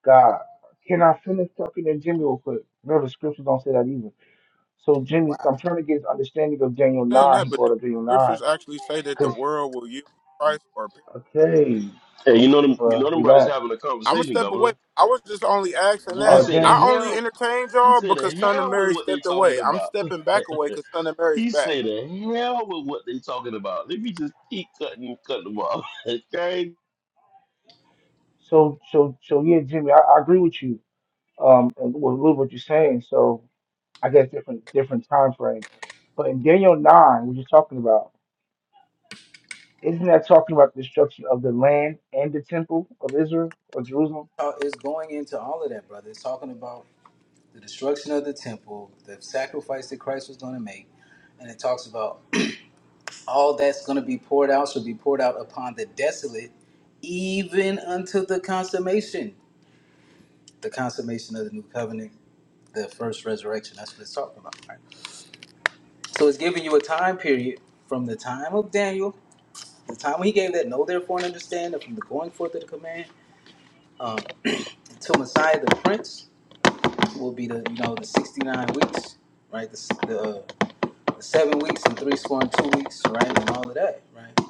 Speaker 14: God. Can I finish talking to Jimmy real quick? No, the scriptures don't say that either. So
Speaker 9: Wow.
Speaker 14: Jimmy, I'm trying to get his understanding of Daniel
Speaker 15: understand
Speaker 14: nine.
Speaker 15: that?
Speaker 14: He
Speaker 15: But do
Speaker 14: brought up Daniel
Speaker 15: the
Speaker 14: nine
Speaker 15: scriptures actually say that the
Speaker 14: because
Speaker 15: world will yield to Christ? Or
Speaker 14: okay,
Speaker 1: Hey, you know
Speaker 14: okay,
Speaker 1: them. You know
Speaker 14: bro,
Speaker 1: them brothers
Speaker 14: relax.
Speaker 1: having a
Speaker 15: I'm gonna
Speaker 1: conversation,
Speaker 15: step
Speaker 1: Governor.
Speaker 15: away. I was just only asking
Speaker 1: He
Speaker 15: that.
Speaker 14: Uh,
Speaker 1: say the
Speaker 15: I
Speaker 14: Dan.
Speaker 15: only
Speaker 1: hell.
Speaker 15: entertained
Speaker 1: He
Speaker 15: y'all
Speaker 1: say the
Speaker 15: because son of
Speaker 1: hell
Speaker 15: Mary
Speaker 1: with what they
Speaker 15: stepped
Speaker 1: talking
Speaker 15: away. I'm
Speaker 1: about.
Speaker 15: stepping back away because son of Mary's
Speaker 1: he
Speaker 15: back.
Speaker 1: say the hell with what they talking about. Let me just keep cutting, cutting them off. okay.
Speaker 14: So so so yeah, Jimmy, I, I agree with you. Um, and with a little what you're saying. So. I guess different different time frames. But in Daniel nine, what you're talking about, isn't that talking about the destruction of the land and the temple of Israel or Jerusalem?
Speaker 9: Oh, It's going into all of that, brother. It's talking about the destruction of the temple, the sacrifice that Christ was going to make, and it talks about all that's going to be poured out shall be poured out upon the desolate, even unto the consummation, the consummation of the new covenant, the first resurrection. That's what it's talking about. Right? So it's giving you a time period from the time of Daniel, the time when he gave that know therefore and understand, and from the going forth of the command um, to Messiah the Prince will be the you know the sixty nine weeks, right? The, s- the, uh, the seven weeks and three score and two weeks, right, and all of that, right?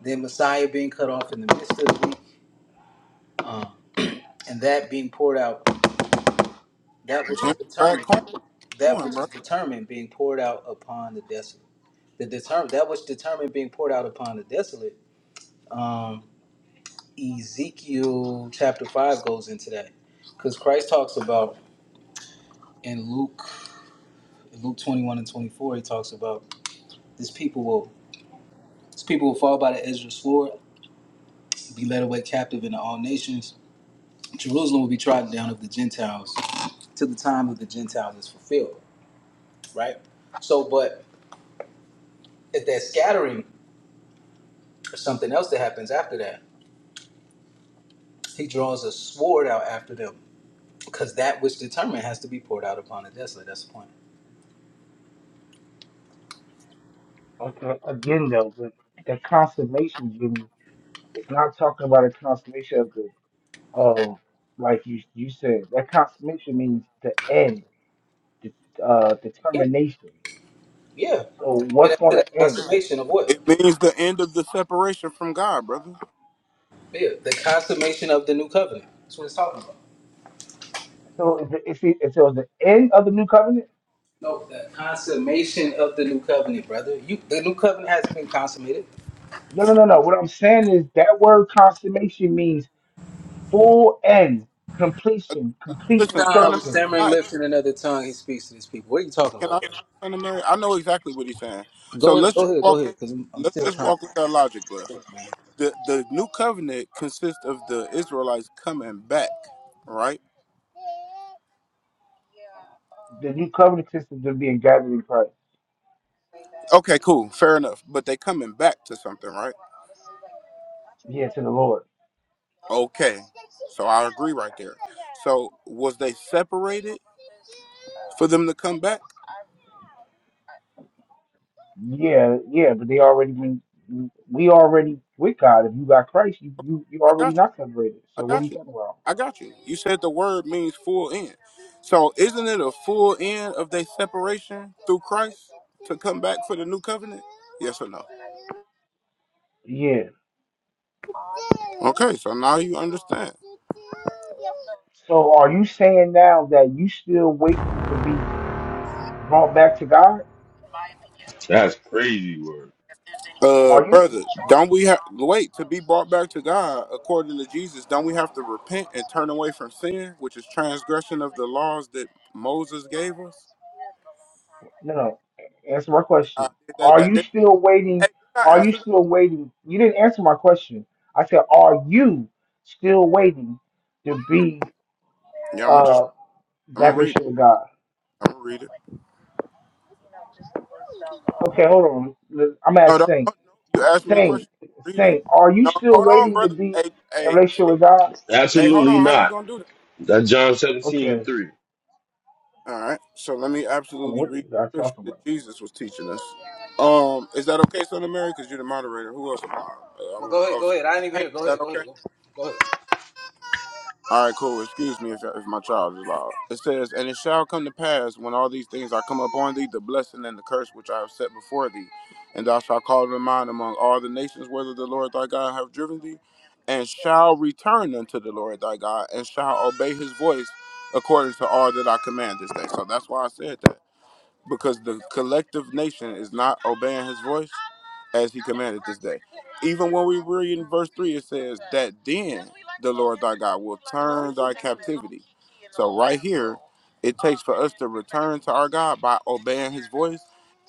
Speaker 9: Then Messiah being cut off in the midst of the week um, and that being poured out, that which is
Speaker 15: Jimmy Crack
Speaker 9: determined,
Speaker 15: Corn
Speaker 9: that
Speaker 15: doing,
Speaker 9: which
Speaker 15: bro?
Speaker 9: is determined being poured out upon the desolate. The determ- that which determined being poured out upon the desolate. Um, Ezekiel chapter five goes into that because Christ talks about in Luke, Luke twenty one and twenty four, he talks about this people will this people will fall by the edge of the sword, be led away captive into all nations. Jerusalem will be trodden down of the Gentiles till the time of the Gentiles is fulfilled. Right. So, but at that scattering There's something else that happens after that. He draws a sword out after them because that which determined has to be poured out upon the desolate. That's the point.
Speaker 14: Okay, Again, though, but the consummation, Jimmy, it's not talking about a consummation of the oh, like you you said. That consummation means the end, the uh, the
Speaker 9: Yeah,
Speaker 14: termination.
Speaker 9: yeah.
Speaker 14: So
Speaker 9: And
Speaker 14: what's
Speaker 9: that's
Speaker 14: going
Speaker 9: the
Speaker 14: to end?
Speaker 9: consummation of what?
Speaker 15: It means the end of the separation from God, brother.
Speaker 9: Yeah, the consummation of the new covenant. That's what it's talking about.
Speaker 14: So is it, is it, is it the end of the new covenant?
Speaker 9: No, the consummation of the new covenant, brother. You, the new covenant hasn't been consummated.
Speaker 14: No, no, no, no. What I'm saying is that word consummation means full end, completion,
Speaker 15: L-
Speaker 14: complete
Speaker 15: Listen,
Speaker 9: Nah,
Speaker 15: son of Mary,
Speaker 9: with
Speaker 14: destruction.
Speaker 15: can
Speaker 9: stammering
Speaker 15: I,
Speaker 9: lips and another tongue, he speaks to these people. What are you talking
Speaker 15: can
Speaker 9: about,
Speaker 15: I,
Speaker 9: brother?
Speaker 15: son of Mary, I know exactly what he's saying. So
Speaker 9: Go ahead,
Speaker 15: let's
Speaker 9: go
Speaker 15: just
Speaker 9: ahead, go
Speaker 15: walk,
Speaker 9: ahead, because I'm, I'm
Speaker 15: let's
Speaker 9: still
Speaker 15: just
Speaker 9: trying.
Speaker 15: walk with that logic,
Speaker 9: to-
Speaker 15: bless.
Speaker 9: Man.
Speaker 15: The the new covenant consists of the Israelites coming back, right?
Speaker 14: The new covenant systems of being gathered in Christ.
Speaker 15: Okay, cool, fair enough. But they coming back to something, right?
Speaker 14: Yeah, to the Lord.
Speaker 15: Okay, so I agree right there. So was they separated for them to come back?
Speaker 14: Yeah, yeah, but they already been. We already with God. If you got Christ, you you you
Speaker 15: I got you.
Speaker 14: already not separated.
Speaker 15: I
Speaker 14: So what are you
Speaker 15: got you.
Speaker 14: talking about?
Speaker 15: I got you. You said the word means full end. So isn't it a full end of their separation through Christ to come back for the new covenant? Yes or no?
Speaker 14: Yeah.
Speaker 15: Okay, so now you understand.
Speaker 14: So are you saying now that you still waiting to be brought back to God?
Speaker 1: That's crazy word.
Speaker 15: Uh
Speaker 14: Are you?
Speaker 15: brother, don't we have wait to be brought back to God according to Jesus, don't we have to repent and turn away from sin, which is transgression of the laws that Moses gave us?
Speaker 14: No, no. Answer my
Speaker 15: I
Speaker 14: question.
Speaker 15: did that
Speaker 14: Are
Speaker 15: that
Speaker 14: you still
Speaker 15: hey,
Speaker 14: waiting?
Speaker 15: did I
Speaker 14: Are you
Speaker 15: answer
Speaker 14: still waiting? You didn't answer my question. I said, are you still waiting to be
Speaker 15: that? Yeah, I'm gonna just
Speaker 14: uh
Speaker 15: I'm gonna
Speaker 14: back in
Speaker 15: read it.
Speaker 14: shit with God?
Speaker 15: I'm gonna read it.
Speaker 14: Okay, hold on. Let- I'm gonna
Speaker 15: No,
Speaker 14: ask
Speaker 15: no,
Speaker 14: Saint.
Speaker 15: no, no. You asked me a
Speaker 14: Saint,
Speaker 15: question. Read it.
Speaker 14: Saint, are you
Speaker 15: No,
Speaker 14: still
Speaker 15: hold on,
Speaker 14: waiting to
Speaker 15: brother.
Speaker 14: be
Speaker 15: Hey,
Speaker 14: in
Speaker 15: hey,
Speaker 14: relationship
Speaker 15: see-
Speaker 14: with God?
Speaker 15: hey, hold
Speaker 1: Absolutely
Speaker 15: on. How you
Speaker 1: not.
Speaker 15: gonna do that?
Speaker 1: That's John seventeen and
Speaker 14: Okay. I
Speaker 1: three.
Speaker 15: All right. So let me
Speaker 14: don't know
Speaker 15: absolutely
Speaker 14: what this
Speaker 15: read
Speaker 14: guy
Speaker 15: the scripture
Speaker 14: talking
Speaker 15: that
Speaker 14: about.
Speaker 15: Jesus was teaching us. Um, is that okay, Son of Mary? Because you're the moderator. Who else? Am I? Uh, I
Speaker 9: Well,
Speaker 15: wanna,
Speaker 9: go ahead,
Speaker 15: oh,
Speaker 9: go ahead. I didn't even
Speaker 15: Saint,
Speaker 9: hear.
Speaker 15: is
Speaker 9: Go
Speaker 15: that
Speaker 9: ahead, go
Speaker 15: okay?
Speaker 9: ahead, go go ahead.
Speaker 15: All right, cool. Excuse me if, if my child is loud. It says, And it shall come to pass when all these things are come upon thee, the blessing and the curse which I have set before thee. And thou shalt call to mind among all the nations whether the Lord thy God have driven thee, and shall return unto the Lord thy God, and shall obey his voice according to all that I command this day. So that's why I said that, because the collective nation is not obeying his voice as he commanded this day even when we read in verse 3 it says that then the lord thy god will turn thy captivity so right here it takes for us to return to our god by obeying his voice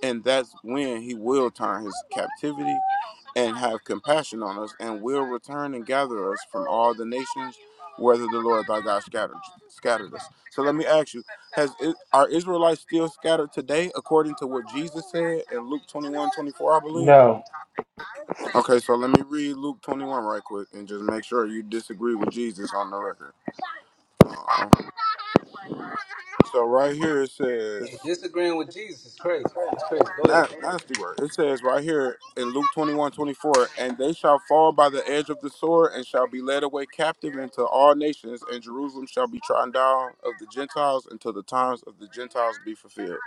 Speaker 15: and that's when he will turn his captivity and have compassion on us and will return and gather us from all the nations whether the lord thy god scattered scattered us so let me ask you has I- are israelites still scattered today according to what jesus said in luke 21:24? i believe
Speaker 14: No,
Speaker 15: Okay, so let me read Luke 21 right quick and just make sure you disagree with Jesus on the record. Uh, so right here it says,
Speaker 9: Hey, disagreeing with Jesus is crazy, man. That's crazy. Go ahead.
Speaker 15: not nasty word. It says right here in Luke 21:24, and they shall fall by the edge of the sword and shall be led away captive into all nations, and Jerusalem shall be trodden down of the Gentiles until the times of the Gentiles be fulfilled.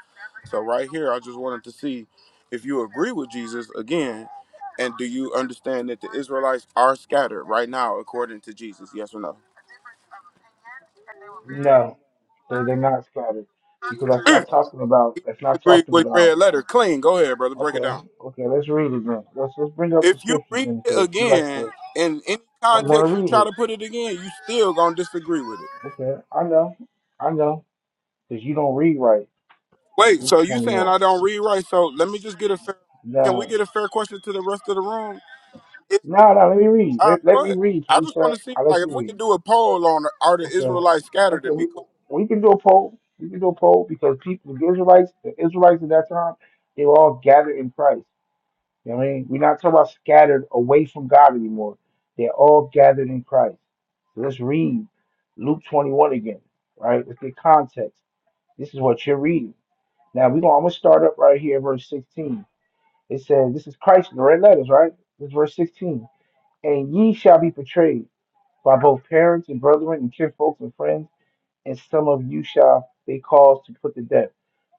Speaker 15: So right here, I just wanted to see if you agree with Jesus again. And do you understand that the Israelites are scattered right now according to Jesus? Yes or no?
Speaker 14: no, they they're not scattered because that's not talking about.
Speaker 15: he
Speaker 14: That's not
Speaker 15: disagreed
Speaker 14: talking
Speaker 15: with
Speaker 14: about.
Speaker 15: red letter. Clean. Go ahead, brother. Break it down.
Speaker 14: Okay, okay, let's read it then. Let's let's bring up the
Speaker 15: If you
Speaker 14: scriptures
Speaker 15: read
Speaker 14: then,
Speaker 15: it
Speaker 14: because you like
Speaker 15: again
Speaker 14: to.
Speaker 15: in any
Speaker 14: I'm gonna
Speaker 15: context you
Speaker 14: read
Speaker 15: try
Speaker 14: it.
Speaker 15: to put it again, you still gonna disagree with it.
Speaker 14: Okay, I know, I know, because you don't read right.
Speaker 15: Wait,
Speaker 14: Luke
Speaker 15: so you saying
Speaker 14: 21.
Speaker 15: I don't read right? So let me just get a fair. Can we
Speaker 14: No,
Speaker 15: get a fair question to the rest of the room? Is the,
Speaker 14: no, no. Let me read.
Speaker 15: all right,
Speaker 14: Let, let
Speaker 15: go
Speaker 14: me
Speaker 15: ahead.
Speaker 14: read,
Speaker 15: I
Speaker 14: please,
Speaker 15: just want
Speaker 14: sir.
Speaker 15: to see,
Speaker 14: I
Speaker 15: like,
Speaker 14: let you
Speaker 15: if we can
Speaker 14: read.
Speaker 15: do a poll on are the
Speaker 14: Okay,
Speaker 15: Israelites scattered?
Speaker 14: okay.
Speaker 15: It'd be
Speaker 14: We,
Speaker 15: cool.
Speaker 14: we can do a poll. We can do a poll because people, the Israelites, the Israelites at that time, they were all gathered in Christ. You know what I mean? We're not talking about scattered away from God anymore. They're all gathered in Christ. So let's read Luke 21 again, right? Let's get context. This is what you're reading. Now we're gonna I'm gonna start up right here, verse 16. It says, This is Christ in the red letters, right? This is verse 16. And ye shall be betrayed by both parents and brethren and kinfolks and friends, and some of you shall they cause to put to death.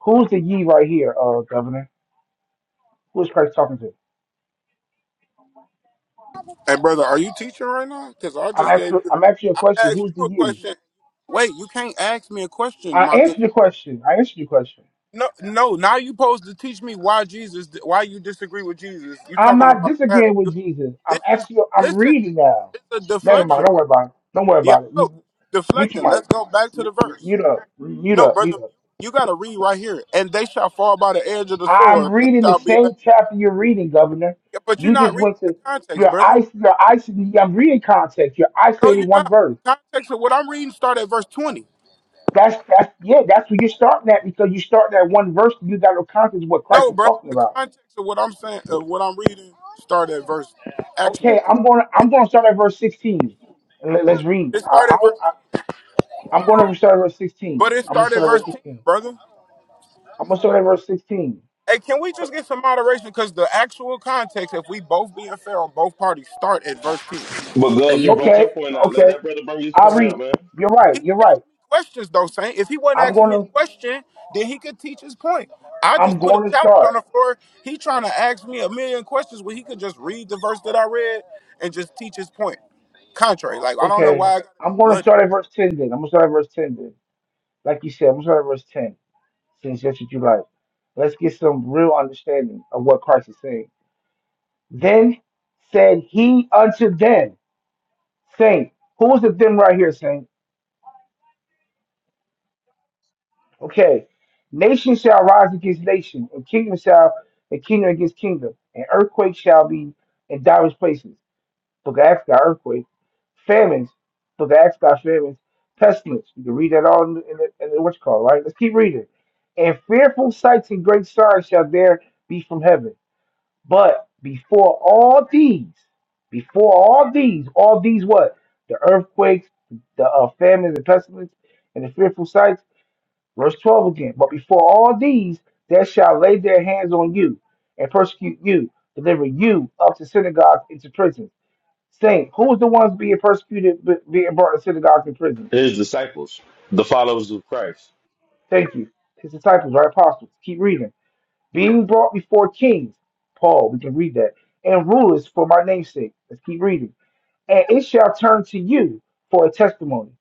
Speaker 14: Who's the ye right here, uh, governor? Who is Christ talking to?
Speaker 15: Hey, brother, are you teaching right now? Because I
Speaker 14: I'm
Speaker 15: just gave
Speaker 14: actually
Speaker 15: you.
Speaker 14: I'm actually a
Speaker 15: I
Speaker 14: question.
Speaker 15: asked
Speaker 14: Who's the
Speaker 15: you a
Speaker 14: ye?
Speaker 15: question. Wait, you can't ask me a question,
Speaker 14: I
Speaker 15: my good.
Speaker 14: answered your question. I answered your question.
Speaker 15: No, no. Now you supposed to teach me why Jesus, why you disagree with Jesus. You
Speaker 14: I'm
Speaker 15: talking
Speaker 14: not
Speaker 15: about scatter.
Speaker 14: disagreeing with
Speaker 15: You,
Speaker 14: Jesus. I'm
Speaker 15: this is
Speaker 14: actually I'm
Speaker 15: listen.
Speaker 14: reading now.
Speaker 15: It's a
Speaker 14: Never mind.
Speaker 15: deflection.
Speaker 14: Don't worry about it. Don't worry
Speaker 15: Yeah,
Speaker 14: about it.
Speaker 15: I know.
Speaker 14: Mute mute your
Speaker 15: Deflecting.
Speaker 14: mic.
Speaker 15: Let's go back to the
Speaker 14: M-
Speaker 15: verse.
Speaker 14: Mute up. Mute
Speaker 15: No,
Speaker 14: up.
Speaker 15: brother,
Speaker 14: Mute up.
Speaker 15: you got to read right here. And they shall fall by the edge of the
Speaker 14: I'm
Speaker 15: sword and
Speaker 14: reading the
Speaker 15: shall be.
Speaker 14: same
Speaker 15: Left.
Speaker 14: chapter you're reading, Governor.
Speaker 15: Yeah, But you're
Speaker 14: You
Speaker 15: not
Speaker 14: just
Speaker 15: reading
Speaker 14: went
Speaker 15: the
Speaker 14: to
Speaker 15: context,
Speaker 14: your
Speaker 15: brother.
Speaker 14: ice. Your ice. I'm reading context. You're
Speaker 15: No,
Speaker 14: isolating
Speaker 15: you're
Speaker 14: one
Speaker 15: not.
Speaker 14: verse.
Speaker 15: The context of what I'm reading start at verse 20.
Speaker 14: That's that's yeah. That's where you're starting at because you start at one verse. You got no context of what Christ
Speaker 15: No,
Speaker 14: is
Speaker 15: brother.
Speaker 14: talking
Speaker 15: The
Speaker 14: about.
Speaker 15: context of what I'm saying, of what I'm reading, start at verse actually 10.
Speaker 14: Okay, I'm going. to I'm going to start at verse 16. And Let, us read.
Speaker 15: it started at verse 10.
Speaker 14: I'm going to start at verse 16.
Speaker 15: But it
Speaker 14: I'm going to
Speaker 15: started
Speaker 14: start at
Speaker 15: verse
Speaker 14: verse
Speaker 15: 10,
Speaker 14: 16.
Speaker 15: brother.
Speaker 14: I'm going to start at verse 16.
Speaker 15: Hey, can we just get some moderation? Because the actual context, if we both being fair on both parties, start at verse 10. He
Speaker 1: But
Speaker 9: Hey,
Speaker 1: Gov,
Speaker 9: yeah,
Speaker 1: you
Speaker 9: th-
Speaker 1: brought
Speaker 14: Okay,
Speaker 1: your point out. Let
Speaker 14: okay.
Speaker 1: that brother bring his
Speaker 14: I
Speaker 1: point out,
Speaker 14: read.
Speaker 1: man.
Speaker 14: You're right. You're
Speaker 15: asked
Speaker 14: right.
Speaker 15: me questions, though, Saint. If he wasn't
Speaker 14: I'm
Speaker 15: asking me
Speaker 14: going to.
Speaker 15: a question, then he could teach his point. I
Speaker 14: I'm
Speaker 15: just put a
Speaker 14: going to
Speaker 15: challenge on
Speaker 14: start.
Speaker 15: the floor. He trying to ask me a million questions when he could just read the verse that I read and just teach his point. Contrary. Like, I don't know
Speaker 14: Okay.
Speaker 15: why I got to be
Speaker 14: I'm going to
Speaker 15: muddy.
Speaker 14: start at verse ten. Then I'm going to start at verse ten. Then, like you said, I'm going to start at verse ten. Since that's what you like, let's get some real understanding of what Christ is saying. Then said he unto them, saying, "Who is the them right here, saying? Okay. Nation shall rise against nation, and kingdom shall and kingdom against kingdom, and earthquake shall be in divers places. Look at Africa earthquake, famines. Look at Africa famines, pestilence. You can read that all in the, in the, in the what's called right. Let's keep reading. And fearful sights and great signs shall there be from heaven. But before all these, before all these, all these what? The earthquakes, the uh, famines and pestilence, and the fearful sights. Verse 12 again. But before all these, they shall lay their hands on you and persecute you, deliver you up to synagogues into prisons. Saying, who is the ones being persecuted, b- being brought to synagogues and prisons?
Speaker 1: his disciples, the followers of Christ,
Speaker 14: Thank you. His disciples, right? Apostles. Keep reading. Being brought before kings. Paul, we can read that. And rulers for my name's sake. Let's keep reading and it shall turn to you for a testimony.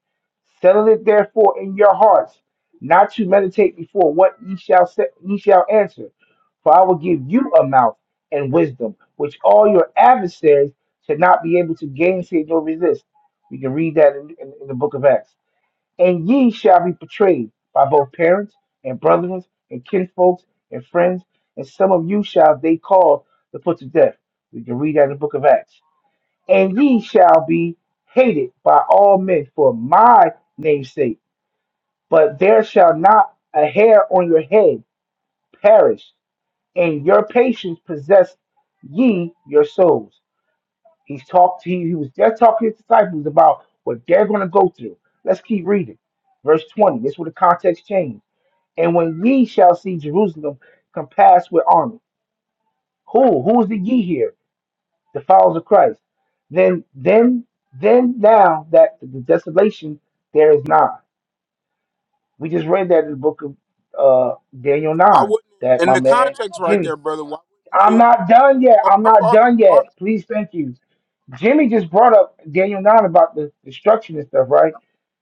Speaker 14: Settle it therefore in your hearts, not to meditate before what ye shall say, ye shall answer. For I will give you a mouth and wisdom, which all your adversaries shall not be able to gainsay nor resist. We can read that in, in, in the book of Acts. And ye shall be betrayed by both parents and brethren and kinfolks and friends, and some of you shall they call to put to death. We can read that in the book of Acts and ye shall be hated by all men for my name's sake. But there shall not a hair on your head perish. In your patience possess ye your souls. He's talked. He, he was just talking to his disciples about what they're going to go through. Let's keep reading. Verse 20. This is where the context changed. And when ye shall see Jerusalem compassed with army. Who? Who is the ye here? the followers of Christ, then then then now that the desolation there is none. We just read that in the book of uh Daniel
Speaker 15: Why
Speaker 14: nine
Speaker 15: wouldn't,
Speaker 14: that
Speaker 15: in
Speaker 14: my
Speaker 15: the
Speaker 14: man
Speaker 15: context right
Speaker 14: Jimmy.
Speaker 15: there, brother, why
Speaker 14: I'm
Speaker 15: wouldn't it be,
Speaker 14: not done yet.
Speaker 15: oh,
Speaker 14: I'm
Speaker 15: my
Speaker 14: not
Speaker 15: fault,
Speaker 14: done
Speaker 15: my fault.
Speaker 14: yet. Please, thank you. Jimmy just brought up Daniel 9 about the destruction and stuff, right?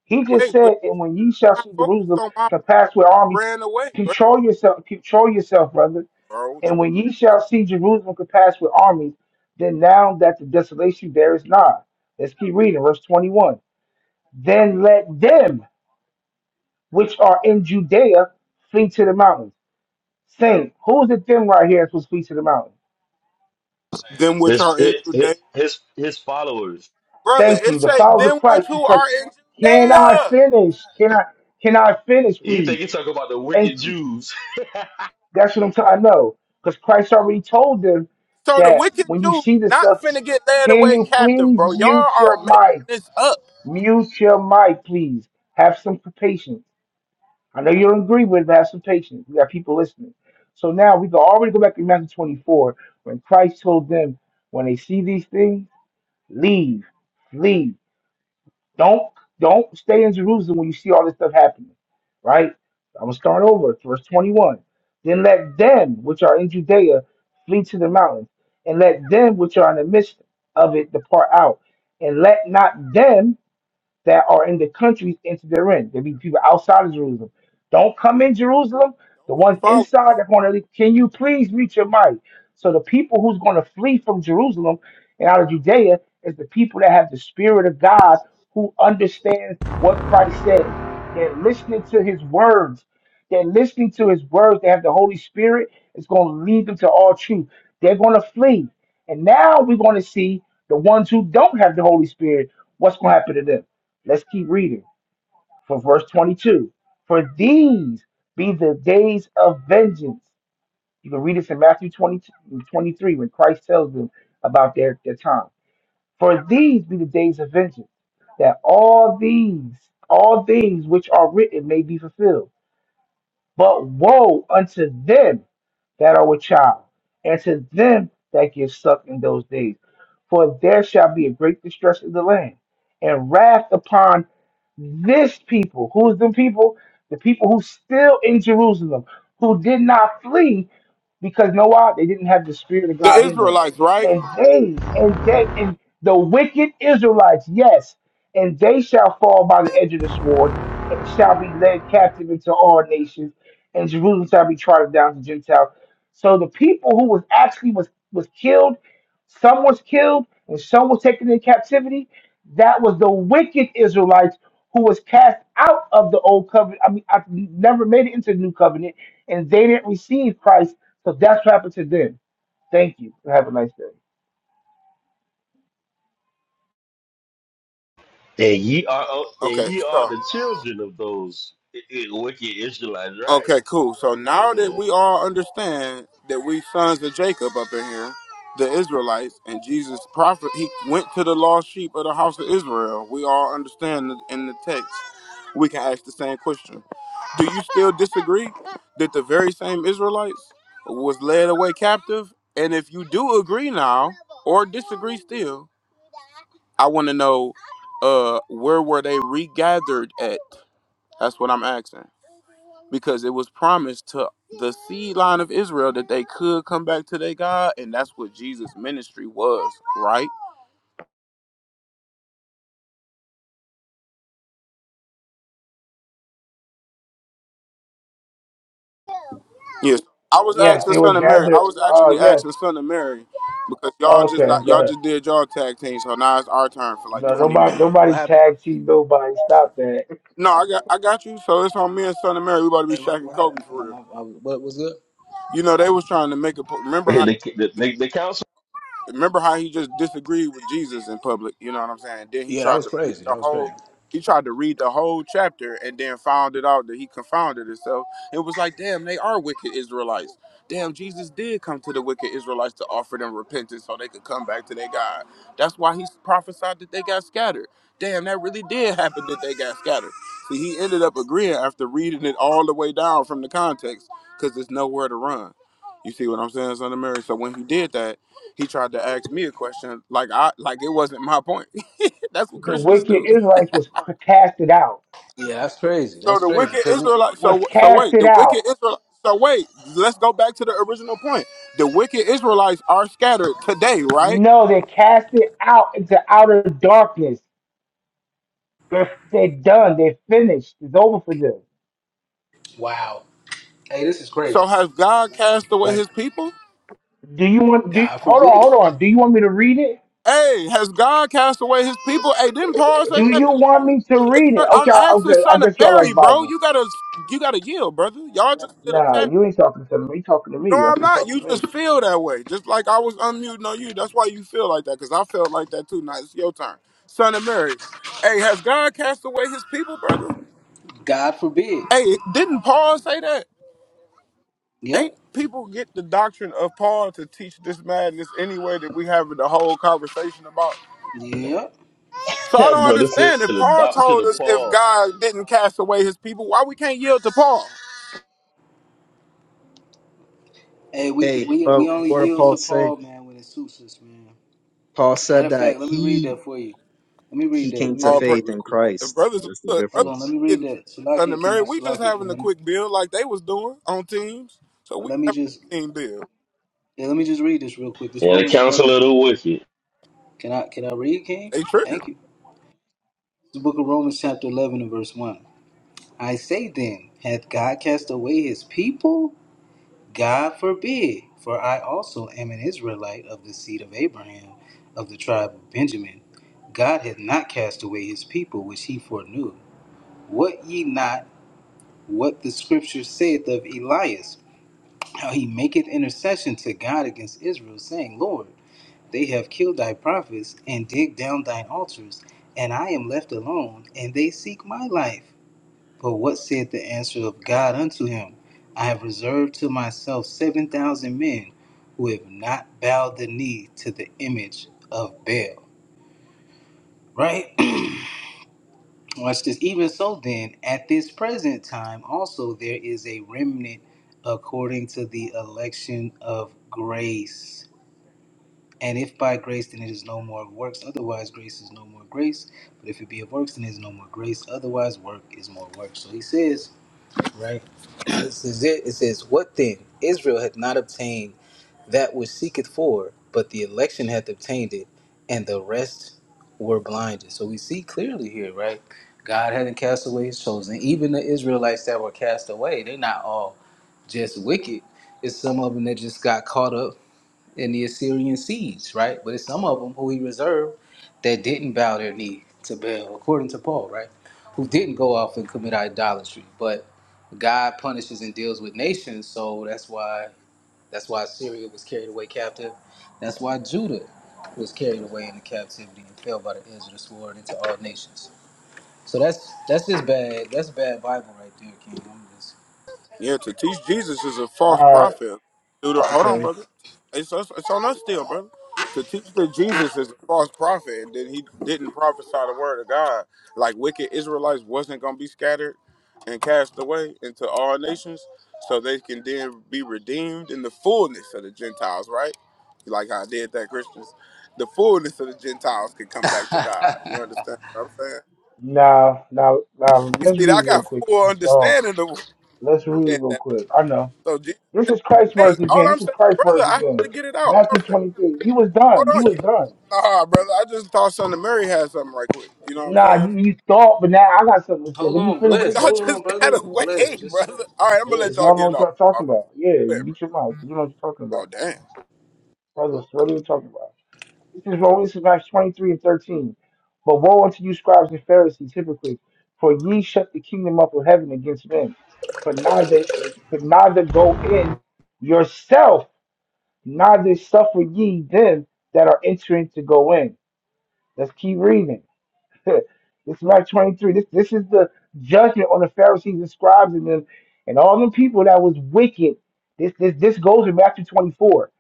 Speaker 14: He just
Speaker 15: Wait, but
Speaker 14: said, and when ye shall
Speaker 15: not
Speaker 14: see
Speaker 15: focused
Speaker 14: Jerusalem
Speaker 15: on my
Speaker 14: compassed with armies,
Speaker 15: ran away, bro.
Speaker 14: control yourself, control yourself, brother
Speaker 15: bro.
Speaker 14: and when ye shall see Jerusalem compassed with armies, then now that the desolation there is nigh. Let's keep reading, verse 21. Then let them which are in Judea flee to the mountains. Saying, who's it them right here that's supposed to flee to the mountains?
Speaker 15: Them which
Speaker 1: his
Speaker 15: are in
Speaker 1: his
Speaker 15: Judea.
Speaker 1: his, his followers.
Speaker 15: Brother,
Speaker 14: Thank you.
Speaker 15: it
Speaker 14: The
Speaker 15: say
Speaker 14: followers of
Speaker 15: them which
Speaker 14: Christ,
Speaker 15: who
Speaker 14: because
Speaker 15: are in
Speaker 14: can I
Speaker 15: Judea.
Speaker 14: finish? Can I can I finish,
Speaker 1: You think
Speaker 14: please?
Speaker 1: he talk about the wicked
Speaker 14: Thank you.
Speaker 1: Jews,
Speaker 14: That's what I'm trying. I know. Because Christ already told them
Speaker 15: So the
Speaker 14: that
Speaker 15: wicked
Speaker 14: when you
Speaker 15: Jews
Speaker 14: see this
Speaker 15: not
Speaker 14: stuff,
Speaker 15: finna get led
Speaker 14: can
Speaker 15: away
Speaker 14: you
Speaker 15: captive,
Speaker 14: please
Speaker 15: bro. Y'all
Speaker 14: mute
Speaker 15: are
Speaker 14: your
Speaker 15: making
Speaker 14: mic?
Speaker 15: this up.
Speaker 14: Mute your mic, please. Have some patience. I know you don't agree with it, but have some patience. We got people listening. So now we can already go back to Matthew 24 when Christ told them, when they see these things, leave, leave. Don't don't stay in Jerusalem when you see all this stuff happening. Right? I'm gonna start over. It's Verse 21. Then let them which are in Judea flee to the mountains, and let them which are in the midst of it depart out, and let not them that are in the countries into their end. There'll be people outside of Jerusalem. Don't come in Jerusalem. The ones
Speaker 15: Followers.
Speaker 14: inside are going to leave. Can you please reach your might? So the people who's going to flee from Jerusalem and out of Judea is the people that have the Spirit of God who understands what Christ says. They're listening to his words. They're listening to his words. They have the Holy Spirit. It's going to lead them to all truth. They're going to flee. And now we're going to see the ones who don't have the Holy Spirit, what's going to happen to them Let's keep reading for verse 22. For these be the days of vengeance. You can read this in Matthew twenty-two, twenty-three, when Christ tells them about their, their time. For these be the days of vengeance, that all these, all things which are written may be fulfilled. But woe unto them that are with child, and to them that get sucked in those days. For there shall be a great distress in the land, and wrath upon this people. Who is the people? The people who still in Jerusalem, who did not flee, because know why? They didn't have the spirit of
Speaker 15: The
Speaker 14: God in them.
Speaker 15: Israelites, right?
Speaker 14: And they, and they, and the wicked Israelites, yes, and they shall fall by the edge of the sword, and shall be led captive into all nations, and Jerusalem shall be trodden down to Gentiles so the people who was actually was was killed, some was killed, and some was taken into captivity. That was the wicked Israelites who was cast out of the old covenant. I mean, I never made it into the new covenant, and they didn't receive Christ. So that's what happened to them. Thank you. Have a nice day.
Speaker 1: and ye are of- and
Speaker 15: Okay,
Speaker 1: ye are
Speaker 15: so
Speaker 1: the children of those i- i- wicked Israelites, right?
Speaker 15: okay, cool. So now
Speaker 1: Yeah.
Speaker 15: that we all understand that we sons of Jacob up in here, the Israelites, and Jesus prophet he went to the lost sheep of the house of Israel. We all understand in the text. we can ask the same question. Do you still disagree that the very same Israelites was led away captive? And if you do agree now or disagree still, I want to know uh where were they regathered at? That's what I'm asking. Because it was promised to the seed line of Israel that they could come back to their God, and that's what Jesus' ministry was, right? Yes, I was
Speaker 14: Yes,
Speaker 15: asking
Speaker 14: they were
Speaker 15: Son of Mary. I
Speaker 14: gathered.
Speaker 15: was
Speaker 14: Oh
Speaker 15: actually
Speaker 14: yes.
Speaker 15: asking Son of Mary because y'all just
Speaker 14: Okay,
Speaker 15: like
Speaker 14: go
Speaker 15: y'all
Speaker 14: ahead.
Speaker 15: just did y'all tag team, so now it's our turn for like
Speaker 14: No,
Speaker 9: what,
Speaker 15: twenty minutes.
Speaker 14: nobody, nobody
Speaker 9: what happened?
Speaker 14: tagged you. Nobody stopped that.
Speaker 15: No, I got I got you. So it's on me and Son of Mary. We about to be
Speaker 9: Hey,
Speaker 15: Shaq
Speaker 9: what
Speaker 15: and
Speaker 9: what
Speaker 15: Kobe
Speaker 9: happened,
Speaker 15: for
Speaker 9: King?
Speaker 15: real.
Speaker 9: I, I, what was good?
Speaker 15: You know they was trying to make a po- remember how
Speaker 1: And the, the, the, the council,
Speaker 15: Remember how he just disagreed with Jesus in public? You know what I'm saying? Then he
Speaker 9: Yeah, that
Speaker 15: tried
Speaker 9: was
Speaker 15: to read
Speaker 9: crazy.
Speaker 15: the
Speaker 9: That was
Speaker 15: whole.
Speaker 9: crazy.
Speaker 15: He tried to read the whole chapter and then found it out that he confounded himself. It was like, damn, they are wicked Israelites. Damn, Jesus did come to the wicked Israelites to offer them repentance so they could come back to their God. That's why he prophesied that they got scattered. Damn, that really did happen that they got scattered. See, he ended up agreeing after reading it all the way down from the context because there's nowhere to run. You see what I'm saying, son of Mary? So when he did that, he tried to ask me a question like I like it wasn't my point. That's what
Speaker 14: The
Speaker 15: Christians
Speaker 14: wicked
Speaker 15: do.
Speaker 14: Israelites was casted out.
Speaker 9: Yeah, that's crazy.
Speaker 15: So
Speaker 9: That's
Speaker 15: the
Speaker 9: crazy.
Speaker 15: wicked
Speaker 9: Cause it,
Speaker 15: Israelite.
Speaker 14: Was
Speaker 15: So so wait,
Speaker 14: casted
Speaker 15: the
Speaker 14: out.
Speaker 15: wicked Israel. So wait, let's go back to the original point. The wicked Israelites are scattered today, right?
Speaker 14: No, they're casted out into outer darkness. They're they're done. They're finished. It's over for them.
Speaker 9: wow. Hey, this is crazy.
Speaker 15: So has God cast away
Speaker 9: Like,
Speaker 15: His people?
Speaker 14: Do you want? Do
Speaker 9: God
Speaker 14: hold on,
Speaker 9: forbid.
Speaker 14: hold on. Do you want me to read it?
Speaker 15: Hey, has God cast away His people? Hey, didn't Paul say
Speaker 14: Do
Speaker 15: that?
Speaker 14: you want me to
Speaker 15: Hey,
Speaker 14: read it?
Speaker 15: son, I'm
Speaker 14: Okay, I-
Speaker 15: asking
Speaker 14: okay. I
Speaker 15: son of
Speaker 14: guess y'all
Speaker 15: Mary,
Speaker 14: like
Speaker 15: bro.
Speaker 14: Bible.
Speaker 15: You gotta you gotta yield, brother. Y'all just did a
Speaker 14: Nah,
Speaker 15: text.
Speaker 14: you ain't talking to me. You talking to
Speaker 15: No,
Speaker 14: me. I
Speaker 15: I'm
Speaker 14: thought you
Speaker 15: not.
Speaker 14: talking
Speaker 15: You
Speaker 14: to me.
Speaker 15: just feel that way. Just like I was unmuting on you. That's why you feel like that, because I felt like that too. Now it's your turn. Son of Mary. Hey, has God cast away his people, brother?
Speaker 9: God forbid.
Speaker 15: Hey, didn't Paul say that? Ain't
Speaker 9: Yep.
Speaker 15: people get the doctrine of Paul to teach this madness anyway that we having the whole conversation about?
Speaker 9: Yep.
Speaker 15: So I
Speaker 1: that
Speaker 15: don't
Speaker 1: brother said
Speaker 15: understand. If
Speaker 1: the
Speaker 15: Paul
Speaker 1: doctrine
Speaker 15: told
Speaker 1: of
Speaker 15: us if
Speaker 1: Paul,
Speaker 15: God didn't cast away his people, why we can't yield to Paul?
Speaker 9: Hey, we can,
Speaker 13: Hey,
Speaker 9: we
Speaker 13: but
Speaker 9: we only
Speaker 13: what did
Speaker 9: yield
Speaker 13: Paul
Speaker 9: to
Speaker 13: say?
Speaker 9: Paul, man, when it suits us, man.
Speaker 13: Paul
Speaker 9: Matter
Speaker 13: said
Speaker 9: of
Speaker 13: that
Speaker 9: fact, let me read
Speaker 13: he
Speaker 9: that for you. Let me read
Speaker 13: he
Speaker 9: that.
Speaker 13: came
Speaker 9: Let me
Speaker 13: to
Speaker 15: All
Speaker 9: read
Speaker 15: praise.
Speaker 9: that
Speaker 13: faith
Speaker 9: real
Speaker 13: in
Speaker 9: quick.
Speaker 13: Christ.
Speaker 15: Brothers,
Speaker 13: That's the
Speaker 15: look,
Speaker 9: Hold
Speaker 15: brothers
Speaker 9: on. Let
Speaker 15: is
Speaker 13: difference.
Speaker 9: me read
Speaker 15: getting triggered
Speaker 9: that.
Speaker 15: Sunday
Speaker 9: Salakia
Speaker 15: Mary.
Speaker 9: King.
Speaker 15: We just
Speaker 9: Salakia King.
Speaker 15: having a
Speaker 9: Let me,
Speaker 15: quick build like they was doing on teams. So we
Speaker 9: let me
Speaker 15: having
Speaker 9: just
Speaker 15: a team build.
Speaker 9: Yeah, let me just read this real quick. This
Speaker 1: yeah, the
Speaker 9: Romans
Speaker 1: council
Speaker 9: eleven.
Speaker 1: of the wicked.
Speaker 9: Can I can I read, King?
Speaker 15: They triggered.
Speaker 9: Thank you. The book of Romans chapter eleven and verse one. I say then, hath God cast away his people? God forbid, for I also am an Israelite of the seed of Abraham, of the tribe of Benjamin. God hath not cast away his people which he foreknew. What ye not what the scripture saith of Elias, how he maketh intercession to God against Israel, saying, Lord, They have killed thy prophets and digged down thine altars, and I am left alone, and they seek my life. But what said the answer of God unto him? I have reserved to myself seven thousand men who have not bowed the knee to the image of Baal. Right? Watch this. Even so, then, at this present time, also there is a remnant according to the election of grace. And if by grace, then it is no more of works. Otherwise, grace is no more grace. But if it be of works, then it is no more grace. Otherwise, work is more work. So he says, right? This is it. It says, What then? Israel hath not obtained that which seeketh for, but the election hath obtained it, and the rest were blinded. So we see clearly here, right? God hadn't cast away his chosen. Even the Israelites that were cast away, they're not all just wicked. It's some of them that just got caught up in the Assyrian siege, right? But it's some of them who he reserved that didn't bow their knee to Baal, according to Paul, right? Who didn't go off and commit idolatry. But God punishes and deals with nations, so that's why that's why Syria was carried away captive. That's why Judah was carried away into captivity and fell by the edge of the sword into all nations. So that's that's just bad. That's bad Bible right there, King. I'm
Speaker 15: Yeah, to teach Jesus is a
Speaker 14: All
Speaker 15: false
Speaker 14: right.
Speaker 15: prophet. Dude, hold on,
Speaker 14: Okay.
Speaker 15: brother. It's us, it's on us still, brother. To teach that Jesus is a false prophet and that he didn't prophesy the word of God, like wicked Israelites wasn't going to be scattered and cast away into all nations, so they can then be redeemed in the fullness of the Gentiles, right? You like how I did that, Christians? The fullness of the Gentiles can come back to God. You
Speaker 9: just
Speaker 15: understand what I'm saying?
Speaker 14: Now, now, now,
Speaker 15: You
Speaker 14: let's
Speaker 15: see, I
Speaker 14: read real
Speaker 15: got
Speaker 14: quick. if
Speaker 15: full
Speaker 14: It's long.
Speaker 15: understanding of what
Speaker 14: Let's
Speaker 15: he
Speaker 14: read
Speaker 15: meant
Speaker 14: real quick. I know.
Speaker 15: so Jesus,
Speaker 14: This is Christ's
Speaker 15: hey,
Speaker 14: words again.
Speaker 15: all I'm
Speaker 14: This is
Speaker 15: saying,
Speaker 14: Christ's
Speaker 15: brother,
Speaker 14: words
Speaker 15: I had
Speaker 14: again.
Speaker 15: to get it out. All I'm
Speaker 14: Matthew
Speaker 15: saying,
Speaker 14: 23. You was
Speaker 15: hold
Speaker 14: done. You
Speaker 15: on, you,
Speaker 14: was done.
Speaker 15: nah, brother, I just thought Son of Mary had something right quick. You know what I'm
Speaker 14: Nah,
Speaker 15: saying?
Speaker 14: you, you thought, but now I got something to say.
Speaker 9: hold
Speaker 14: Let me
Speaker 9: on,
Speaker 15: Oh,
Speaker 14: finish
Speaker 9: bless.
Speaker 15: well, y'all
Speaker 14: reading.
Speaker 9: Hold on,
Speaker 15: just got
Speaker 9: brother. Bless.
Speaker 15: away,
Speaker 9: Just
Speaker 15: brother. All right, I'm gonna let
Speaker 14: 'Cause
Speaker 9: bless.
Speaker 15: y'all
Speaker 14: Y'all
Speaker 15: get
Speaker 14: know
Speaker 15: it
Speaker 14: what
Speaker 15: off.
Speaker 14: y'all talking
Speaker 15: off you.
Speaker 14: about. Yeah,
Speaker 15: Go
Speaker 14: you
Speaker 15: ahead,
Speaker 14: get your mouth. You know what you're talking
Speaker 15: brother. Oh
Speaker 14: about.
Speaker 15: damn.
Speaker 14: Brothers, what are you talking about? This is Romans this is Acts 23 and 13. But woe unto you, scribes and Pharisees, hypocrites, for ye shut the kingdom up of heaven against men. But neither, but neither go in yourself, neither suffer ye them that are entering to go in. Let's keep reading. this is Mark 23. This this is the judgment on the Pharisees and scribes and them and all them people that was wicked. This this this goes in Matthew 24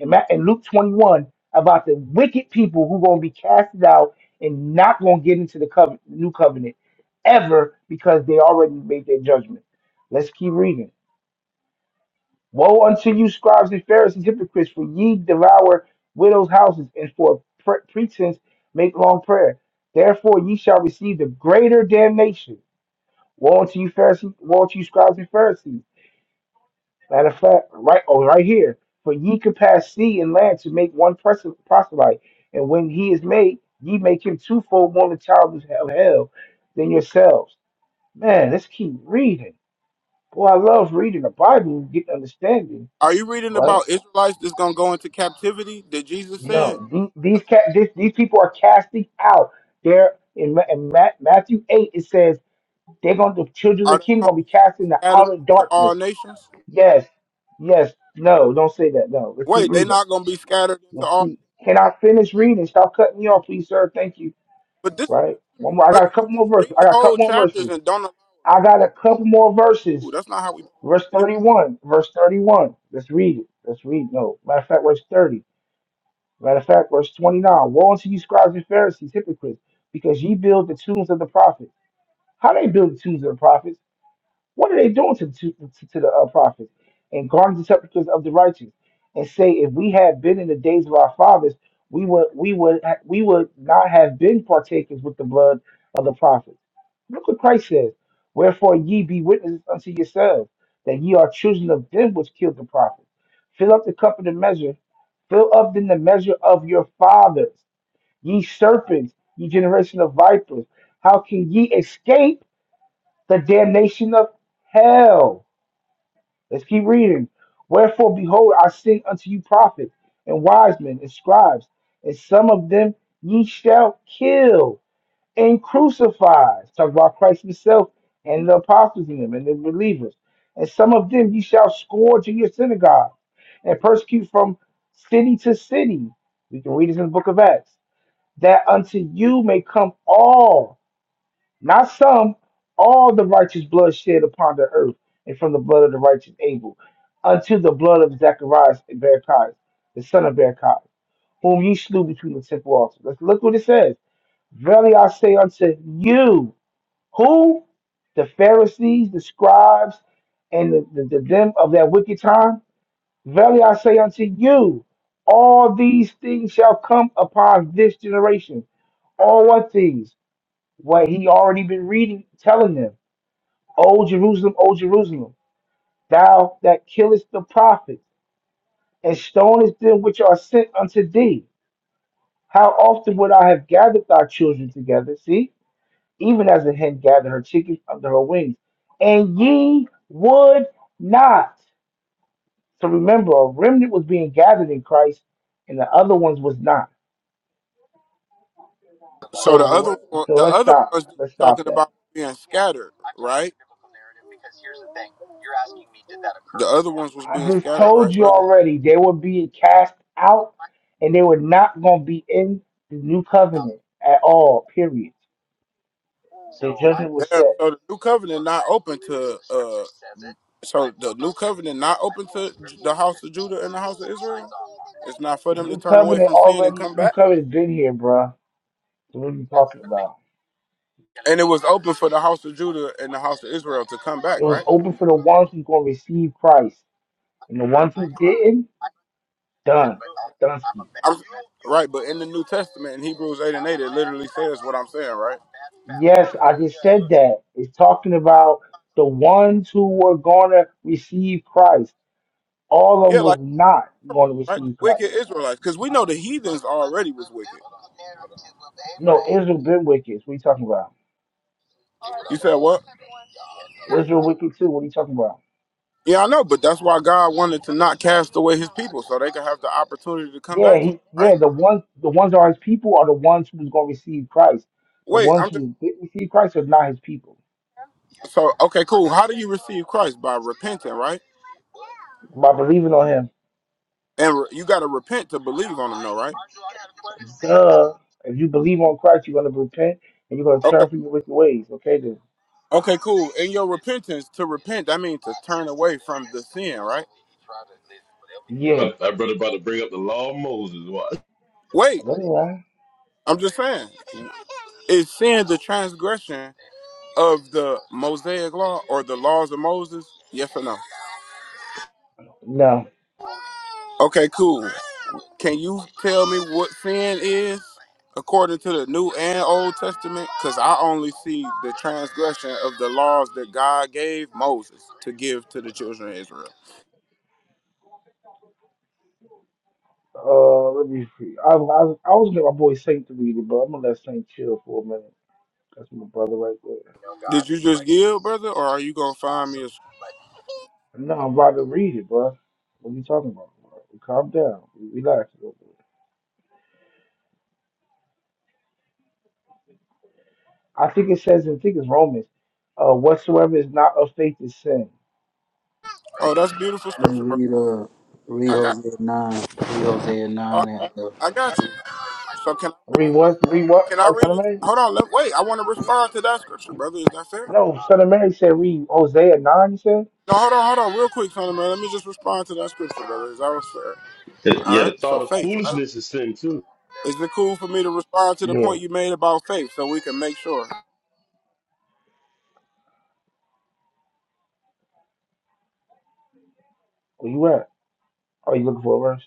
Speaker 14: and, Ma- and Luke 21 about the wicked people who gonna be casted out and not gonna get into the covenant, new covenant ever because they already made their judgment. Let's keep reading. Woe unto you, scribes and Pharisees, hypocrites, for ye devour widows' houses, and for pre- pretense make long prayer. Therefore ye shall receive the greater damnation. Woe unto you, Pharisees, woe unto you, scribes and Pharisees. Matter of fact, right oh, right here. For ye could pass sea and land to make one person proselyte, and when he is made, ye make him twofold more the child of hell than yourselves. Man, let's keep reading. Boy, I love reading the Bible and getting understanding,
Speaker 15: Are you reading
Speaker 14: right?
Speaker 15: about Israelites that's gonna go into captivity that Jesus said?
Speaker 14: No, the- these
Speaker 15: No.
Speaker 14: ca- this, these people are casting out. They're in, Ma- in Ma- Matthew eight. It says they're going. to The children of
Speaker 15: Are
Speaker 14: the
Speaker 15: they
Speaker 14: kingdom
Speaker 15: gonna
Speaker 14: going
Speaker 15: be
Speaker 14: to be cast into
Speaker 15: scattered
Speaker 14: outer
Speaker 15: into
Speaker 14: darkness.
Speaker 15: all nations?
Speaker 14: Yes, yes. No, don't say that. No, let's keep
Speaker 15: Wait, they
Speaker 14: reading.
Speaker 15: not gonna be scattered into
Speaker 14: Let's
Speaker 15: all.
Speaker 14: keep. Can I finish reading? Stop cutting me off, please, sir. Thank you.
Speaker 15: But this is
Speaker 14: Right.
Speaker 15: what you
Speaker 14: One more.
Speaker 15: do,
Speaker 14: I got
Speaker 15: brother.
Speaker 14: a
Speaker 15: You
Speaker 14: couple more
Speaker 15: just
Speaker 14: verses. I
Speaker 15: read
Speaker 14: got a couple
Speaker 15: whole
Speaker 14: more
Speaker 15: chapters
Speaker 14: verses.
Speaker 15: and don't allow a
Speaker 14: I got a
Speaker 15: bill,
Speaker 14: couple more verses.
Speaker 15: Ooh, that's not how we.
Speaker 14: Verse thirty-one. Verse thirty-one. Let's read it. Let's read. No, matter of fact, verse thirty. Matter of fact, verse 29 Woe unto you, scribes and Pharisees, hypocrites, because ye build the tombs of the prophets. How they build the tombs of the prophets? What are they doing to, to, to, to the uh, prophets and guarding the sepulchres of the righteous? And say, if we had been in the days of our fathers, we would we would ha- we would not have been partakers with the blood of the prophets. Look what Christ says: Wherefore ye be witnesses unto yourselves that ye are children of them which killed the prophets. Fill up the cup of the measure, fill up then the measure of your fathers. Ye serpents, ye generation of vipers, how can ye escape? the damnation of hell. Let's keep reading. Wherefore, behold, I send unto you prophets and wise men and scribes, and some of them ye shall kill and crucify. Talk about Christ Himself and the apostles in Him and the believers. And some of them ye shall scourge in your synagogues and persecute from city to city. We can read this in the book of Acts. That unto you may come all not some, all the righteous blood shed upon the earth, and from the blood of the righteous Abel, unto the blood of Zacharias and Barachias, the son of Barachias, whom ye slew between the temple altars. Let's look what it says. Verily I say unto you, who? The Pharisees, the scribes, and the, the, the them of that wicked time. Verily I say unto you, all these things shall come upon this generation all what things? What he already been reading, telling them. O Jerusalem, O Jerusalem, thou that killest the prophets, and stonest them which are sent unto thee. How often would I have gathered thy children together, see, even as a hen gathered her chickens under her wings, and ye would not. So remember, a remnant was being gathered in Christ, and the other ones was not.
Speaker 15: So the other
Speaker 14: So,
Speaker 15: one-
Speaker 14: so
Speaker 15: the
Speaker 14: let's
Speaker 15: other
Speaker 14: stop.
Speaker 15: ones that you're
Speaker 14: Let's stop
Speaker 15: talking
Speaker 14: that.
Speaker 15: about were being scattered, right? The other ones was
Speaker 14: I
Speaker 15: being
Speaker 14: just
Speaker 15: scattered,
Speaker 14: told
Speaker 15: right,
Speaker 14: you
Speaker 15: brother?
Speaker 14: already, they were being cast out and they were not going to be in the new covenant at all, period. The judgment was
Speaker 15: Yeah.
Speaker 14: set.
Speaker 15: So the new covenant not open to uh. So the new covenant not open to the house of Judah and the house of Israel. It's not for
Speaker 14: The
Speaker 15: them to
Speaker 14: new
Speaker 15: turn away
Speaker 14: covenant
Speaker 15: from sin and
Speaker 14: already,
Speaker 15: come
Speaker 14: new
Speaker 15: back.
Speaker 14: covenant's been here, bruh. So what are you talking about?
Speaker 15: And it was open for the house of Judah and the house of Israel to come
Speaker 14: It
Speaker 15: back,
Speaker 14: was
Speaker 15: right?
Speaker 14: open for the ones who going to receive Christ. And the ones who didn't, done. Dunsky.
Speaker 15: I'm, right, but in the New Testament, in Hebrews eight and eight, it literally says what I'm saying, right?
Speaker 14: Yes, I just said that. It's talking about the ones who were going to receive Christ. All of
Speaker 15: Yeah,
Speaker 14: them was
Speaker 15: like.
Speaker 14: not going to
Speaker 15: right? The
Speaker 14: receive Christ.
Speaker 15: wicked Israelites, because we know the heathens already was wicked.
Speaker 14: No, Israel been wicked. What are you talking about?
Speaker 15: You said what?
Speaker 14: Israel wicked too. What are you talking about?
Speaker 15: Yeah, I know, but that's why God wanted to not cast away His people, so they could have the opportunity to come
Speaker 14: Yeah,
Speaker 15: back to
Speaker 14: he
Speaker 15: Him,
Speaker 14: yeah,
Speaker 15: right?
Speaker 14: the ones the ones that are his people are the ones who's gonna receive Christ. The
Speaker 15: Wait,
Speaker 14: ones
Speaker 15: I'm just
Speaker 14: who didn't receive Christ are not his people.
Speaker 15: so okay, cool. How do you receive Christ by repenting, right?
Speaker 14: By believing on him.
Speaker 15: And re- you got to repent to believe on Him, though, right?
Speaker 14: Duh. If you believe on Christ, you're gonna repent and you're gonna
Speaker 15: Okay.
Speaker 14: turn from your wicked ways. Okay then.
Speaker 15: Okay, cool. In your repentance, to repent, that means to turn away from the sin, right?
Speaker 14: Yeah.
Speaker 1: That brother about to bring up the law of Moses. Watch.
Speaker 15: Wait,
Speaker 14: That's right.
Speaker 15: I'm just saying. Is sin the transgression of the Mosaic law or the laws of Moses? Yes or no?
Speaker 14: No.
Speaker 15: Okay, cool. Can you tell me what sin is according to the New and Old Testament? Because I only see the transgression of the laws that God gave Moses to give to the children of Israel.
Speaker 14: Uh let me see. I, I, I was gonna get my boy Saint to read it, but I'm gonna let Saint chill for a minute. That's my brother right there.
Speaker 15: Did you just give, brother, or are you gonna find me? A...
Speaker 14: No, I'm about to read it, bro. What are you talking about? bro? Calm down. Relax. a little bit. I think it says, I think it's Romans, uh, whatsoever is not of faith is sin.
Speaker 15: Oh, that's beautiful scripture,
Speaker 9: And
Speaker 15: brother.
Speaker 9: read uh read
Speaker 15: I got,
Speaker 9: Hosea nine. Read Hosea
Speaker 15: you.
Speaker 9: nine and uh,
Speaker 15: I got you. So can
Speaker 14: Read what? Read what?
Speaker 15: can I
Speaker 14: Oh, Son
Speaker 15: read
Speaker 14: of
Speaker 15: it?
Speaker 14: Mary?
Speaker 15: Hold on, let, wait. I want to respond to that scripture, brother. Is that fair?
Speaker 14: No, Son of Mary said, read Hosea 9, you said?
Speaker 15: No, hold on, hold on, real quick, Sonny man. Let me just respond to that scripture, brother. Is that was fair? All
Speaker 1: Yeah, the
Speaker 15: right.
Speaker 1: thought
Speaker 15: So
Speaker 1: of
Speaker 15: faith, right?
Speaker 1: foolishness is sin too.
Speaker 15: Is it cool for me to respond to the
Speaker 14: Yeah.
Speaker 15: point you made about faith, so we can make sure?
Speaker 14: Where you at? Oh, you looking for a verse?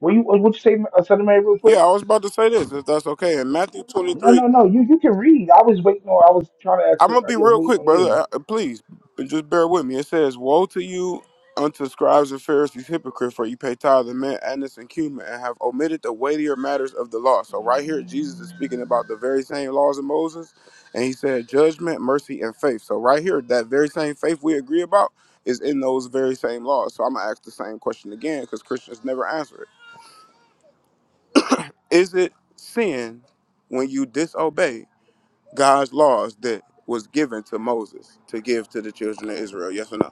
Speaker 14: Were you, would you say uh, Son of Mary real
Speaker 15: Yeah,
Speaker 14: quick?
Speaker 15: I was about to say this, if that's okay. In Matthew
Speaker 14: No,
Speaker 15: 23,
Speaker 14: no, no. You you can read. I was waiting on, I was trying to ask,
Speaker 15: I'm
Speaker 14: I
Speaker 15: gonna be
Speaker 14: was
Speaker 15: real
Speaker 14: waiting
Speaker 15: quick,
Speaker 14: on
Speaker 15: brother.
Speaker 14: you.
Speaker 15: Uh, uh, Please, but just bear with me. It says, "Woe to you, unto scribes and Pharisees, hypocrites! For you pay tithe and mint, anise, and cumin, and have omitted the weightier matters of the law." So right here, Jesus is speaking about the very same laws of Moses, and he said, "Judgment, mercy, and faith." So right here, that very same faith we agree about is in those very same laws. So I'm gonna ask the same question again because Christians never answer it. Is it sin when you disobey? God's laws that was given to Moses to give to the children of Israel? Yes or no?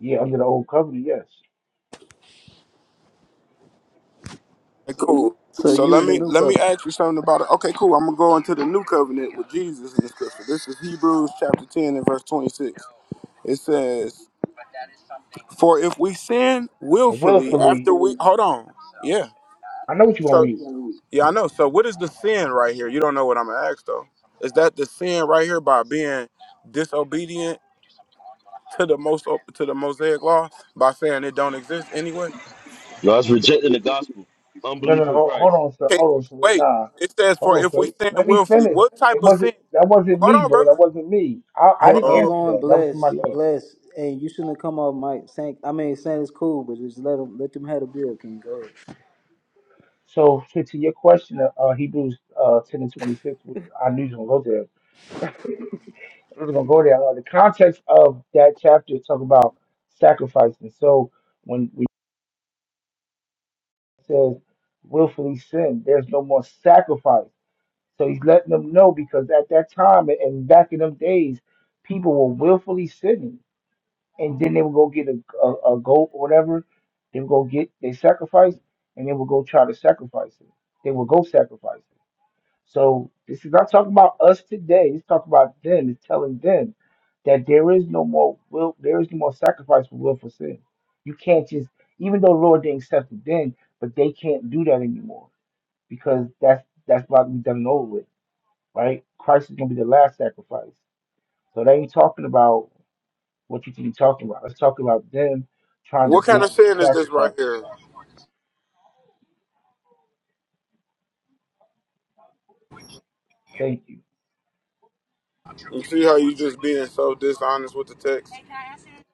Speaker 14: Yeah, under the old covenant, yes.
Speaker 15: Okay, cool.
Speaker 9: so
Speaker 15: So
Speaker 9: you
Speaker 15: let
Speaker 9: in the
Speaker 15: me
Speaker 9: new
Speaker 15: let me
Speaker 9: covenant.
Speaker 15: ask you something about it. Okay, cool. I'm gonna go into the new covenant with Jesus in the scripture. This is Hebrews chapter 10 and verse 26. It says, For if we sin willfully
Speaker 14: Willfully.
Speaker 15: after we hold on. Yeah.
Speaker 14: I know what you're going
Speaker 15: So
Speaker 14: to read.
Speaker 15: yeah, I know. So what is the sin right here? You don't know what I'm gonna ask though. Is that the sin right here by being disobedient to the most to the Mosaic law by saying it don't exist anywhere?
Speaker 1: No, it's rejecting the gospel,
Speaker 14: No, no,
Speaker 1: unbelief in
Speaker 14: no. Hold
Speaker 1: Christ.
Speaker 14: on, sir.
Speaker 15: can
Speaker 14: Hold on, sir.
Speaker 15: wait.
Speaker 14: Nah,
Speaker 15: It stands
Speaker 14: hold
Speaker 15: for
Speaker 14: on,
Speaker 15: if we
Speaker 14: sir.
Speaker 15: sin
Speaker 14: Let me
Speaker 15: willfully.
Speaker 14: finish.
Speaker 15: What type
Speaker 14: It
Speaker 15: of
Speaker 14: wasn't.
Speaker 15: sin?
Speaker 14: That wasn't
Speaker 15: Hold
Speaker 14: me,
Speaker 15: on,
Speaker 14: bro. That
Speaker 15: brother.
Speaker 14: wasn't me. I, I
Speaker 9: Hey,
Speaker 14: didn't
Speaker 9: hold
Speaker 15: Oh,
Speaker 14: answer
Speaker 9: on,
Speaker 14: that. That was
Speaker 9: bless,
Speaker 14: somebody else.
Speaker 9: bless. Hey, you shouldn't have come off Mike Sank. I mean saying it's cool, but just let them let them have the bill, King. Go ahead.
Speaker 14: So to, to your question, uh, uh, Hebrews uh, ten and twenty six. I knew you were gonna go there. I was gonna go there. Uh, the context of that chapter talk about sacrificing. So when we says willfully sin, there's no more sacrifice. So he's letting them know because at that time and back in them days, people were willfully sinning and then they would go get a, a, a goat or whatever. They would go get they sacrifice, and they would go try to sacrifice it. They would go sacrifice it. So this is not talking about us today. It's talking about then. It's telling them that there is no more will. There is no more sacrifice for willful sin. You can't just, even though the Lord didn't accept it then, but they can't do that anymore because that's that's about to be done and over with, right? Christ is gonna be the last sacrifice. So they ain't talking about. What you think you talking about? Let's talk about them trying to
Speaker 15: what kind
Speaker 14: get
Speaker 15: of
Speaker 14: a
Speaker 15: sin is this right
Speaker 14: sacrifice.
Speaker 15: here?
Speaker 14: Thank you.
Speaker 15: You see how you just being so dishonest with the text?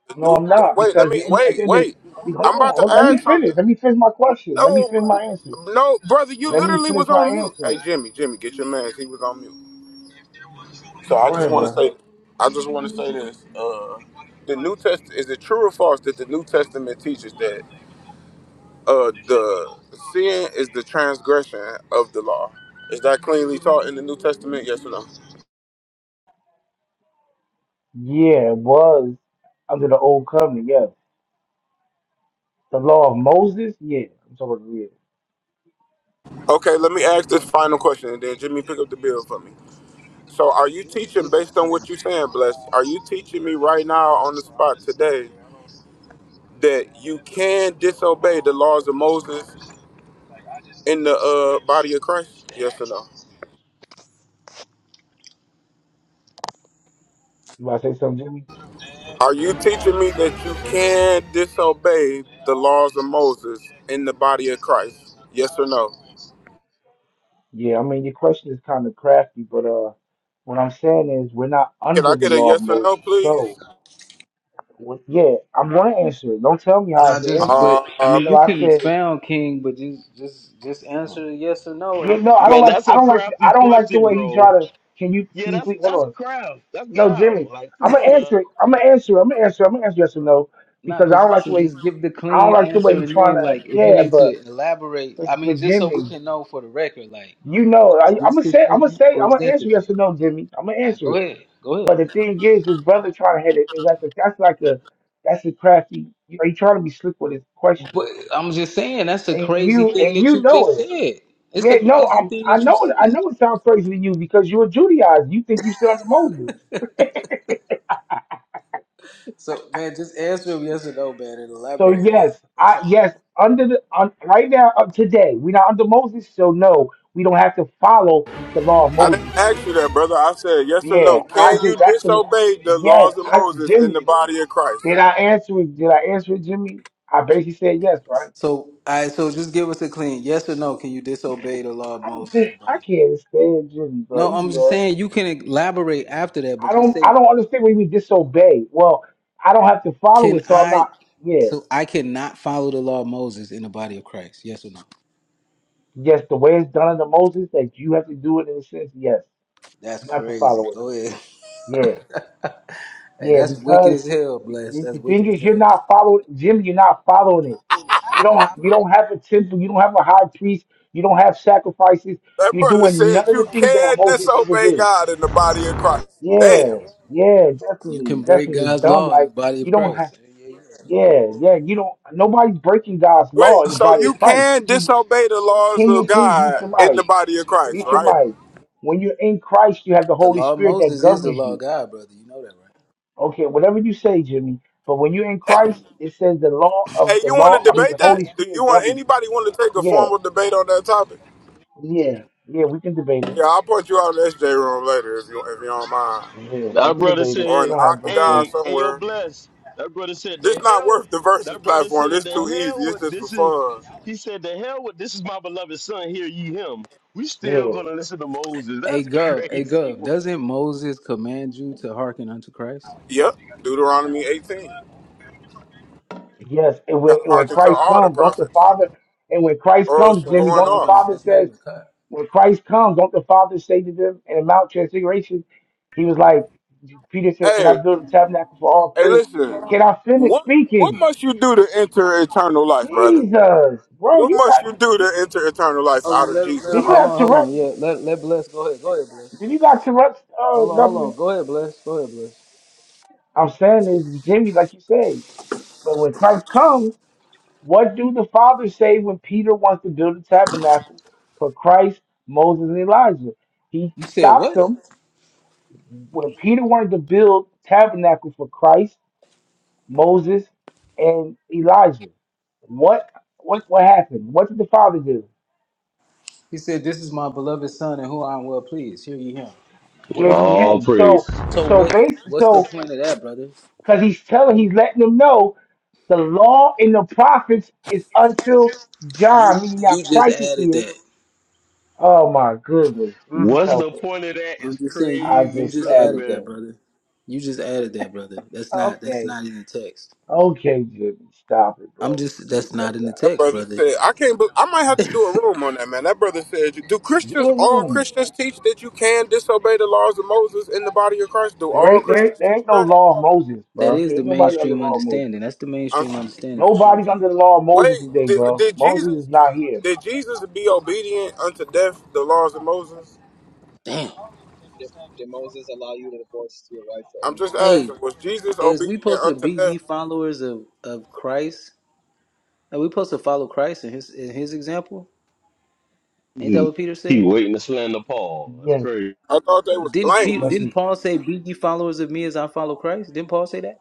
Speaker 15: The
Speaker 14: No,
Speaker 15: new,
Speaker 14: I'm not
Speaker 15: wait, let
Speaker 14: because
Speaker 15: me
Speaker 14: the at the
Speaker 15: wait,
Speaker 14: end of
Speaker 15: wait.
Speaker 14: the hold
Speaker 15: I'm about
Speaker 14: on,
Speaker 15: to
Speaker 14: hold, let me
Speaker 15: ask
Speaker 14: finish.
Speaker 15: something.
Speaker 14: Let me finish my question. Let me
Speaker 15: No,
Speaker 14: finish my answer.
Speaker 15: no, brother, you
Speaker 14: Let me
Speaker 15: literally
Speaker 14: finish
Speaker 15: was
Speaker 14: my
Speaker 15: on mute. Hey,
Speaker 14: answer.
Speaker 15: Jimmy, Jimmy, get your man. He was on mute. So I just want to
Speaker 14: Whatever.
Speaker 15: say, I just want to say this. Uh, the New Testament is it true or false that the New Testament teaches that? uh the sin is the transgression of the law. Is that cleanly taught in the New Testament? Yes or no?
Speaker 14: Yeah, it was under the old covenant. Yeah, the law of Moses. Yeah, I'm talking about yeah.
Speaker 15: Okay, let me ask this final question and then Jimmy pick up the bill for me. So are you teaching
Speaker 9: This is
Speaker 15: based on
Speaker 9: crazy,
Speaker 15: what you're
Speaker 9: man.
Speaker 15: saying, Blessed? Are you teaching me right now on the spot today that you can disobey the laws of Moses in the uh, body of Christ? Yes or no?
Speaker 14: You want to say something, Jimmy?
Speaker 15: Are you teaching me that you can disobey the laws of Moses in the body of Christ? Yes or no?
Speaker 14: Yeah, I mean your question is kind of crafty, but uh, what I'm saying is we're not
Speaker 15: Can
Speaker 14: under
Speaker 15: I
Speaker 14: the
Speaker 15: get a
Speaker 14: law of
Speaker 15: yes or no,
Speaker 14: Moses,
Speaker 15: please?
Speaker 14: so Well, yeah, I'm gonna answer it. Don't tell me how I
Speaker 9: Nah,
Speaker 14: should
Speaker 9: just
Speaker 14: answer it.
Speaker 9: but I
Speaker 15: Oh
Speaker 9: mean
Speaker 14: No,
Speaker 9: you
Speaker 15: man,
Speaker 14: I
Speaker 9: can
Speaker 14: said,
Speaker 9: expound, King, but just just just answer yes or no
Speaker 14: yeah,
Speaker 9: and
Speaker 14: no, I don't
Speaker 1: Man,
Speaker 14: like,
Speaker 1: that's
Speaker 14: I
Speaker 1: a
Speaker 14: don't like,
Speaker 1: crafty
Speaker 14: I don't like the
Speaker 1: question,
Speaker 14: way he
Speaker 1: bro.
Speaker 14: try to. Can you,
Speaker 1: Yeah,
Speaker 14: can you
Speaker 1: that's
Speaker 14: please hold
Speaker 1: that's
Speaker 14: on?
Speaker 1: craft. That's
Speaker 14: No,
Speaker 1: guile.
Speaker 14: Jimmy,
Speaker 1: Like,
Speaker 14: I'm
Speaker 1: come on
Speaker 14: gonna
Speaker 1: now.
Speaker 14: answer it. I'm gonna answer. it. I'm gonna answer. it. I'm gonna answer yes or no because
Speaker 9: not
Speaker 14: I don't like the
Speaker 9: position.
Speaker 14: way.
Speaker 9: Just give the
Speaker 14: I don't
Speaker 9: clean
Speaker 14: like the way he
Speaker 9: answer and
Speaker 14: trying
Speaker 9: then
Speaker 14: to.
Speaker 9: like if you
Speaker 14: Yeah,
Speaker 9: need
Speaker 14: but
Speaker 9: to elaborate,
Speaker 14: but,
Speaker 9: I mean
Speaker 14: but
Speaker 9: just so we
Speaker 14: Jimmy,
Speaker 9: can know for the record, like
Speaker 14: you know, I,
Speaker 9: is
Speaker 14: I'm
Speaker 9: this
Speaker 14: gonna
Speaker 9: the
Speaker 14: say, I'm gonna
Speaker 9: thing
Speaker 14: say,
Speaker 9: or
Speaker 14: I'm
Speaker 9: is
Speaker 14: gonna
Speaker 9: that the
Speaker 14: answer
Speaker 9: thing?
Speaker 14: yes or no, Jimmy. I'm gonna
Speaker 9: I
Speaker 14: answer
Speaker 9: go
Speaker 14: it.
Speaker 9: ahead, go ahead.
Speaker 14: But the thing is, his brother trying to hit it is like a, that's like a that's a crafty. You know, he trying to be slick with his question,
Speaker 9: But I'm just saying that's a
Speaker 14: and
Speaker 9: crazy
Speaker 14: you and
Speaker 9: thing that
Speaker 14: you
Speaker 9: you
Speaker 14: know
Speaker 9: just
Speaker 14: it.
Speaker 9: said. It's
Speaker 14: Yeah,
Speaker 9: a
Speaker 14: no,
Speaker 9: crazy
Speaker 14: I'm,
Speaker 9: thing
Speaker 14: I
Speaker 9: that you
Speaker 14: know I
Speaker 9: said.
Speaker 14: know it sounds crazy to you because you're a Judaizer. You think you're still under Moses.
Speaker 9: So man, just answer him yes or no, man, and
Speaker 14: So
Speaker 9: elaborate, man.
Speaker 14: yes,
Speaker 9: Don't
Speaker 14: I
Speaker 9: try.
Speaker 14: yes under the un, right now up today we're not under Moses. So no, we don't have to follow the law of
Speaker 15: I didn't
Speaker 14: Moses.
Speaker 15: ask you that, brother. I said yes or no.
Speaker 14: Yeah, I
Speaker 15: Can
Speaker 14: just
Speaker 15: you
Speaker 14: that's the
Speaker 15: disobey the
Speaker 14: yes.
Speaker 15: laws of
Speaker 14: I
Speaker 15: Moses in the
Speaker 14: Jimmy,
Speaker 15: body of Christ?
Speaker 14: did I answer it? Did I answer it, Jimmy? I basically said yes, right?
Speaker 9: So I so just give us a clean yes or no. Can you disobey the law of Moses in
Speaker 14: I,
Speaker 9: the
Speaker 14: I
Speaker 9: body?
Speaker 14: can't stand Jimmy, bro.
Speaker 9: No,
Speaker 14: He
Speaker 9: I'm
Speaker 14: be
Speaker 9: just
Speaker 14: all,
Speaker 9: saying you can elaborate after that,
Speaker 14: I
Speaker 9: but just
Speaker 14: don't I
Speaker 9: say,
Speaker 14: don't understand when you mean disobey. Well, I don't have to follow
Speaker 9: can
Speaker 14: it, so I'm
Speaker 9: I?
Speaker 14: not. Yeah.
Speaker 9: So I cannot follow the law of Moses in the body of Christ. Yes or no?
Speaker 14: Yes, the way it's done under Moses, that you have to do it in a sense, yes.
Speaker 9: That's
Speaker 14: You have to
Speaker 9: crazy.
Speaker 14: follow it.
Speaker 9: Go ahead.
Speaker 14: Yeah.
Speaker 9: hey,
Speaker 14: Yeah,
Speaker 9: that's wicked
Speaker 14: because
Speaker 9: as hell,
Speaker 14: the
Speaker 9: bless. That's
Speaker 14: the thing
Speaker 9: wicked as
Speaker 14: is you're
Speaker 9: hell.
Speaker 14: not following Jim, you're not following it. You don't you don't have a temple, you don't have a high priest, you don't have sacrifices,
Speaker 15: That
Speaker 14: you're
Speaker 15: brother
Speaker 14: doing
Speaker 15: said
Speaker 14: none of
Speaker 15: you
Speaker 14: the things that
Speaker 15: can
Speaker 14: Moses is to
Speaker 15: disobey
Speaker 14: do.
Speaker 15: God in the body of Christ.
Speaker 14: Yeah,
Speaker 15: Damn.
Speaker 14: yeah,
Speaker 9: You
Speaker 14: definitely.
Speaker 9: can break
Speaker 14: Definitely it's
Speaker 9: God's
Speaker 14: dumb.
Speaker 9: law in the
Speaker 14: Like
Speaker 9: body
Speaker 14: you
Speaker 9: of
Speaker 14: don't have
Speaker 9: Christ. Yeah, yeah, yeah.
Speaker 14: yeah, yeah, you don't nobody's breaking God's law
Speaker 15: Wait,
Speaker 14: in the
Speaker 15: so
Speaker 14: body
Speaker 15: you
Speaker 14: of Christ.
Speaker 15: can
Speaker 14: You
Speaker 15: disobey the laws
Speaker 14: can
Speaker 15: of
Speaker 14: you please mute your
Speaker 15: God in
Speaker 14: mic?
Speaker 15: the body of Christ,
Speaker 14: Mute your
Speaker 15: right?
Speaker 14: mic. When you're in Christ, you have the
Speaker 9: The
Speaker 14: Holy
Speaker 9: law of
Speaker 14: Spirit that
Speaker 9: Moses is the
Speaker 14: governs
Speaker 9: law of
Speaker 14: you.
Speaker 9: God, brother. You know that, right?
Speaker 14: Okay, whatever you say, Jimmy. But when you're in Christ, it says the law of
Speaker 15: Hey,
Speaker 14: the
Speaker 15: you want
Speaker 14: law.
Speaker 15: to
Speaker 14: I mean,
Speaker 15: debate
Speaker 14: the Holy
Speaker 15: that? Do you
Speaker 14: Spirit
Speaker 15: want
Speaker 14: governs.
Speaker 15: anybody want to take a
Speaker 14: Yeah,
Speaker 15: formal debate on that topic?
Speaker 14: yeah, yeah. We can debate it.
Speaker 15: Yeah, I'll put you out in the SJ room later if you if you don't mind,
Speaker 14: Yeah, we
Speaker 1: That
Speaker 14: can
Speaker 1: brother
Speaker 14: debate it.
Speaker 15: or
Speaker 1: said,
Speaker 14: You
Speaker 15: in the
Speaker 14: don't have no
Speaker 15: octagon
Speaker 14: phone.
Speaker 1: "Hey, hey, yo,
Speaker 15: somewhere.
Speaker 1: bless." That brother said,
Speaker 15: This
Speaker 1: "The
Speaker 15: not
Speaker 1: hell."
Speaker 15: worth the versus
Speaker 1: That brother
Speaker 15: platform.
Speaker 1: said,
Speaker 15: This
Speaker 1: "The
Speaker 15: too easy.
Speaker 1: hell
Speaker 15: It's
Speaker 1: with
Speaker 15: just for
Speaker 1: this is."
Speaker 15: fun.
Speaker 1: He said, "The hell with this is my beloved son. Hear ye him." We still
Speaker 14: Yeah.
Speaker 1: gonna listen to Moses.
Speaker 9: Hey,
Speaker 1: That's
Speaker 9: Gov. Hey,
Speaker 1: crazy.
Speaker 9: Gov. Doesn't Moses command you to hearken unto Christ?
Speaker 15: Yep. Deuteronomy 18. You
Speaker 14: Yes, and when
Speaker 15: Gotta
Speaker 14: and when
Speaker 15: hearken to
Speaker 14: Christ
Speaker 15: all the
Speaker 14: comes, don't the
Speaker 15: prophets,
Speaker 14: Father and when Christ
Speaker 15: or else
Speaker 14: comes,
Speaker 15: you
Speaker 9: So that's
Speaker 14: Jimmy,
Speaker 15: going
Speaker 9: not
Speaker 14: don't the
Speaker 9: even
Speaker 15: off.
Speaker 9: a,
Speaker 14: Father
Speaker 9: that's not
Speaker 14: says
Speaker 9: even cut.
Speaker 14: when Christ comes, don't the Father say to them in Mount Transfiguration, he was like Peter said, Can I
Speaker 15: Hey,
Speaker 14: build a tabernacle for all
Speaker 15: hey,
Speaker 14: three?
Speaker 15: listen.
Speaker 14: Can I finish
Speaker 15: What what
Speaker 14: speaking?
Speaker 15: must you do to enter eternal life, brother?
Speaker 14: Jesus, bro,
Speaker 15: What
Speaker 14: you
Speaker 15: must
Speaker 14: got
Speaker 15: you do
Speaker 14: you,
Speaker 15: to enter eternal life
Speaker 9: Hold
Speaker 15: out
Speaker 9: on,
Speaker 15: of
Speaker 9: let him, let
Speaker 15: Jesus'
Speaker 14: did
Speaker 9: him.
Speaker 14: you
Speaker 9: Hold
Speaker 15: mouth?
Speaker 14: have
Speaker 9: on, hold
Speaker 14: Tourette's?
Speaker 9: on. Yeah, let let bless. Go ahead, go ahead, bless.
Speaker 14: Did you got Tourette's uh
Speaker 9: Hold on, hold
Speaker 14: governor?
Speaker 9: on. Go ahead, bless. Go ahead, bless.
Speaker 14: I'm saying is Jimmy, like you said, but when Christ comes. What do the fathers say when Peter wants to build a tabernacle for Christ, Moses, and Elijah? He
Speaker 9: You said
Speaker 14: stops
Speaker 9: what?
Speaker 14: them when Peter wanted to build tabernacle for Christ, Moses, and Elijah. What what what happened? What did the father do?
Speaker 9: He said, "This is my beloved son, and who I am well pleased." Hear ye him.
Speaker 14: He
Speaker 9: What, what-
Speaker 14: ignored
Speaker 1: All
Speaker 14: him. So
Speaker 1: praise.
Speaker 9: so
Speaker 14: so
Speaker 9: what?
Speaker 14: base
Speaker 9: What's the
Speaker 14: so
Speaker 9: point of that, brother?
Speaker 14: because he's telling he's letting them know the law and the prophets is until
Speaker 9: You
Speaker 14: John, meaning now
Speaker 9: you just
Speaker 14: Christ is
Speaker 9: added
Speaker 14: here.
Speaker 9: that.
Speaker 14: Oh my goodness, Jesus
Speaker 1: What's the
Speaker 14: help us.
Speaker 1: point of that?
Speaker 9: I'm
Speaker 1: Is
Speaker 9: just saying you,
Speaker 14: I
Speaker 9: you
Speaker 1: crazy,
Speaker 14: just
Speaker 9: just
Speaker 1: son of
Speaker 14: added
Speaker 9: added that,
Speaker 14: that.
Speaker 9: brother. You just added that, brother. That's not that's
Speaker 14: Okay.
Speaker 9: not in the text.
Speaker 14: Okay, Jimmy. Stop it,
Speaker 9: I'm
Speaker 14: bro.
Speaker 9: just
Speaker 14: You can
Speaker 9: that's
Speaker 14: cut
Speaker 9: not
Speaker 14: it
Speaker 9: in the
Speaker 15: That
Speaker 14: out.
Speaker 9: text,
Speaker 15: brother
Speaker 9: brother.
Speaker 15: said, I can't. Be- I might have to do a room on that, man. That brother said, do
Speaker 14: Do
Speaker 15: Christians
Speaker 14: a
Speaker 15: all
Speaker 14: room.
Speaker 15: Christians teach that you can disobey the laws of Moses in the body of Christ? Do
Speaker 14: There
Speaker 15: all
Speaker 14: ain't, there, ain't-
Speaker 15: Christians
Speaker 14: there
Speaker 15: teach
Speaker 14: ain't no
Speaker 15: that?
Speaker 14: law of Moses,
Speaker 9: That
Speaker 14: bro.
Speaker 9: is
Speaker 14: There
Speaker 9: the
Speaker 14: ain't nobody under the
Speaker 9: mainstream
Speaker 14: law of Moses.
Speaker 9: understanding. That's the
Speaker 15: I'm
Speaker 9: mainstream
Speaker 15: saying.
Speaker 9: understanding for sure.
Speaker 14: Nobody's
Speaker 9: King.
Speaker 14: under the law of
Speaker 15: Wait,
Speaker 14: Moses today,
Speaker 15: did,
Speaker 14: bro.
Speaker 15: did
Speaker 14: Moses
Speaker 15: Jesus
Speaker 14: is
Speaker 15: keep?
Speaker 14: not here.
Speaker 15: Did Jesus be obedient unto death the laws of Moses?
Speaker 9: Damn.
Speaker 13: Did, did Moses allow you to divorce your wife for
Speaker 15: I'm
Speaker 13: any
Speaker 15: just
Speaker 13: reason?
Speaker 9: Hey,
Speaker 15: asking. Was Jesus
Speaker 9: is we
Speaker 15: obedient
Speaker 9: supposed to be
Speaker 15: unto death?
Speaker 9: ye followers of of Christ? Are we supposed to follow Christ and his in his example? Ain't that
Speaker 1: man.
Speaker 9: what Peter
Speaker 1: He
Speaker 9: said?
Speaker 1: waiting to slander Paul. That's
Speaker 14: Yes.
Speaker 1: crazy.
Speaker 15: I thought they was
Speaker 9: Didn't Peter,
Speaker 14: Yes,
Speaker 15: blameless.
Speaker 9: didn't
Speaker 14: we,
Speaker 9: Paul say, "Be ye followers of me as I follow Christ"? Didn't Paul say that?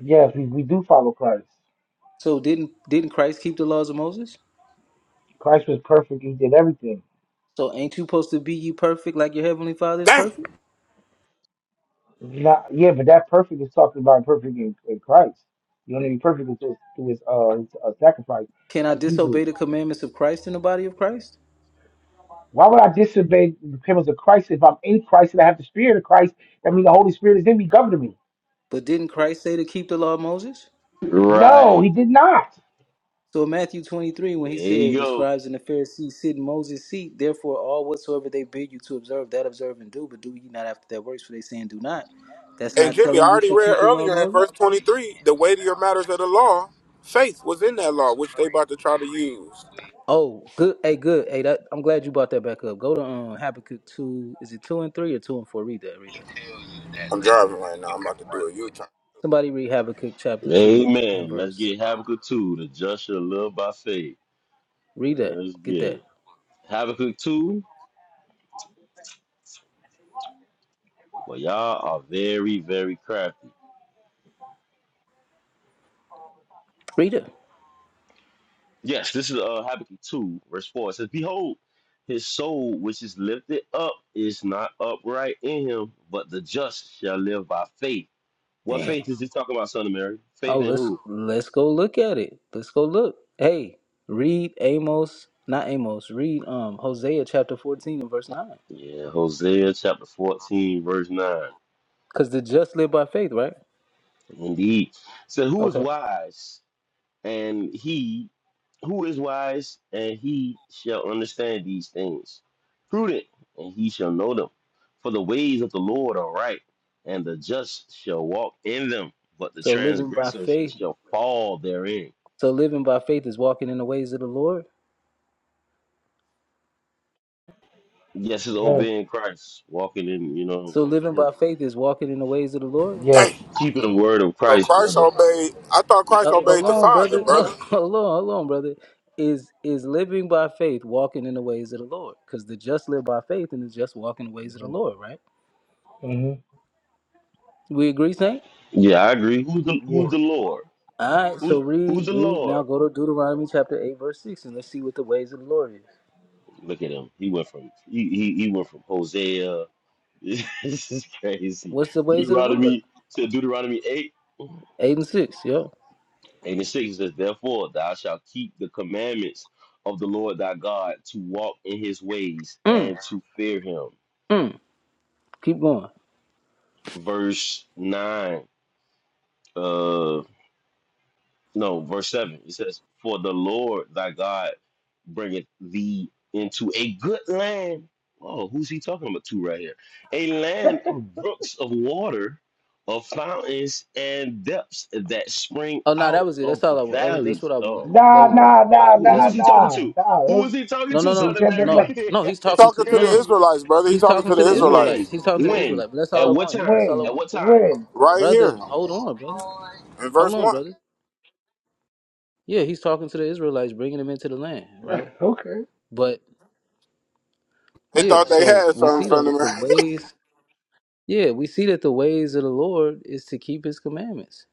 Speaker 14: yes, we, we do follow Christ.
Speaker 9: So didn't didn't Christ keep the laws of Moses?
Speaker 14: Christ was perfect. He did everything.
Speaker 9: So ain't you supposed to be you perfect like your heavenly Father is
Speaker 15: Dang.
Speaker 9: perfect?
Speaker 14: Not, yeah, but that perfect is talking about perfect in, in Christ. You only be perfect through, through his, uh, his uh, sacrifice.
Speaker 9: Can I
Speaker 14: That's Hebrews.
Speaker 9: disobey the commandments of Christ in the body of Christ?
Speaker 14: Why would I disobey the commandments of Christ if I'm in Christ and I have the Spirit of Christ? That means the Holy Spirit is in me, governing me.
Speaker 9: But didn't Christ say to keep the law of Moses?
Speaker 14: No,
Speaker 1: Right.
Speaker 14: he did not.
Speaker 9: So in Matthew 23,
Speaker 1: There
Speaker 9: when he said,
Speaker 1: you
Speaker 9: the
Speaker 1: go.
Speaker 9: scribes and the Pharisees sit in Moses' seat, therefore all whatsoever they bid you to observe, that observe and do, but do ye not after their works, for they saying do not. That's
Speaker 15: And
Speaker 9: not
Speaker 15: Jimmy, I
Speaker 9: telling you
Speaker 15: already
Speaker 9: to
Speaker 15: read
Speaker 9: keep the law of
Speaker 15: earlier in
Speaker 9: Moses?
Speaker 15: verse 23, the weightier matters of the law, faith was in that law, which they about to try to use.
Speaker 9: Oh, good. Hey, good. Hey, that, I'm glad you brought that back up. Go to um, Habakkuk 2. Is it 2 and 3 or 2 and 4? Read that. Read that.
Speaker 15: I'm driving right now. I'm about to do a U-turn.
Speaker 9: Somebody read Habakkuk chapter 2 and
Speaker 1: Amen. Let's
Speaker 9: verse
Speaker 1: get Habakkuk 2, the just shall live by faith.
Speaker 9: Rita,
Speaker 1: Let's
Speaker 9: get
Speaker 1: get
Speaker 9: that.
Speaker 1: it. Habakkuk 2, well, y'all are very, very crafty.
Speaker 9: Rita.
Speaker 1: Yes, this is uh, Habakkuk 2, verse 4. It says, Behold, his soul which is lifted up is not upright in him, but the just shall live by faith. What
Speaker 9: Damn.
Speaker 1: faith is he talking about, Son of Mary? Faith
Speaker 9: Oh,
Speaker 1: in
Speaker 9: let's
Speaker 1: who?
Speaker 9: let's go look at it. Let's go look. Hey, read Amos, not Amos. Read um Hosea chapter fourteen and verse nine.
Speaker 1: Yeah, Hosea chapter 14, verse 9.
Speaker 9: Cause the just live by faith, right?
Speaker 1: Indeed. So, who is
Speaker 9: Okay.
Speaker 1: wise? and he who is wise and he shall understand these things prudent and he shall know them for the ways of the lord are right and the just shall walk in them but the
Speaker 9: So living by
Speaker 1: transgressors
Speaker 9: faith.
Speaker 1: shall fall therein
Speaker 9: So living by faith is walking in the ways of the Lord.
Speaker 1: yes it's
Speaker 14: Yes,
Speaker 1: obeying christ walking in you know
Speaker 9: So living
Speaker 1: his-
Speaker 9: by faith is walking in the ways of the Lord.
Speaker 14: yes.
Speaker 15: Dang.
Speaker 1: keeping the word of
Speaker 15: So
Speaker 1: christ
Speaker 15: Christ
Speaker 1: brother
Speaker 15: obeyed. I thought Christ
Speaker 9: Uh, hold
Speaker 15: obeyed the
Speaker 9: on,
Speaker 15: Father,
Speaker 9: brother.
Speaker 15: brother.
Speaker 9: Oh, hold on, hold on, brother. Is is living by faith walking in the ways of the Lord? Because the just live by faith and the just walk in the ways of the Lord, right?
Speaker 14: hmm
Speaker 9: We agree, Saint?
Speaker 1: yeah i agree who's the
Speaker 14: Yeah.
Speaker 1: who's the lord
Speaker 9: All right, so
Speaker 1: who's
Speaker 9: read,
Speaker 1: who's the
Speaker 9: read.
Speaker 1: lord
Speaker 9: Now go to Deuteronomy chapter 8, verse 6, and let's see what the ways of the Lord is.
Speaker 1: look at him he went from he he, he went from hosea this is crazy.
Speaker 9: What's the ways of the Lord?
Speaker 1: Deuteronomy said Deuteronomy eight, eight
Speaker 9: 8 and 6, yo.
Speaker 1: and six says, Therefore thou shalt keep the commandments of the Lord thy God to walk in his ways
Speaker 9: Mm,
Speaker 1: and to fear him.
Speaker 9: mm. Keep going.
Speaker 1: Verse nine. uh, No, verse 7. It says, For the Lord thy God bringeth thee into a good land. Oh, who's he talking about to right here? A land of brooks of water, of fountains and depths that spring
Speaker 9: Oh, no, that
Speaker 1: out
Speaker 9: was it.
Speaker 1: of
Speaker 9: That's all I want. That was, that's
Speaker 1: valleys.
Speaker 9: what I wanted.
Speaker 1: Oh,
Speaker 9: That
Speaker 14: Nah,
Speaker 9: was what I,
Speaker 14: nah,
Speaker 1: oh
Speaker 14: nah,
Speaker 1: who,
Speaker 9: yeah,
Speaker 1: who
Speaker 14: nah,
Speaker 9: that's
Speaker 1: is
Speaker 9: what,
Speaker 1: he talking
Speaker 14: nah,
Speaker 1: to?
Speaker 14: nah. It
Speaker 1: Who is
Speaker 14: was-
Speaker 1: he talking
Speaker 9: no,
Speaker 1: to,
Speaker 9: no,
Speaker 14: he
Speaker 1: Son
Speaker 9: no,
Speaker 1: of
Speaker 14: said the
Speaker 1: Mary?
Speaker 14: la-
Speaker 9: no, no. He's
Speaker 15: He
Speaker 9: talking
Speaker 1: it's
Speaker 15: talking
Speaker 9: to,
Speaker 15: to
Speaker 9: no,
Speaker 15: the
Speaker 9: no, no.
Speaker 1: crazy.
Speaker 15: Israelites, brother. He
Speaker 9: He's
Speaker 15: talking
Speaker 9: talking
Speaker 15: to the
Speaker 9: to the
Speaker 1: When?
Speaker 9: Israelites.
Speaker 15: Israelites
Speaker 9: He's talking to the
Speaker 1: When?
Speaker 9: Israelites, but that's
Speaker 1: At
Speaker 9: all I
Speaker 1: what
Speaker 9: wanted.
Speaker 1: time?
Speaker 9: That's all I
Speaker 14: win,
Speaker 1: At what
Speaker 9: wanted.
Speaker 1: time?
Speaker 14: win.
Speaker 15: right
Speaker 9: Brother,
Speaker 15: here
Speaker 9: hold on, brother.
Speaker 15: in
Speaker 9: Hold
Speaker 15: verse
Speaker 9: on,
Speaker 15: one.
Speaker 9: brother. Yeah, he's talking to the Israelites, bringing them into the land, right?
Speaker 14: okay.
Speaker 9: But
Speaker 15: They
Speaker 9: yeah,
Speaker 15: thought they
Speaker 9: so
Speaker 15: had
Speaker 9: we
Speaker 15: something
Speaker 9: see though
Speaker 15: from
Speaker 9: that
Speaker 15: him.
Speaker 9: the ways Yeah, we see that the ways of the Lord is to keep his commandments.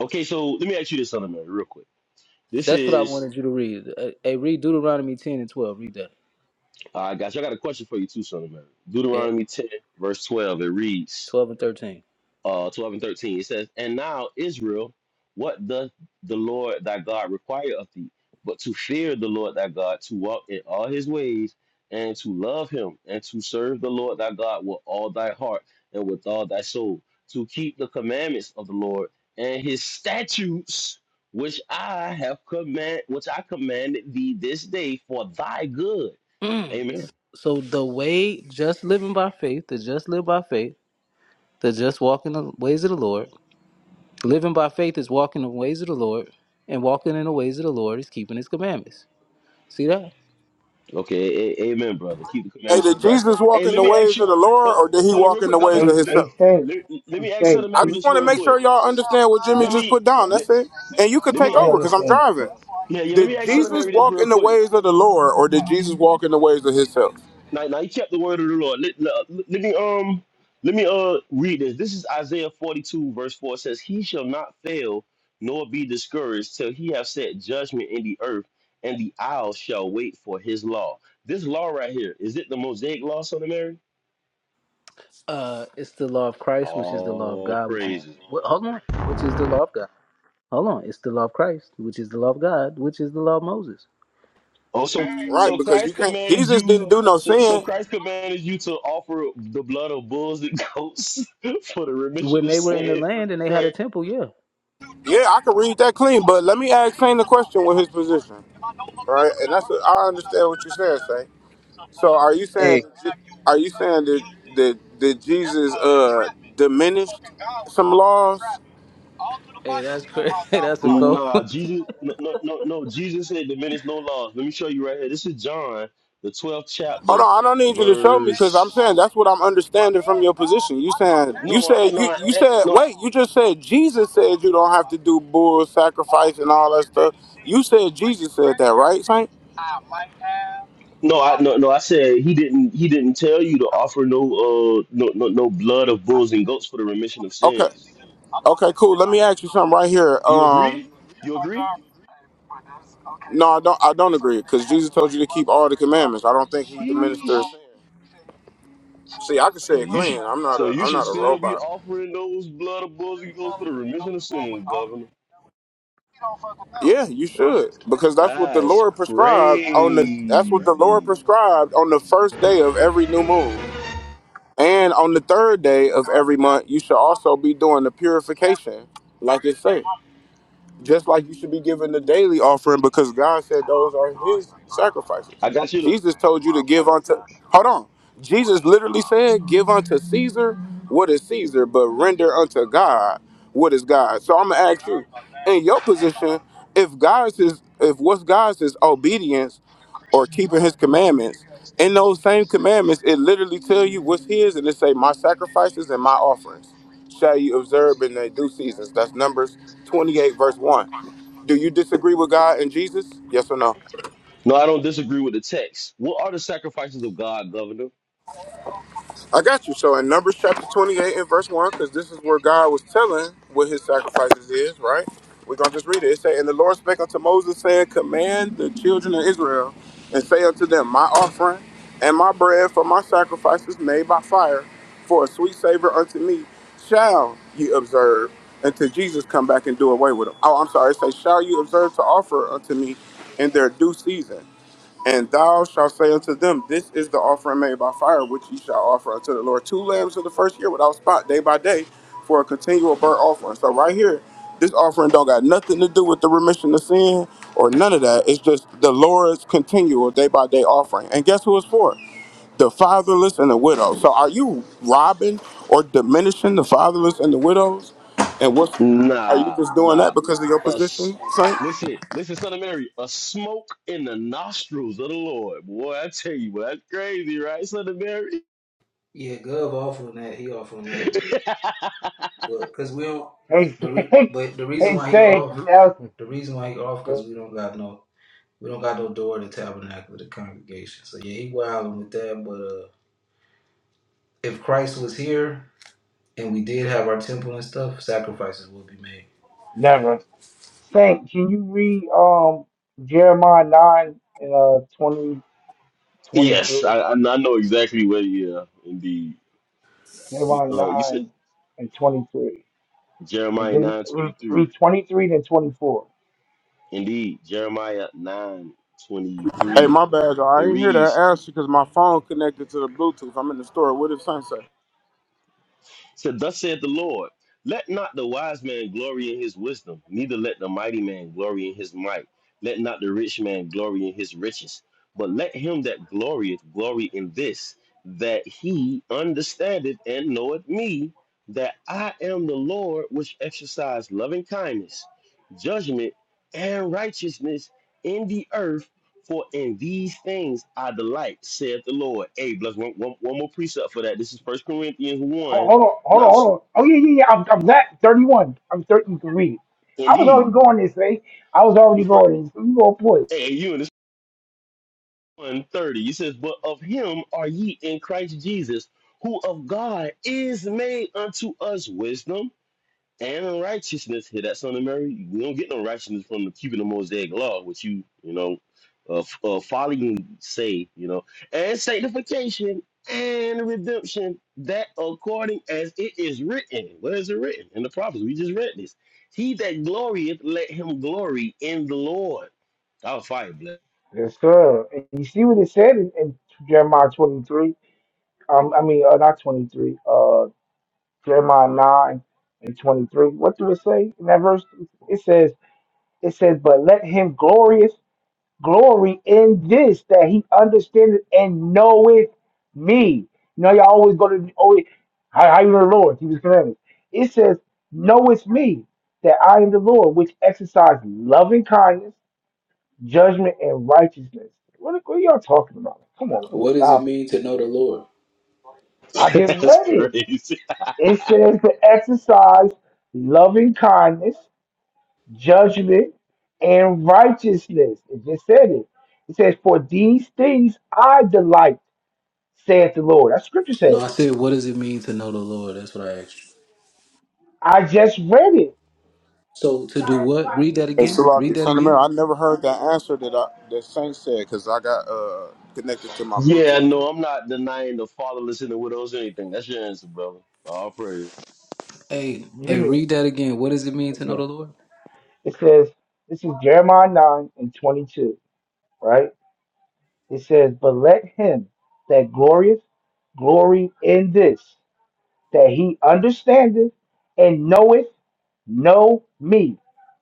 Speaker 1: Okay, so let me ask you this, Son of Mary, real quick. This
Speaker 9: That's what I
Speaker 1: is
Speaker 9: wanted you to read. Uh, Hey, read Deuteronomy 10 and 12. Read that.
Speaker 1: All right, guys, I got a question for you too, son of man.
Speaker 9: Yeah,
Speaker 1: Deuteronomy 10, verse 12, it reads,
Speaker 9: 12 and 13.
Speaker 1: uh, 12 and 13. It says, And now, Israel, what doth the Lord thy God require of thee, but to fear the Lord thy God, to walk in all his ways, and to love him, and to serve the Lord thy God with all thy heart and with all thy soul, to keep the commandments of the Lord and his statutes, which I have command, which I commanded thee this day for thy good.
Speaker 9: Mm.
Speaker 1: Amen.
Speaker 9: So the way, just living by faith, the just live by faith, the just walk in the ways of the Lord. Living by faith is walking in the ways of the Lord, and walking in the ways of the Lord is keeping his commandments. See that?
Speaker 1: Okay, a- amen, brother. Keep the
Speaker 15: hey,
Speaker 1: commandments of
Speaker 15: did
Speaker 1: Christ.
Speaker 15: Jesus walk
Speaker 1: Hey,
Speaker 15: in
Speaker 1: let
Speaker 15: the
Speaker 1: me ask
Speaker 15: ways of
Speaker 1: you.
Speaker 15: the Lord,
Speaker 1: Hold,
Speaker 15: or did he
Speaker 1: hold on,
Speaker 15: walk
Speaker 1: real
Speaker 15: in
Speaker 1: quick,
Speaker 15: the ways
Speaker 1: Governor.
Speaker 15: of
Speaker 14: He,
Speaker 1: Let,
Speaker 14: he
Speaker 15: himself?
Speaker 14: said,
Speaker 1: let, let
Speaker 14: he
Speaker 1: me ask
Speaker 14: said,
Speaker 1: Southern
Speaker 15: I
Speaker 1: Mary
Speaker 14: he,
Speaker 15: just
Speaker 1: this
Speaker 15: want to
Speaker 1: real
Speaker 15: make
Speaker 14: he,
Speaker 15: sure
Speaker 1: quick.
Speaker 15: y'all understand what Jimmy
Speaker 1: Let
Speaker 15: just
Speaker 1: me
Speaker 15: put down.
Speaker 1: let,
Speaker 15: That's it. And you can
Speaker 1: let
Speaker 15: take
Speaker 1: me ask,
Speaker 14: we
Speaker 15: over because I'm
Speaker 14: understand.
Speaker 15: driving.
Speaker 1: yeah yeah. Let me
Speaker 15: Did
Speaker 1: ask Southern
Speaker 15: Jesus
Speaker 1: Mary this
Speaker 15: walk
Speaker 1: real
Speaker 15: in the
Speaker 1: quick.
Speaker 15: ways of the Lord, or did Jesus walk in the ways of himself?
Speaker 1: Now now you kept the word of the Lord. Let, let, let me um let me uh read this. This is Isaiah forty two verse four It says, "He shall not fail nor be discouraged till he have set judgment in the earth, and the isles shall wait for his law." This law right here is it the Mosaic law, Southern Mary?
Speaker 9: Uh, it's the law of Christ, which is the law of
Speaker 1: All
Speaker 9: God, which is,
Speaker 1: praises,
Speaker 9: wh-
Speaker 1: brother.
Speaker 9: hold on, which is the law of God. Hold on, it's the law of Christ, which is the law of God, which is the law of Moses.
Speaker 1: Oh, so
Speaker 15: Right,
Speaker 1: so
Speaker 15: because you
Speaker 1: Christ
Speaker 15: can't.
Speaker 1: commanded
Speaker 15: Jesus
Speaker 1: you.
Speaker 15: didn't do no
Speaker 1: So, so
Speaker 15: sin.
Speaker 1: Christ commanded you to offer the blood of bulls and goats for the remission
Speaker 9: When
Speaker 1: of
Speaker 9: they were in the
Speaker 1: sins. That's
Speaker 9: land and they had a
Speaker 1: crazy.
Speaker 9: temple, yeah.
Speaker 15: Yeah, I can read that clean, but let me ask Shane the question with his position. Right, and that's I understand what you're saying, Shane. So are you saying
Speaker 13: Hey.
Speaker 15: are you saying that that, that Jesus uh diminished some laws?
Speaker 9: Hey, that's crazy. that's a cold.
Speaker 1: Nah, Jesus. No, no, no, no. Jesus said, "Diminish no laws." Let me show you right here. This is John, the twelfth
Speaker 15: Hold
Speaker 1: chapter,
Speaker 15: on, I don't need you to show me because I'm saying
Speaker 1: verse.
Speaker 15: that's what I'm understanding from your position. You saying you
Speaker 1: No, I,
Speaker 15: said
Speaker 1: no,
Speaker 15: you
Speaker 1: I,
Speaker 15: you
Speaker 1: eh,
Speaker 15: said
Speaker 1: no, I,
Speaker 15: wait, you just said Jesus said you don't have to do bull sacrifice and all that stuff. You said Jesus said that, right, Saint?
Speaker 1: no, I, no, no. I said he didn't. He didn't tell you to offer no, uh, no, no, no blood of bulls and goats for the remission of
Speaker 15: Okay.
Speaker 1: sins.
Speaker 15: Okay, cool. Let me ask you something right here.
Speaker 1: You agree?
Speaker 15: Um
Speaker 1: You agree?
Speaker 15: no, I don't. I don't agree because Jesus told you to keep all the commandments. I don't think he diminished.
Speaker 1: Sheesh.
Speaker 15: their See, I can
Speaker 1: So
Speaker 15: say it
Speaker 1: you should
Speaker 15: clean. I'm not
Speaker 1: so
Speaker 15: a
Speaker 1: you
Speaker 15: I'm
Speaker 1: should
Speaker 15: not a
Speaker 1: still be
Speaker 15: robot.
Speaker 1: offering those blood of bulls and goats for the remission of sins, Governor.
Speaker 15: Yeah, you should. Because that's what the
Speaker 1: That's
Speaker 15: Lord prescribed on the that's what the Lord
Speaker 1: crazy.
Speaker 15: prescribed on the first day of every new moon. And on the third day of every month, you should also be doing the purification, like it says. just like you should be giving the daily offering because God said those are his sacrifices.
Speaker 1: I got you. To,
Speaker 15: Jesus told you to give unto Hold on. Jesus literally said, "Give unto Caesar what is Caesar, but render unto God what is God." So I'm going to ask you, in your position, if God's is if what's God's is obedience or keeping his commandments, in those same commandments, it literally tell you what's his and it say my sacrifices and my offerings shall you observe in the due seasons. That's Numbers 28, verse 1. Do you disagree with God and Jesus? Yes or no?
Speaker 1: no, I don't disagree with the text. What are the sacrifices of God, Governor?
Speaker 15: I got you. So in Numbers chapter 28 and verse 1, because this is where God was telling what his sacrifices is, right? We're going to just read it. It say, And the Lord spake unto Moses, saying, Command the children of Israel, and say unto them, My offering and my bread for my sacrifices made by fire, for a sweet savor unto me, shall ye observe until Jesus come back and do away with them. Oh, I'm sorry. It say, Shall you observe to offer unto me in their due season? And thou shalt say unto them, This is the offering made by fire, which ye shall offer unto the Lord. Two lambs of the first year without spot, day by day, for a continual burnt offering. So right here, this offering don't got nothing to do with the remission of sin or none of that. It's just the Lord's continual day by day offering. And guess who it's for? The fatherless and the widow. So are you robbing or diminishing the fatherless and the widows? And what's are you
Speaker 1: Nah,
Speaker 15: just doing that
Speaker 1: nah.
Speaker 15: because of your
Speaker 1: Us.
Speaker 15: position, Saint?
Speaker 1: Listen, listen, son of Mary, a smoke in the nostrils of the Lord. Boy, I tell you, boy. that's crazy, right, son of Mary?
Speaker 9: Yeah, Gov off on that. He off on that one. But because we don't
Speaker 14: He
Speaker 9: the re,
Speaker 14: said,
Speaker 9: but the reason
Speaker 14: he
Speaker 9: why he
Speaker 14: said,
Speaker 9: off
Speaker 14: Nelson,
Speaker 9: the reason why he off because we don't got no we don't got no door to tabernacle to the congregation. So yeah, he wilding with that. But uh, if Christ was here and we did have our temple and stuff, sacrifices would be made.
Speaker 14: never. Saint, can you read um Jeremiah nine and uh twenty twenty
Speaker 1: Yes,
Speaker 14: three?
Speaker 1: I, I I know exactly where. Yeah, indeed. You,
Speaker 14: Jeremiah
Speaker 1: uh, you said
Speaker 14: nine and twenty three. And
Speaker 1: Jeremiah
Speaker 14: then
Speaker 1: nine
Speaker 14: read,
Speaker 1: twenty three.
Speaker 14: read twenty three then twenty four.
Speaker 1: Indeed, Jeremiah nine twenty
Speaker 15: Hey,
Speaker 1: three.
Speaker 15: my bad, y'all.
Speaker 1: It
Speaker 15: I ain't hear that
Speaker 1: reads,
Speaker 15: answer because my phone connected to the Bluetooth. I'm in the store. What did Saint say?
Speaker 1: said, Thus saith the Lord, let not the wise man glory in his wisdom, neither let the mighty man glory in his might. Let not the rich man glory in his riches, but let him that glorieth glory in this, that he understandeth and knoweth me, that I am the Lord which exercise loving kindness, judgment, and righteousness in the earth. For in these things I delight, saith the Lord. Hey, bless one, one, one more precept for that. This is First Corinthians
Speaker 14: Hold,
Speaker 1: 1
Speaker 14: hold on,
Speaker 1: and
Speaker 14: hold
Speaker 1: I
Speaker 14: on, hold
Speaker 1: s-
Speaker 14: on. Oh yeah, yeah, yeah. I'm I'm not thirty one. I'm thirty you can read. I was already
Speaker 1: indeed
Speaker 14: going this way. I was already
Speaker 1: the first
Speaker 14: going this. You gonna put.
Speaker 1: hey, you in this one thirty. He says, But of him are ye in Christ Jesus, who of God is made unto us wisdom and in righteousness. Hear that, son of Mary? We don't get no righteousness from the keeping the Mosaic law, which you, you know, uh, f- uh, folly say, you know, and sanctification and redemption, that according as it is written. Where is it written? In the prophets. We just read this. He that glorieth, let him glory in the Lord. I'll fire bless.
Speaker 14: Yes, sir. And you see what it said in, in Jeremiah twenty three. Um I mean uh, not twenty three, Uh. Jeremiah 9 and 23. What do it say in that verse? It says, it says, but let him glorious glory in this that he understandeth and knoweth me. You know, y'all always go to always how, how you know the Lord? He was commandments. It says, knoweth me that I am the Lord, which exercise loving kindness, judgment, and righteousness. What, what are y'all talking about? Come on,
Speaker 9: what does it
Speaker 14: stop it.
Speaker 9: mean to know the Lord?
Speaker 14: I just
Speaker 1: That's
Speaker 14: read it.
Speaker 1: crazy.
Speaker 14: It says to exercise loving kindness judgment, and righteousness. It just said it. It says, For these things I delight, saith the Lord. That scripture says.
Speaker 9: No, I said, what does it mean to know the Lord? That's what I asked you.
Speaker 14: I just read it.
Speaker 9: So to do what? Read that
Speaker 15: Hey,
Speaker 9: again. Read
Speaker 15: Salaki.
Speaker 9: that
Speaker 15: Son of Mary,
Speaker 9: again.
Speaker 15: I never heard that answer that I, that Saint said because I got uh connected to my
Speaker 1: Yeah,
Speaker 15: Bluetooth.
Speaker 1: no, I'm not denying the fatherless and the widows or anything. That's your answer, brother. All praise.
Speaker 9: Hey,
Speaker 14: You
Speaker 9: hey,
Speaker 14: hear me?
Speaker 9: read that again. What does it mean to know
Speaker 14: Okay.
Speaker 9: the Lord?
Speaker 14: It says, This is Jeremiah 9 and 22, right? It says, But let him that glorieth glory in this, that he understandeth and knoweth, know me.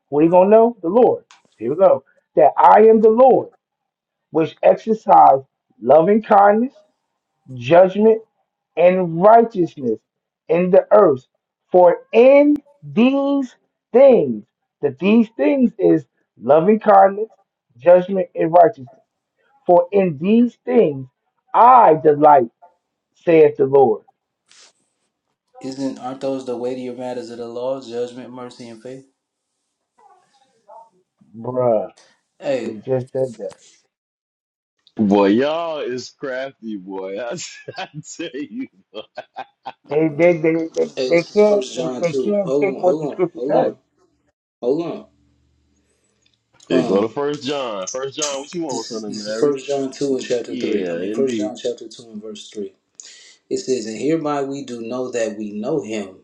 Speaker 14: What are you going to know? The Lord. Here we go. That I am the Lord which exercise loving kindness, judgment, and righteousness in the earth. For in these things, that these things is loving kindness, judgment, and righteousness. For in these things I delight, saith the Lord.
Speaker 9: Isn't aren't those the weightier matters of the law, judgment, mercy, and faith?
Speaker 14: Bruh,
Speaker 9: Hey,
Speaker 14: it just said that.
Speaker 1: Boy, y'all is crafty, boy. I, I tell you.
Speaker 14: They they they, they,
Speaker 9: hey,
Speaker 14: they
Speaker 9: this is
Speaker 14: can't
Speaker 9: First
Speaker 14: they,
Speaker 9: John
Speaker 14: they
Speaker 9: two.
Speaker 14: can't
Speaker 9: Hold
Speaker 14: take
Speaker 9: on,
Speaker 14: what
Speaker 9: hold
Speaker 14: the
Speaker 9: on,
Speaker 14: scriptures
Speaker 9: hold on,
Speaker 14: say.
Speaker 9: hold on.
Speaker 1: Here go to
Speaker 9: Um,
Speaker 1: First John. First John, what you want,
Speaker 9: this
Speaker 1: son
Speaker 9: is
Speaker 1: of
Speaker 9: this is
Speaker 1: Mary?
Speaker 9: First John two and chapter three.
Speaker 1: Yeah,
Speaker 9: I mean, First
Speaker 1: indeed.
Speaker 9: John chapter two and verse three. It says, "And hereby we do know that we know Him,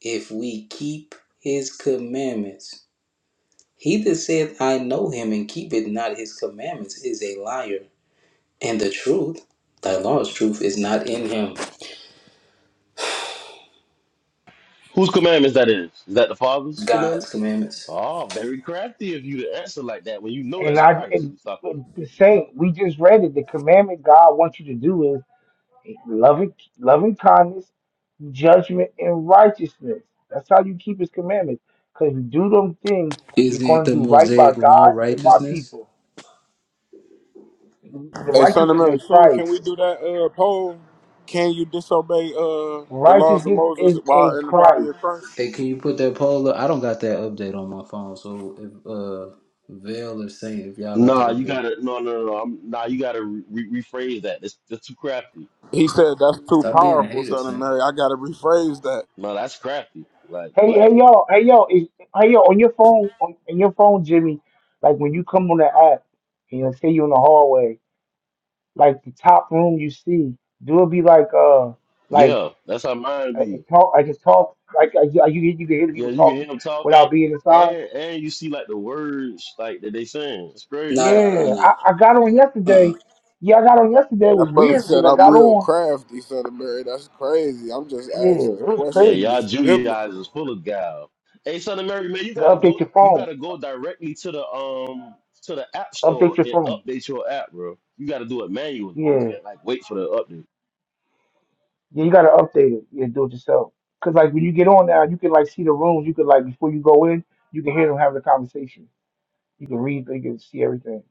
Speaker 9: if we keep His commandments. He that saith, I know Him, and keepeth not His commandments, is a liar, and the truth, thy law's truth, is not in Him."
Speaker 1: Whose commandments that is? Is that the Father's
Speaker 9: God's
Speaker 1: commandments?
Speaker 9: commandments.
Speaker 1: Oh, very crafty of you to answer like that when you know
Speaker 14: And
Speaker 1: that's
Speaker 14: I
Speaker 1: Christ.
Speaker 14: and,
Speaker 1: You talking?
Speaker 14: and the same we just read it. The commandment God wants you to do is. loving loving kindness, judgment, and righteousness. That's how you keep his commandments. Because if you do them things, you're going
Speaker 9: Isn't
Speaker 14: to
Speaker 9: the
Speaker 14: do right by
Speaker 9: Mosaic law
Speaker 14: God and my
Speaker 9: righteousness?
Speaker 14: people. The
Speaker 15: Hey, Son of
Speaker 14: righteousness is
Speaker 15: Mary,
Speaker 14: in
Speaker 15: soon
Speaker 14: Christ.
Speaker 15: can we do that uh poll? Can you disobey uh the laws of
Speaker 14: Righteousness
Speaker 15: Moses
Speaker 14: is in
Speaker 15: while in the body
Speaker 14: Christ.
Speaker 15: of Christ?
Speaker 9: Hey, can you put that poll up? I don't got that update on my phone. So if uh Vail or Saint, if y'all got the
Speaker 1: Nah, you
Speaker 9: update,
Speaker 1: gotta. No, no, no. no. I'm, nah, you gotta re- rephrase that. It's that's too crafty.
Speaker 15: He said that's too
Speaker 9: stop being a
Speaker 15: powerful,
Speaker 9: hater,
Speaker 15: Son of
Speaker 9: Saint.
Speaker 15: Mary. I gotta rephrase that.
Speaker 1: No, that's crafty. Like
Speaker 14: Hey,
Speaker 1: what?
Speaker 14: hey, yo, hey, yo, is, hey, yo, on your phone, on, on your phone, Jimmy, like when you come on the app and you'll say you're in the hallway, like the top room you see, do it be like, uh, like
Speaker 1: Yeah, that's how mine
Speaker 14: I, I
Speaker 1: be.
Speaker 14: talk. I just talk. Like I, you, you can hear the
Speaker 1: Yeah,
Speaker 14: people
Speaker 1: you can hear
Speaker 14: talking
Speaker 1: them talking,
Speaker 14: without being inside.
Speaker 1: and and you see like the words like that they saying. It's crazy.
Speaker 9: No, no,
Speaker 14: Yeah,
Speaker 9: no,
Speaker 14: I, I got on
Speaker 9: no.
Speaker 14: yesterday. Yeah, I got on yesterday. It was
Speaker 15: That brother
Speaker 14: weird
Speaker 15: said
Speaker 14: because I
Speaker 15: I'm
Speaker 14: got
Speaker 15: real
Speaker 14: on.
Speaker 15: crafty, Son of Mary. That's crazy. I'm just
Speaker 14: Yeah,
Speaker 15: asking
Speaker 14: it
Speaker 15: a
Speaker 14: was
Speaker 1: Yeah,
Speaker 15: question
Speaker 14: crazy.
Speaker 1: y'all
Speaker 15: that's biblical.
Speaker 1: Judaizers full of gal. Hey, son of Mary, man, you
Speaker 14: You
Speaker 1: gotta
Speaker 14: gotta
Speaker 1: go.
Speaker 14: update your
Speaker 1: You
Speaker 14: phone.
Speaker 1: gotta go directly to the um to the app store
Speaker 14: Update your
Speaker 1: and
Speaker 14: phone.
Speaker 1: update your app, bro. You gotta do it manually. You
Speaker 14: Yeah,
Speaker 1: can't like wait for the update.
Speaker 14: yeah, you gotta update it. Yeah, do it yourself. Cause like when you get on now, you can like see the rooms. You can like before you go in, you can hear them having a conversation. You can read. You can see everything.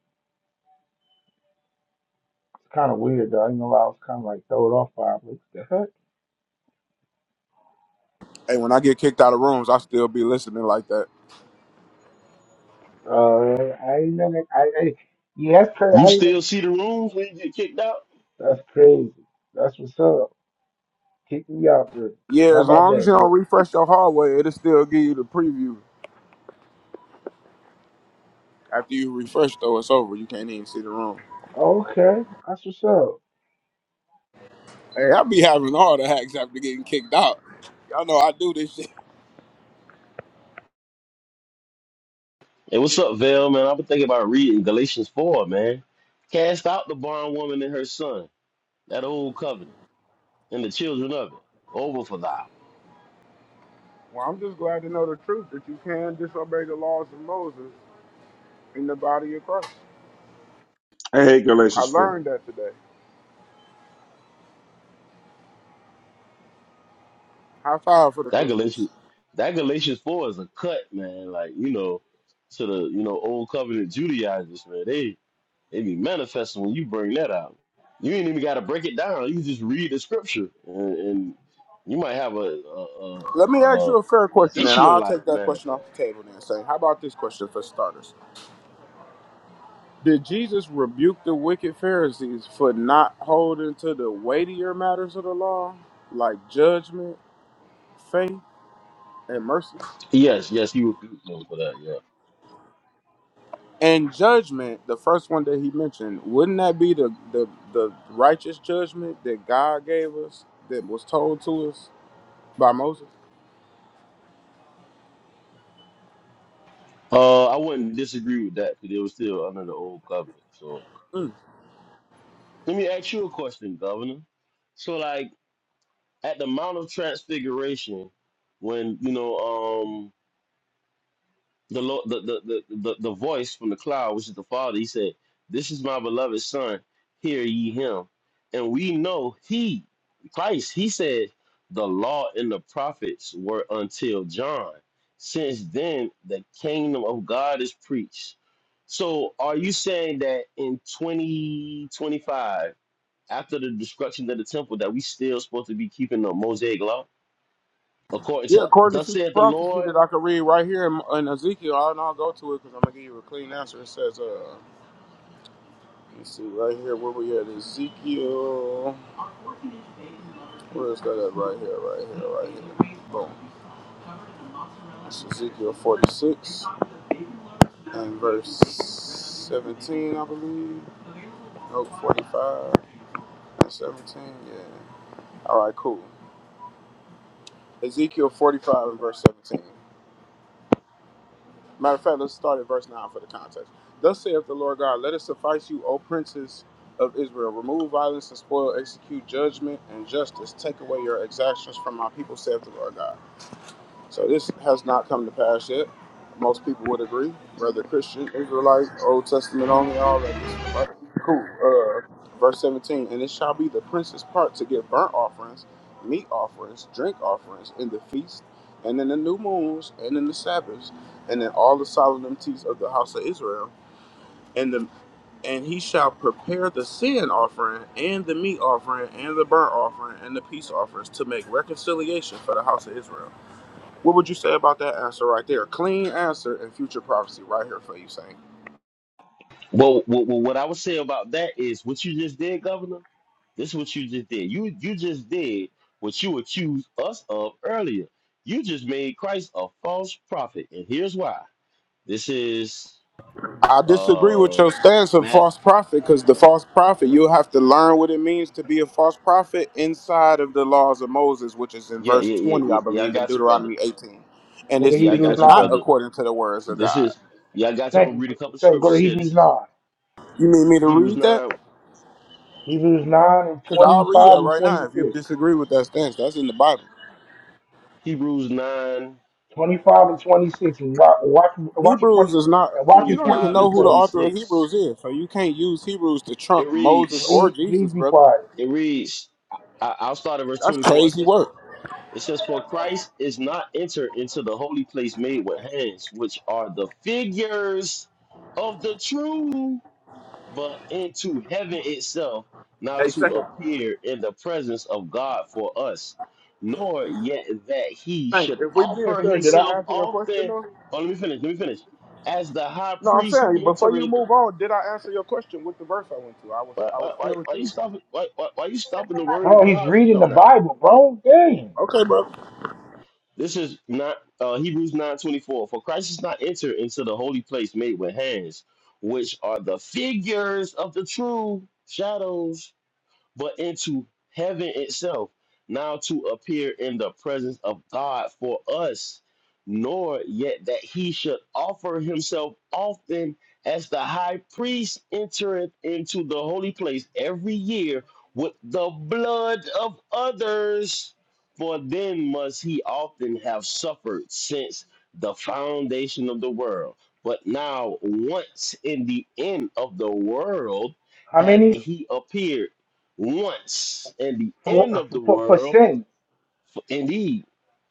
Speaker 14: It's kind of weird though. I ain't gonna lie. I was kind of like thrown off by it. What the heck?
Speaker 15: Hey, when I get kicked out of rooms, I still be listening like that.
Speaker 14: Uh, I ain't know that. I, I yeah, that's crazy.
Speaker 1: You
Speaker 14: I ain't know-
Speaker 1: still see the rooms when you get kicked out?
Speaker 14: that's crazy. That's what's up. Kick me out there.
Speaker 15: Yeah,
Speaker 14: How
Speaker 15: as
Speaker 14: about
Speaker 15: long as
Speaker 14: that?
Speaker 15: you don't
Speaker 14: Look.
Speaker 15: refresh your hallway, it'll still give you the preview. After you refresh, though, it's over. You can't even see the room.
Speaker 14: Okay, that's what's up.
Speaker 15: Hey, I be having all the hacks after getting kicked out. Y'all know I do this shit.
Speaker 1: Hey, what's up, Val? Man, I've been thinking about reading Galatians four, man. Cast out the barnwoman and her son, that old covenant, and the children of it, over for thou.
Speaker 15: Well, I'm just glad to know the truth that you can disobey the laws of Moses in the body of Christ.
Speaker 12: I hate
Speaker 15: I
Speaker 12: Galatians 4.
Speaker 15: learned that today. High five for the
Speaker 1: That
Speaker 15: Christians.
Speaker 1: Galatians, that Galatians four is a cut, man. Like you know, to the you know old covenant Judaizers, man. They they be manifesting when you bring that out. You ain't even got to break it down. You just read the scripture, and, and you might have a a, a,
Speaker 15: Let me
Speaker 1: a,
Speaker 15: ask
Speaker 1: a
Speaker 15: you a fair
Speaker 1: a
Speaker 15: question, then. I'll take
Speaker 1: Ishmaelite
Speaker 15: that question
Speaker 1: manifest.
Speaker 15: off the table, then. Say, how about this question for starters? Did Jesus rebuke the wicked Pharisees for not holding to the weightier matters of the law, like judgment, faith, and mercy?
Speaker 1: Yes, yes, he rebuked them for that. Yeah.
Speaker 15: And judgment, the first one that he mentioned, wouldn't that be the, the, the righteous judgment that God gave us, that was told to us by Moses?
Speaker 1: Uh, I wouldn't disagree with that because they were still under the old covenant. So yeah.
Speaker 15: Mm.
Speaker 1: let me ask you a question, Governor. So like. at the Mount of Transfiguration, when you know um, the, Lord, the, the the the the voice from the cloud, which is the Father, he said, "This is my beloved Son; hear ye him." And we know he, Christ, he said, "The law and the prophets were until John. Since then, the kingdom of God is preached." So, are you saying that in twenty twenty five, after the destruction of the temple, that we still supposed to be keeping the Mosaic law? according
Speaker 15: Yeah,
Speaker 1: to
Speaker 15: according to
Speaker 1: thus
Speaker 15: future
Speaker 1: said the
Speaker 15: prophecy
Speaker 1: Lord.
Speaker 15: that I could read right here in, in Ezekiel, I'll, and I'll go to it because I'm going to give you a clean answer. It says, uh, let me see, right here, where we at? Ezekiel. Where is that at? Right here, right here, right here. Boom. It's Ezekiel 46 and verse 17, I believe. Nope, 45 and 17. Yeah. All right, cool. Ezekiel 45 and verse 17. Matter of fact, let's start at verse 9 for the context. Thus saith the Lord God, let it suffice you, O princes of Israel. Remove violence and spoil, execute judgment and justice. Take away your exactions from my people, saith the Lord God. So this has not come to pass yet. Most people would agree, whether Christian, Israelite, Old Testament only, all that good stuff, right? Cool. Uh, verse 17, and it shall be the prince's part to give burnt offerings, meat offerings, drink offerings in the feast, and in the new moons, and in the Sabbaths, and in all the solemnities of the house of Israel, and the and he shall prepare the sin offering and the meat offering and the burnt offering and the peace offerings to make reconciliation for the house of Israel. What would you say about that answer right there? Clean answer and future prophecy right here for you, Saint.
Speaker 1: Well, well, well, what I would say about that is what you just did, Governor. This is what you just did. You you just did what you accused us of earlier. You just made Christ a false prophet, and here's why. This is
Speaker 15: I disagree with
Speaker 1: uh
Speaker 15: your stance of
Speaker 1: Matt.
Speaker 15: false prophet because the false prophet, you have to learn what it means to be a false prophet inside of the laws of Moses, which is in
Speaker 1: Yeah,
Speaker 15: verse
Speaker 1: yeah, yeah,
Speaker 15: 20,
Speaker 1: yeah.
Speaker 15: I
Speaker 1: yeah, I
Speaker 15: believe, in
Speaker 1: got you, brother.
Speaker 15: Deuteronomy 18. And
Speaker 14: Go to
Speaker 15: it's
Speaker 1: Yeah, I
Speaker 15: speaking
Speaker 14: Hebrews
Speaker 1: got you,
Speaker 15: not
Speaker 14: nine.
Speaker 1: brother.
Speaker 15: according to the words of
Speaker 1: This
Speaker 15: God.
Speaker 1: is yeah, I got you. I'm gonna
Speaker 14: Thank,
Speaker 1: read a couple of
Speaker 14: thank. Go
Speaker 1: scriptures
Speaker 14: to
Speaker 1: here. This
Speaker 14: Hebrews
Speaker 1: is
Speaker 14: nine.
Speaker 15: You need me to
Speaker 1: Hebrews
Speaker 15: read
Speaker 1: nine,
Speaker 15: that?
Speaker 14: Hebrews nine and
Speaker 15: Because I'll
Speaker 14: twenty
Speaker 15: read
Speaker 14: five
Speaker 15: that
Speaker 14: and
Speaker 15: right now
Speaker 14: twenty
Speaker 15: if you
Speaker 14: six.
Speaker 15: disagree with that stance. That's in the Bible.
Speaker 1: Hebrews nine,
Speaker 14: Twenty five and twenty six. And watch, watch, watch your
Speaker 15: Hebrews
Speaker 14: twenty.
Speaker 15: is not.
Speaker 14: And watch
Speaker 1: twenty
Speaker 15: You
Speaker 14: your
Speaker 15: don't
Speaker 14: twenty
Speaker 15: even
Speaker 1: five
Speaker 15: know
Speaker 14: six
Speaker 1: and
Speaker 15: who the
Speaker 14: says.
Speaker 1: twenty
Speaker 15: author of
Speaker 1: six.
Speaker 15: Hebrews is, so you can't use Hebrews to
Speaker 1: It
Speaker 15: trump Moses
Speaker 1: reads.
Speaker 15: or
Speaker 14: Please, please
Speaker 15: Jesus,
Speaker 14: be
Speaker 15: brother.
Speaker 14: quiet.
Speaker 1: It reads, I, I- will start at verse
Speaker 15: That's
Speaker 1: 24. It
Speaker 15: crazy
Speaker 1: says,
Speaker 15: work.
Speaker 1: it says, For Christ is not entered into the holy place made with hands, which are the figures of the true, but into heaven itself, now
Speaker 15: Hey,
Speaker 1: to
Speaker 15: second.
Speaker 1: appear in the presence of God for us. Nor yet that he
Speaker 15: Thanks.
Speaker 1: should
Speaker 15: If we being
Speaker 1: offer
Speaker 15: fair, did I
Speaker 1: himself
Speaker 15: answer your question
Speaker 1: often.
Speaker 15: though?
Speaker 1: Oh, let me finish. Let me finish. As the high
Speaker 15: No, I'm
Speaker 1: priest
Speaker 15: saying before you
Speaker 1: entereth.
Speaker 15: move on, did I answer your question with the verse I went to? I was
Speaker 1: Why,
Speaker 15: I
Speaker 1: why,
Speaker 15: was fair
Speaker 1: why,
Speaker 15: with
Speaker 1: why you
Speaker 15: you.
Speaker 1: stopping? Why, why, why you stopping the word
Speaker 14: Bro,
Speaker 1: of
Speaker 14: he's
Speaker 1: God from
Speaker 14: reading the
Speaker 1: coming out?
Speaker 14: Bible, bro. Dang.
Speaker 15: Okay, bro.
Speaker 1: This is not uh, Hebrews nine twenty four. For Christ is not entered into the holy place made with hands, which are the figures of the true shadows but into heaven itself, now to appear in the presence of God for us, nor yet that he should offer himself often as the high priest entereth into the holy place every year with the blood of others. For then must he often have suffered since the foundation of the world. But now, once in the end of the world,
Speaker 14: How
Speaker 1: hath
Speaker 14: many
Speaker 1: he appeared once, and the
Speaker 14: for
Speaker 1: end of the
Speaker 14: for, for
Speaker 1: world.
Speaker 14: sin?
Speaker 1: Indeed,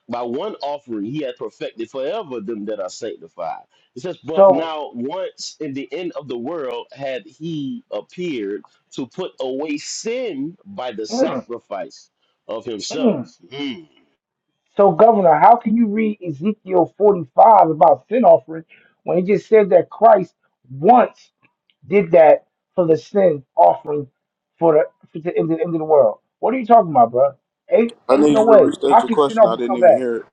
Speaker 1: by one offering he hath perfected forever them that are sanctified. It says, But
Speaker 14: So.
Speaker 1: now once in the end of the world had he appeared to put away sin by the
Speaker 14: mm,
Speaker 1: sacrifice of himself.
Speaker 14: mm.
Speaker 1: Hmm.
Speaker 14: So, Governor, how can you read Ezekiel 45 about sin offering when it just says that Christ once did that for the sin offering for the, for the, end, of, the end of the world? What are you talking about, bro? Ain't,
Speaker 15: I
Speaker 14: ain't
Speaker 15: need
Speaker 14: no
Speaker 15: you to
Speaker 14: way. How
Speaker 15: restate your
Speaker 14: can sin
Speaker 15: question. I
Speaker 14: offering
Speaker 15: didn't
Speaker 14: come
Speaker 15: even
Speaker 14: back?
Speaker 15: hear it.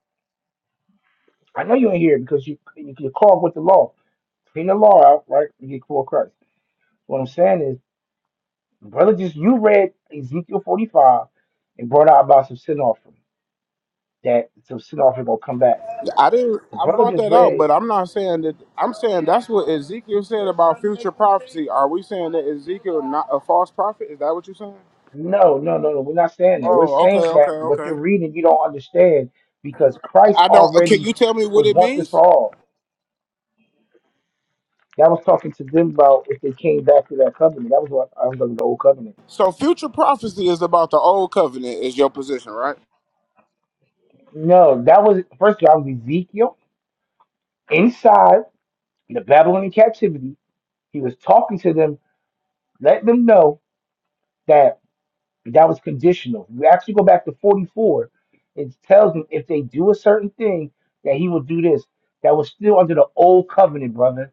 Speaker 14: I know you ain't here because you, you, you're called with the law. Clean the law out, right? You get called Christ. What I'm saying is, brother, just you read Ezekiel 45 and brought out about some sin offering, that some sin offering going to come back.
Speaker 15: I didn't.
Speaker 14: The
Speaker 15: I
Speaker 14: brother
Speaker 15: brought
Speaker 14: just
Speaker 15: that out,
Speaker 14: read.
Speaker 15: but I'm not saying that. I'm saying that's what Ezekiel said about future prophecy. Are we saying that Ezekiel not a false prophet? Is that what you're saying?
Speaker 14: No, no, no, no. We're not saying that. We're
Speaker 15: Oh, okay,
Speaker 14: saying
Speaker 15: okay,
Speaker 14: that what you're
Speaker 15: okay.
Speaker 14: reading, you don't understand because Christ
Speaker 15: I don't. Can
Speaker 14: already
Speaker 15: you tell me what
Speaker 14: was
Speaker 15: it
Speaker 14: once and for
Speaker 15: means?
Speaker 14: all. That was talking to them about if they came back to that covenant. That was what I was talking about the old covenant.
Speaker 15: So, future prophecy is about the old covenant. Is your position right?
Speaker 14: No, that was first of all, that was Ezekiel inside the Babylonian captivity. He was talking to them, letting them know that that was conditional. You actually go back to 44. It tells them if they do a certain thing, that he will do this. That was still under the old covenant, brother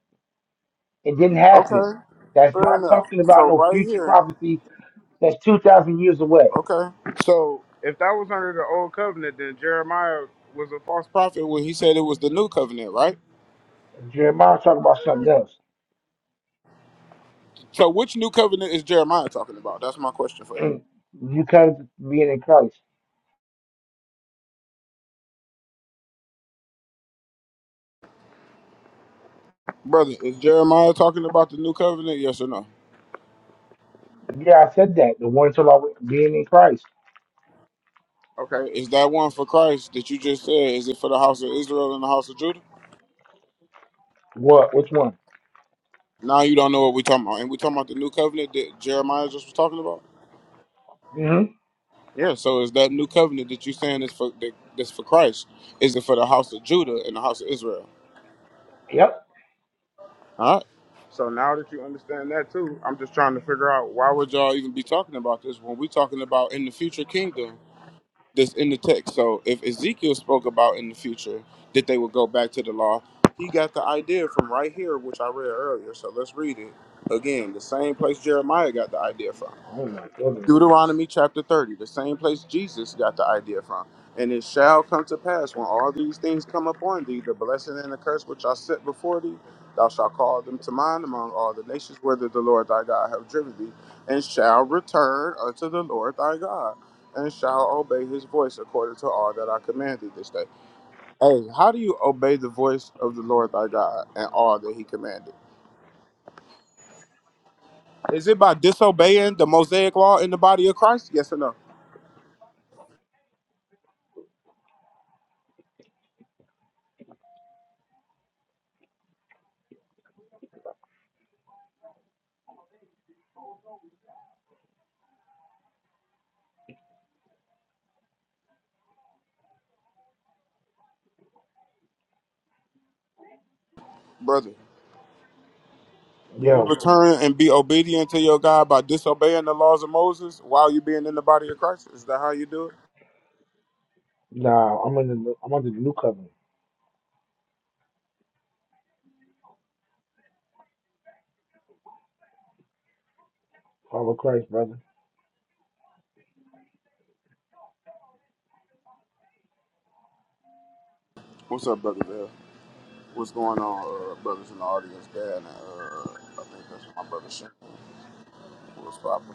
Speaker 14: It didn't happen.
Speaker 15: Okay,
Speaker 14: That's
Speaker 15: fair
Speaker 14: not
Speaker 15: enough.
Speaker 14: talking
Speaker 15: So
Speaker 14: about no
Speaker 15: right
Speaker 14: future
Speaker 15: here,
Speaker 14: prophecy that's 2,000 years away.
Speaker 15: okay. So if that was under the old covenant, then Jeremiah was a false prophet when he said it was the new covenant, right?
Speaker 14: Jeremiah's talking about something else.
Speaker 15: So which new covenant is Jeremiah talking about? That's my question for you,
Speaker 14: you come to being in Christ.
Speaker 15: brother. Is Jeremiah talking about the new covenant? Yes or no?
Speaker 14: Yeah, I said that. The one talking about being in Christ.
Speaker 15: Okay. Is that one for Christ that you just said? Is it for the house of Israel and the house of Judah?
Speaker 14: What? Which one?
Speaker 15: Now you don't know what we're talking about, and we talking about the new covenant that Jeremiah just was talking about.
Speaker 14: hmm
Speaker 15: Yeah, so is that new covenant that you're saying is for that, that's for Christ? Is it for the house of Judah and the house of Israel?
Speaker 14: Yep.
Speaker 15: All right. So now that you understand that too, I'm just trying to figure out why would y'all even be talking about this when we're talking about in the future kingdom that's in the text. So if Ezekiel spoke about in the future that they would go back to the law, he got the idea from right here, which I read earlier. So let's read it again. The same place Jeremiah got the idea from.
Speaker 14: Oh my goodness.
Speaker 15: Deuteronomy chapter 30, the same place Jesus got the idea from. And it shall come to pass when all these things come upon thee, the blessing and the curse which I set before thee, thou shalt call them to mind among all the nations whither the Lord thy God have driven thee, and shall return unto the Lord thy God, and shall obey his voice according to all that I command thee this day. Hey, how do you obey the voice of the Lord thy God and all that he commanded? Is it by disobeying the Mosaic law in the body of Christ? Yes or no, brother? Do you
Speaker 14: Yo,
Speaker 15: return and be obedient to your God by disobeying the laws of Moses while you being in the body of Christ? Is that how you do it?
Speaker 14: nah, I'm in the I'm under the new covenant. Follow Christ, brother.
Speaker 15: What's up, brother Bill? What's going on, uh, brothers in the audience? Dad, and, uh, I think that's my brother Shane. What's poppin'?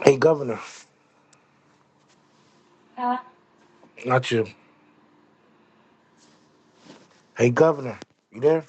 Speaker 14: Hey governor. Not you. Hey governor. You there?